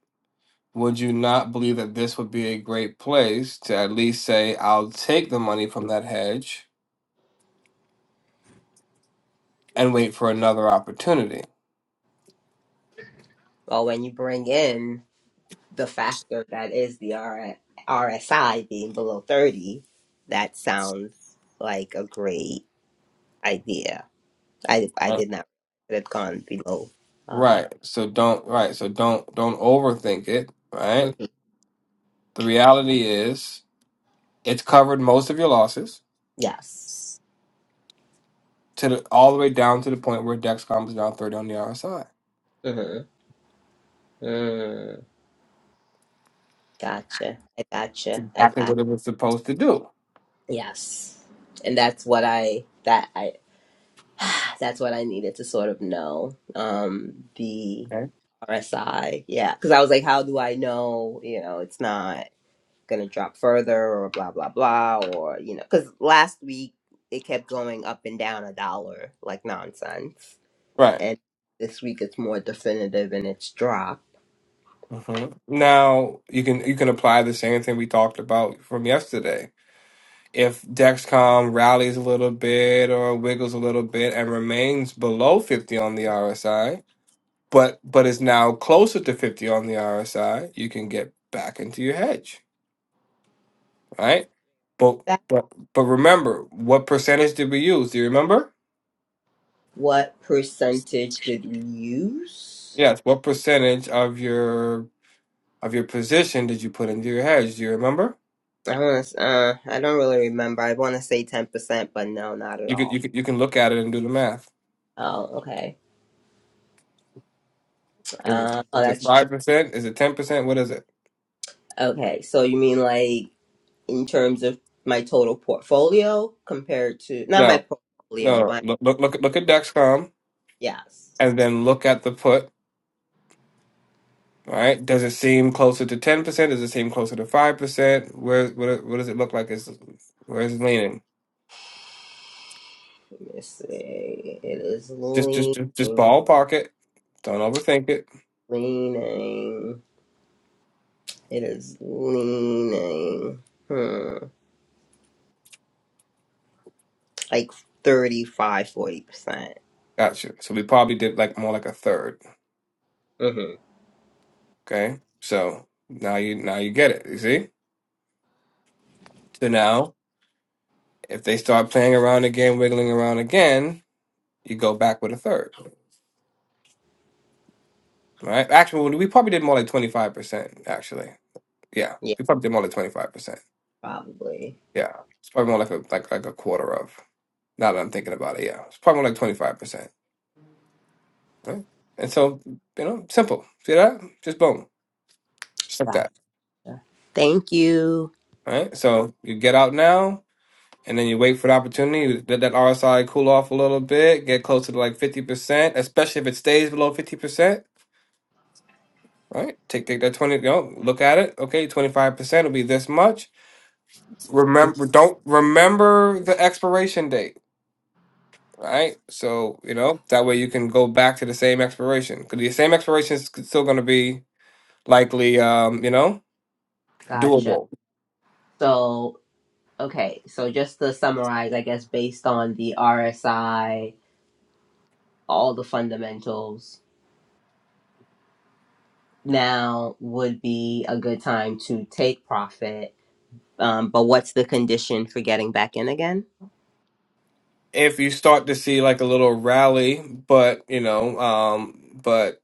Would you not believe that this would be a great place to at least say, I'll take the money from that hedge and wait for another opportunity? Well, when you bring in the factor that is the R- RSI being below 30, that sounds like a great idea. I, I Right. did not it had gone below. Um, Right. So don't right. So don't don't overthink it, right? mhm. The reality is it's covered most of your losses Yes. to the, all the way down to the point where Dexcom is down 30 on the RSI. Mm-hmm. Mm. Gotcha. I It's gotcha. I exactly got what it was supposed to do. Yes. And that's what I that I. That's what I needed to sort of know. Um, the okay? RSI, yeah, because I was like, how do I know? You know, it's not gonna drop further, or blah blah blah, or you know, because last week it kept going up and down a dollar like nonsense, Right. and this week it's more definitive and it's dropped. hmm Now you can you can apply the same thing we talked about from yesterday. If Dexcom rallies a little bit or wiggles a little bit and remains below 50 on the RSI, but but is now closer to 50 on the RSI, you can get back into your hedge, right? But That but but remember, what percentage did we use? Do you remember? what percentage did we use? Yes, what percentage of your of your position did you put into your hedge? Do you remember? I want to. Uh, I don't really remember. I want to say ten percent, but no, not at You could you all. could you can look at it and do the math. Oh, okay. Is it Uh, oh, is it that's five percent? Is it ten percent? What is it? Okay, so you mean like in terms of my total portfolio compared to not my No, no. portfolio, no. my Look look look look at Dexcom yes. and then look at the put. All Right? Does it seem closer to ten percent? Does it seem closer to five percent? Where what what does it look like? Is where's it leaning? Let me see. It is Just just just just leaning, ballpark it. Don't overthink it. leaning. It is leaning. Hmm, like 35, 40 percent. Gotcha. So we probably did like more like a third. Mm-hmm. Okay. So now you now you get it. You see. So now If they start playing around again, wiggling around again, you go back with a third, right? Actually, well, we probably did more like twenty five percent. Actually, yeah, Yeah, we probably did more like twenty five percent. probably. Yeah, it's probably more like a like like a quarter of. Now that I'm thinking about it, yeah, it's probably more like twenty five percent, right? And so you know, simple. See that? Just boom, just like that, Gotcha. Thank you. right? So you get out now. And then you wait for the opportunity, let that RSI cool off a little bit, get closer to like 50%, especially if it stays below 50%. right? Take take that twenty. Go look at it. Okay, twenty five percent will be this much. Remember, don't remember the expiration date, right? So you know that way you can go back to the same expiration because the same expiration is still going to be likely, um, you know, Gotcha. doable. So, okay, so just to summarize, I guess based on the RSI. all the fundamentals, now would be a good time to take profit. Um, but what's the condition for getting back in again? If you start to see like a little rally, but you know, um, but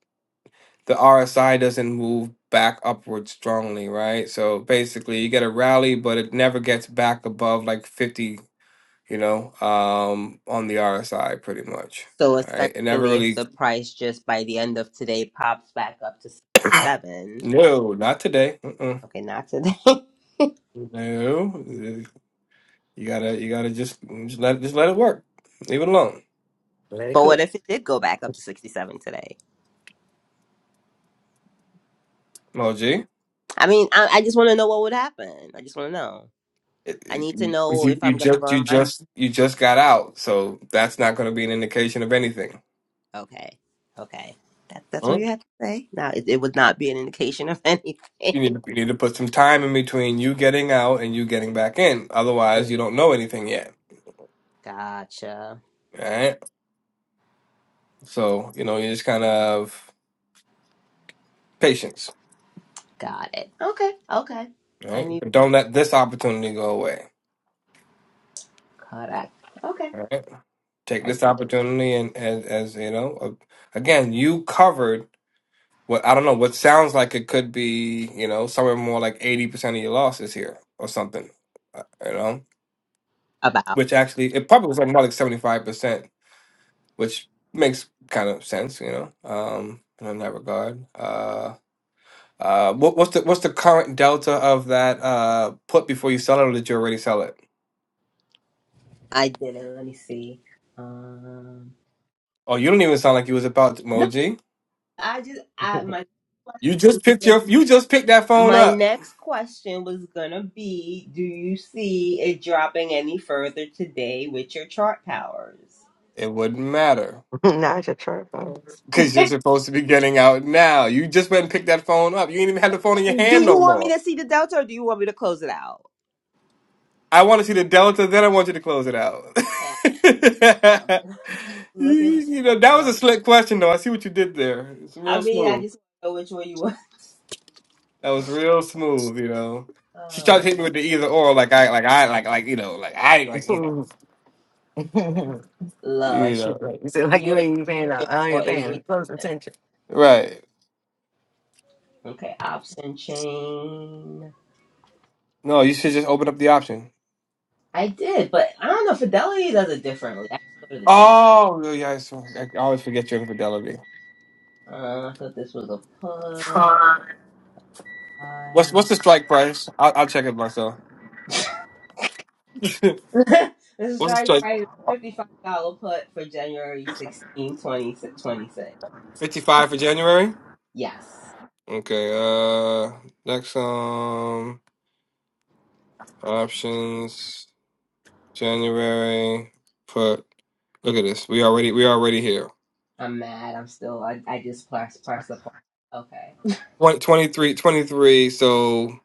the RSI doesn't move back upward strongly, right? So basically, you get a rally, but it never gets back above like fifty you know, um, on the RSI pretty much. So All right. It never essentially, if really, the price just by the end of today pops back up to seven, no, not today. Mm-mm. okay, not today. No, you gotta, you gotta just, just let, just let it work. Leave it alone. Let it But what cook. if it did go back up to 67 today? OG, it, I mean, I, I just want to know what would happen. I just want to know. I it, need to know you, if you I'm going to just, you burn my hand. just, you just got out, so that's not going to be an indication of anything. Okay. Okay. That, that's what Huh? you have to say? Now, it, it would not be an indication of You anything. need, to, you need to put some time in between you getting out and you getting back in. Otherwise, you Mm. don't know anything yet. gotcha. All right. So you know, you just kind of patience. Got it. Okay, okay. All I Right? need But don't let this opportunity go away. Kodak. Okay, All right. Take I this see it. opportunity and as as you know, uh, again, you covered what I don't know what sounds like it could be. You know, somewhere more like eighty percent of your losses here or something. uh, You know, About which actually it probably was like more like seventy five percent, which makes kind of sense. You know, um, in that regard. Uh, uh, what, what's the what's the current delta of that uh put before you sell it, or did you already sell it? I did it. Let me see. Um, Oh, you don't even sound like you was about to, no, Moji. I just I my question You was just picked gonna your be you just picked that phone my up. next question was gonna be: Do you see it dropping any further today with your chart powers? It wouldn't matter now it's your trap house. do because you're supposed to be getting out now. You just went and picked that phone up. You ain't even had the phone in your hand you no want more. me to see the delta, or do you want me to close it out? I want to see the delta, then I want you to close it out. Yeah, I'm just you, looking for you know the that delta. was a right now. slick question though. I see what you did there. It's real I mean, I smooth. just know which one you want. That was real smooth. You know, she tried to Uh, hit me with the either or, like I like I like like you know like I like you know like you love shit, know like you said, like you you. ain't even paying. I don't for even a reason. paying close attention. right. Okay, option chain. No, you should just open up the option. I did, but I don't know. Fidelity does it differently. I have to go to the chain. Oh, yeah, yeah, I s- I always forget your infidelity. Uh, I thought this was a put. What's I... what's the strike price? I'll, I'll check it myself. what's this is the right strike? price fifty-five dollar put for January 16, 2026. Fifty five for January. Yes, Okay. Uh, next um options January put. Look at this. We already we already here. I'm mad. I'm still. I, I just press press the pause. Okay, Twen- 23, twenty-three. So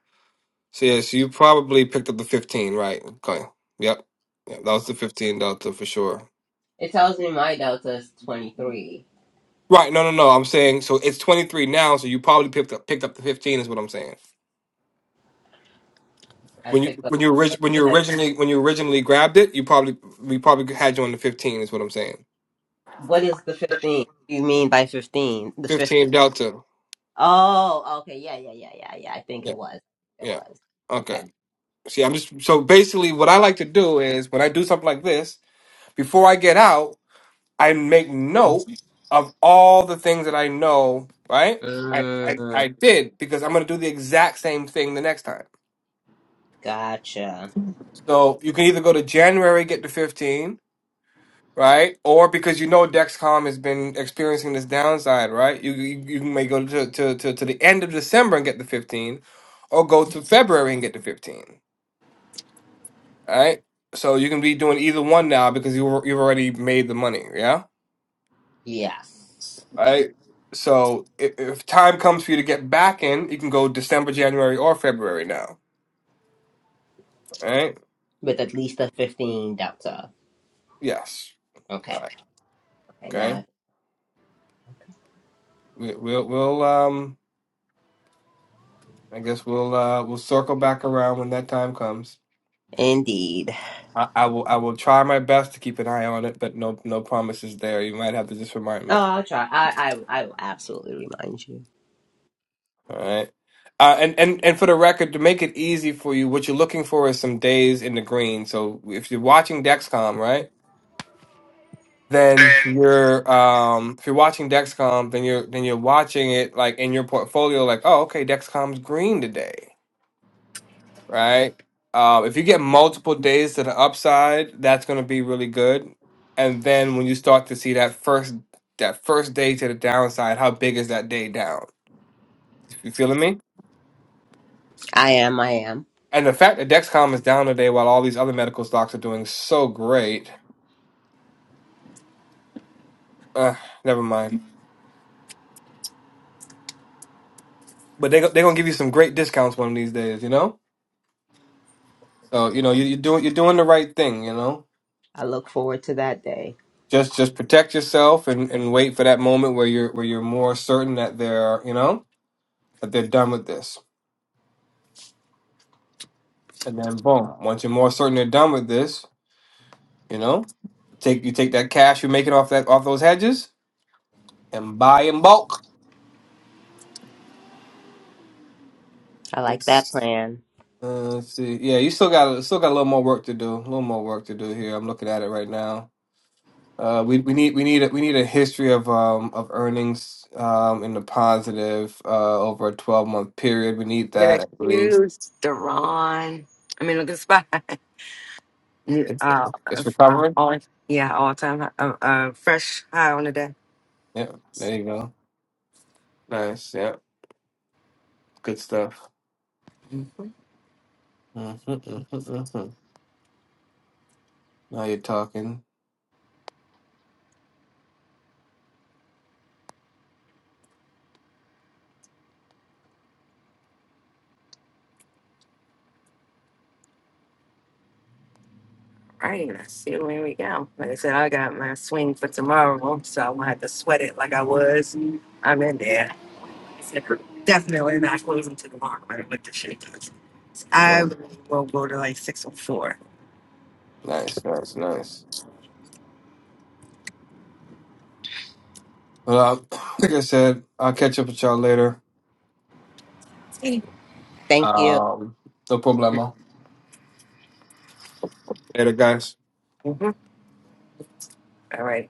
so yes, you probably picked up the fifteen, right? Okay. Yep. Yeah, that was the fifteen delta for sure. it tells me my delta is twenty-three. Right. No, no, no. I'm saying so it's 23 now, so you probably picked up picked up the 15 is what I'm saying. I When you picked up. when you What orig- when do you you mean I- originally when you originally grabbed it, you probably we probably had you on the 15 is what I'm saying. what is the fifteen? What do you mean by fifteen? The 15? 15 delta. Oh, okay. Yeah, yeah, yeah, yeah, yeah. I think Yeah. it was. It Yeah. was. Okay. Okay. See, I'm just so basically what I like to do is when I do something like this, before I get out, I make note of all the things that I know, right? I, I, Mm, I did because I'm gonna do the exact same thing the next time. gotcha. So you can either go to January, get the 15, right? Or because you know Dexcom has been experiencing this downside, right? You you, you may go to, to to to the end of December and get the 15, or go to February and get the 15, right? So you can be doing either one now because you were- you've already made the money, yeah, Yes, Right. right? So if, if time comes for you to get back in, you can go December, January, or February now, right? With at least a 15 delta. Yes, Okay. right, Okay, okay. now. We, we'll we'll um. I guess we'll uh we'll circle back around when that time comes. Indeed. I, I will I will try my best to keep an eye on it, but no no promises there. You might have to just remind me. Oh, I'll try. I, I, I will absolutely remind you. All right. Uh, and, and and for the record, to make it easy for you, what you're looking for is some days in the green. So if you're watching Dexcom, right, then you're um if you're watching Dexcom, then you're then you're watching it like in your portfolio, like oh okay, Dexcom's green today. right? Uh, if you get multiple days to the upside, that's going to be really good. And then when you start to see that first that first day to the downside, how big is that day down? You feeling me? I am, I am. And the fact that Dexcom is down today while all these other medical stocks are doing so great, uh, never mind. But they they're gonna give you some great discounts one of these days, you know. So you know you, you're doing you're doing the right thing, you know. I look forward to that day. Just just protect yourself and, and wait for that moment where you're where you're more certain that they're you know that they're done with this. and then boom. Once you're more certain you're done with this, you know, take you take that cash you're making off that off those hedges and buy in bulk. I like that It's plan. uh, let's see, yeah, you still got still got a little more work to do. A little more work to do here. I'm looking at it right now. Uh, we we need we need a, we need a history of um of earnings um in the positive uh over a 12 month period. We need Look at that that at least. cute Deron. I mean, look at Spy. Mm, It's Uh, it's uh, recovering. all yeah, all time high- uh, uh, fresh high on the day. Yeah, there you go. Nice. Yeah, good stuff. Mhm. hmm hmm Now you're talking. Right, I see where we go. Like I said, I got my swing for tomorrow, so I'm gonna have to sweat it like I was. I'm in there. Definitely not closing to the mark right with the shit. does? I No. will go to like six oh four. Nice, nice, nice. Well, uh, like I said, I'll catch up with y'all later. Thank you. Um, no problemo. Later, guys. Mhm. All right.